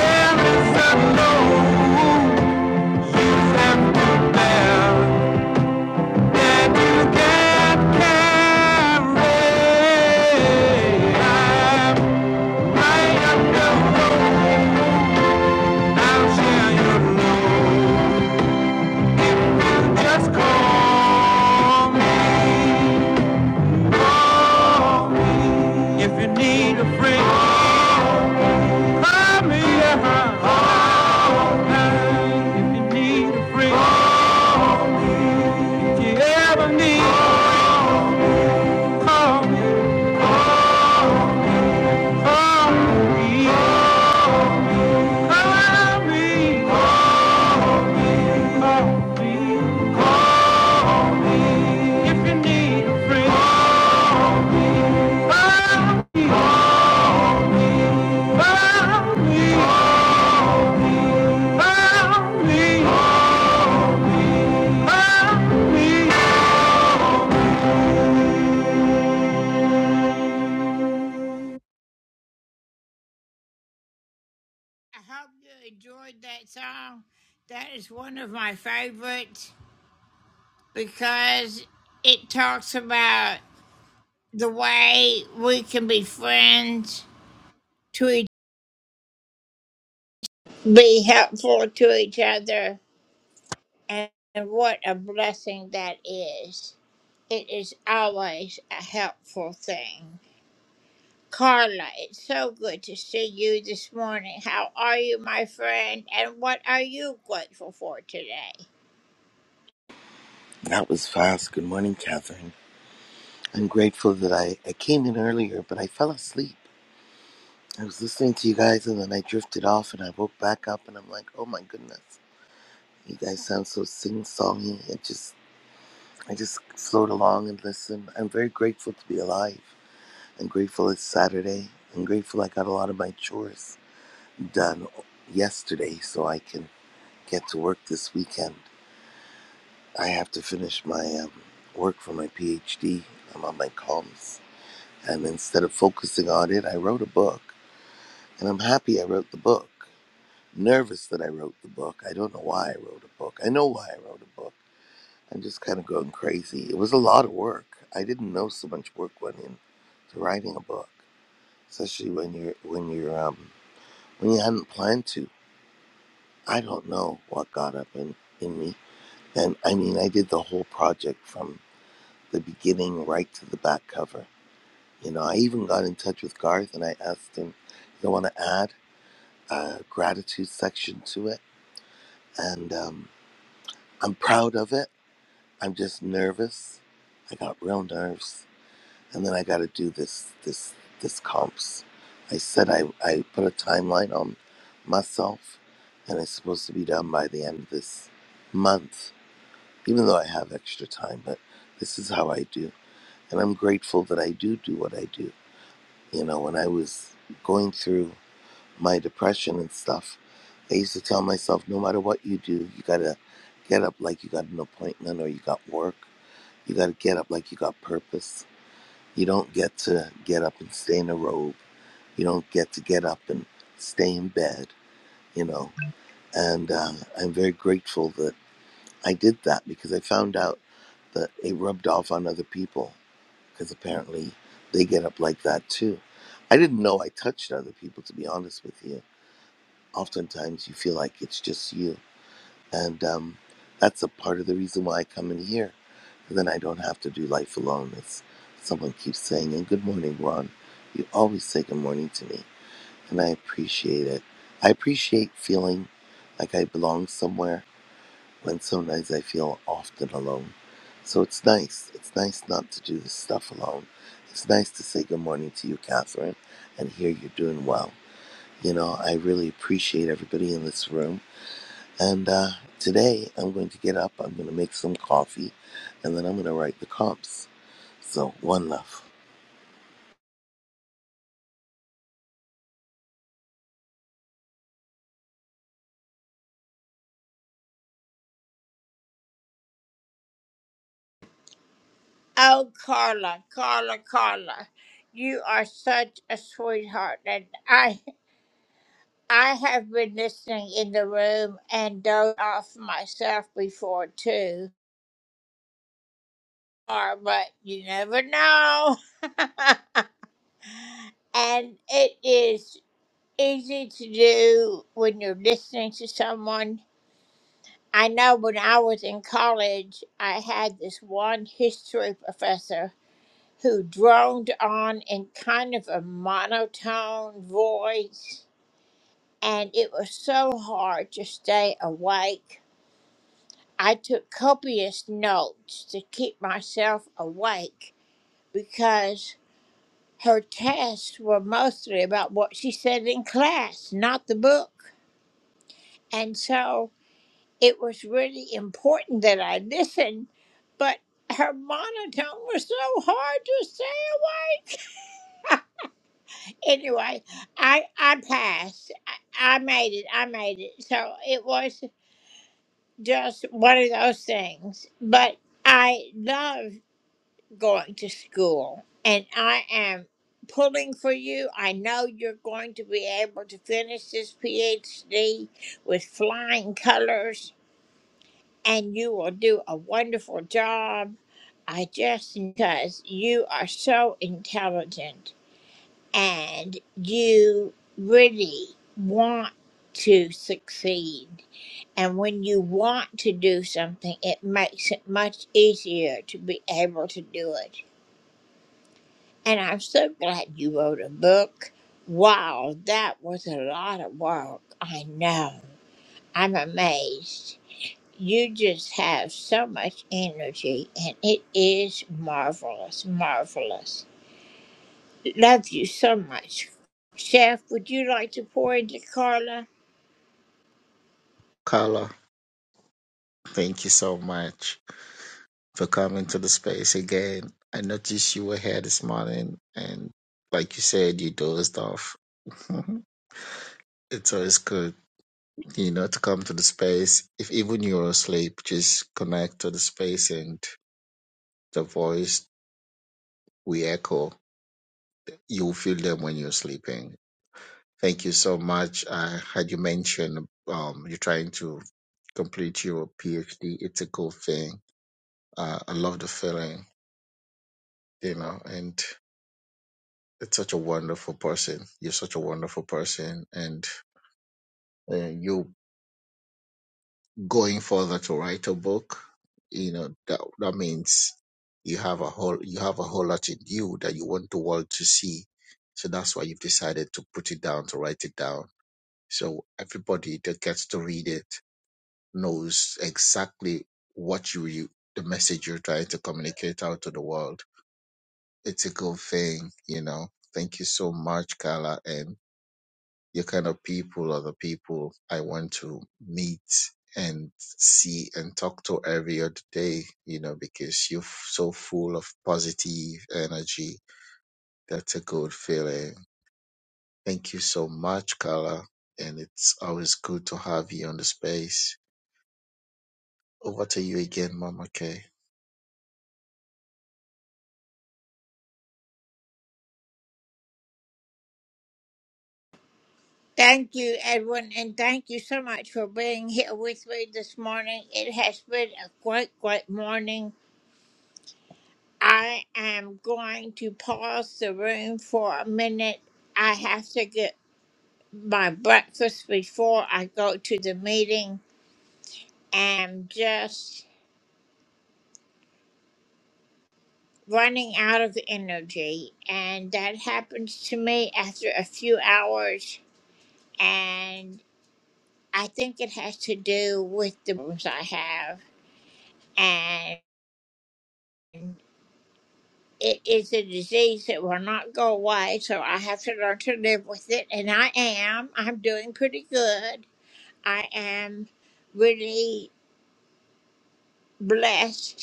[SPEAKER 1] there is a load if you need a friend, call me If you need a friend, if you ever need, call me, call me. Call me, call me, call me if you need a friend. Call me, call me, call me, me.
[SPEAKER 17] That was fast. Good morning, Catherine. I'm grateful that I, I came in earlier, but I fell asleep. I was listening to you guys and then I drifted off and I woke back up and I'm like, oh my goodness. You guys sound so sing songy. It just I just float along and listen. I'm very grateful to be alive. I'm grateful it's Saturday. I'm grateful I got a lot of my chores done yesterday so I can get to work this weekend. I have to finish my um, work for my PhD. I'm on my comms And instead of focusing on it, I wrote a book. And I'm happy I wrote the book. Nervous that I wrote the book. I don't know why I wrote a book. I know why I wrote a book. I'm just kind of going crazy. It was a lot of work. I didn't know so much work went into writing a book, especially when you're when you're um when you hadn't planned to. I don't know what got up in, in me. And I mean, I did the whole project from the beginning right to the back cover. You know, I even got in touch with Garth and I asked him, "You want to add?" uh, gratitude section to it, and um, I'm proud of it. I'm just nervous. I got real nerves, and then I got to do this this this comps. I said I I put a timeline on myself, and it's supposed to be done by the end of this month. Even though I have extra time, but this is how I do, and I'm grateful that I do do what I do. You know, when I was going through my depression and stuff, I used to tell myself, no matter what you do, you gotta get up like you got an appointment or you got work. You gotta get up like you got purpose. You don't get to get up and stay in a robe. You don't get to get up and stay in bed, you know. And uh, I'm very grateful that I did that because I found out that it rubbed off on other people because apparently they get up like that too. I didn't know I touched other people, to be honest with you oftentimes you feel like it's just you. And um, that's a part of the reason why I come in here. And then I don't have to do life alone, as someone keeps saying. And good morning, Ron. You always say good morning to me, and I appreciate it. I appreciate feeling like I belong somewhere when sometimes I feel often alone. So it's nice. It's nice not to do this stuff alone. It's nice to say good morning to you, Catherine, and hear you're doing well. You know, I really appreciate everybody in this room and uh, today I'm going to get up, I'm going to make some coffee, and then I'm going to write the comps. So, one love.
[SPEAKER 7] Carla, thank you so much. for coming to the space again. I noticed you were here this morning, and like you said, you dozed off. it's always good, you know, to come to the space. If even you're asleep, just connect to the space and the voice we echo. You'll feel them when you're sleeping. Thank you so much. I had you mentioned um, you're trying to complete your PhD. It's a cool thing. Uh, I love the feeling, you know, and it's such a wonderful person. You're such a wonderful person, and uh, you going further to write a book. You know that that means you have a whole you have a whole lot in you that you want the world to see. So that's why you've decided to put it down to write it down. So everybody that gets to read it knows exactly what you, you the message you're trying to communicate out to the world. It's a good thing, you know. Thank you so much, Carla, and Your kind of people are the people I want to meet and see and talk to every other day, you know, because you're f- so full of positive energy. That's a good feeling. Thank you so much, Carla. And it's always good to have you on the space. Over to you again, Mama Kay.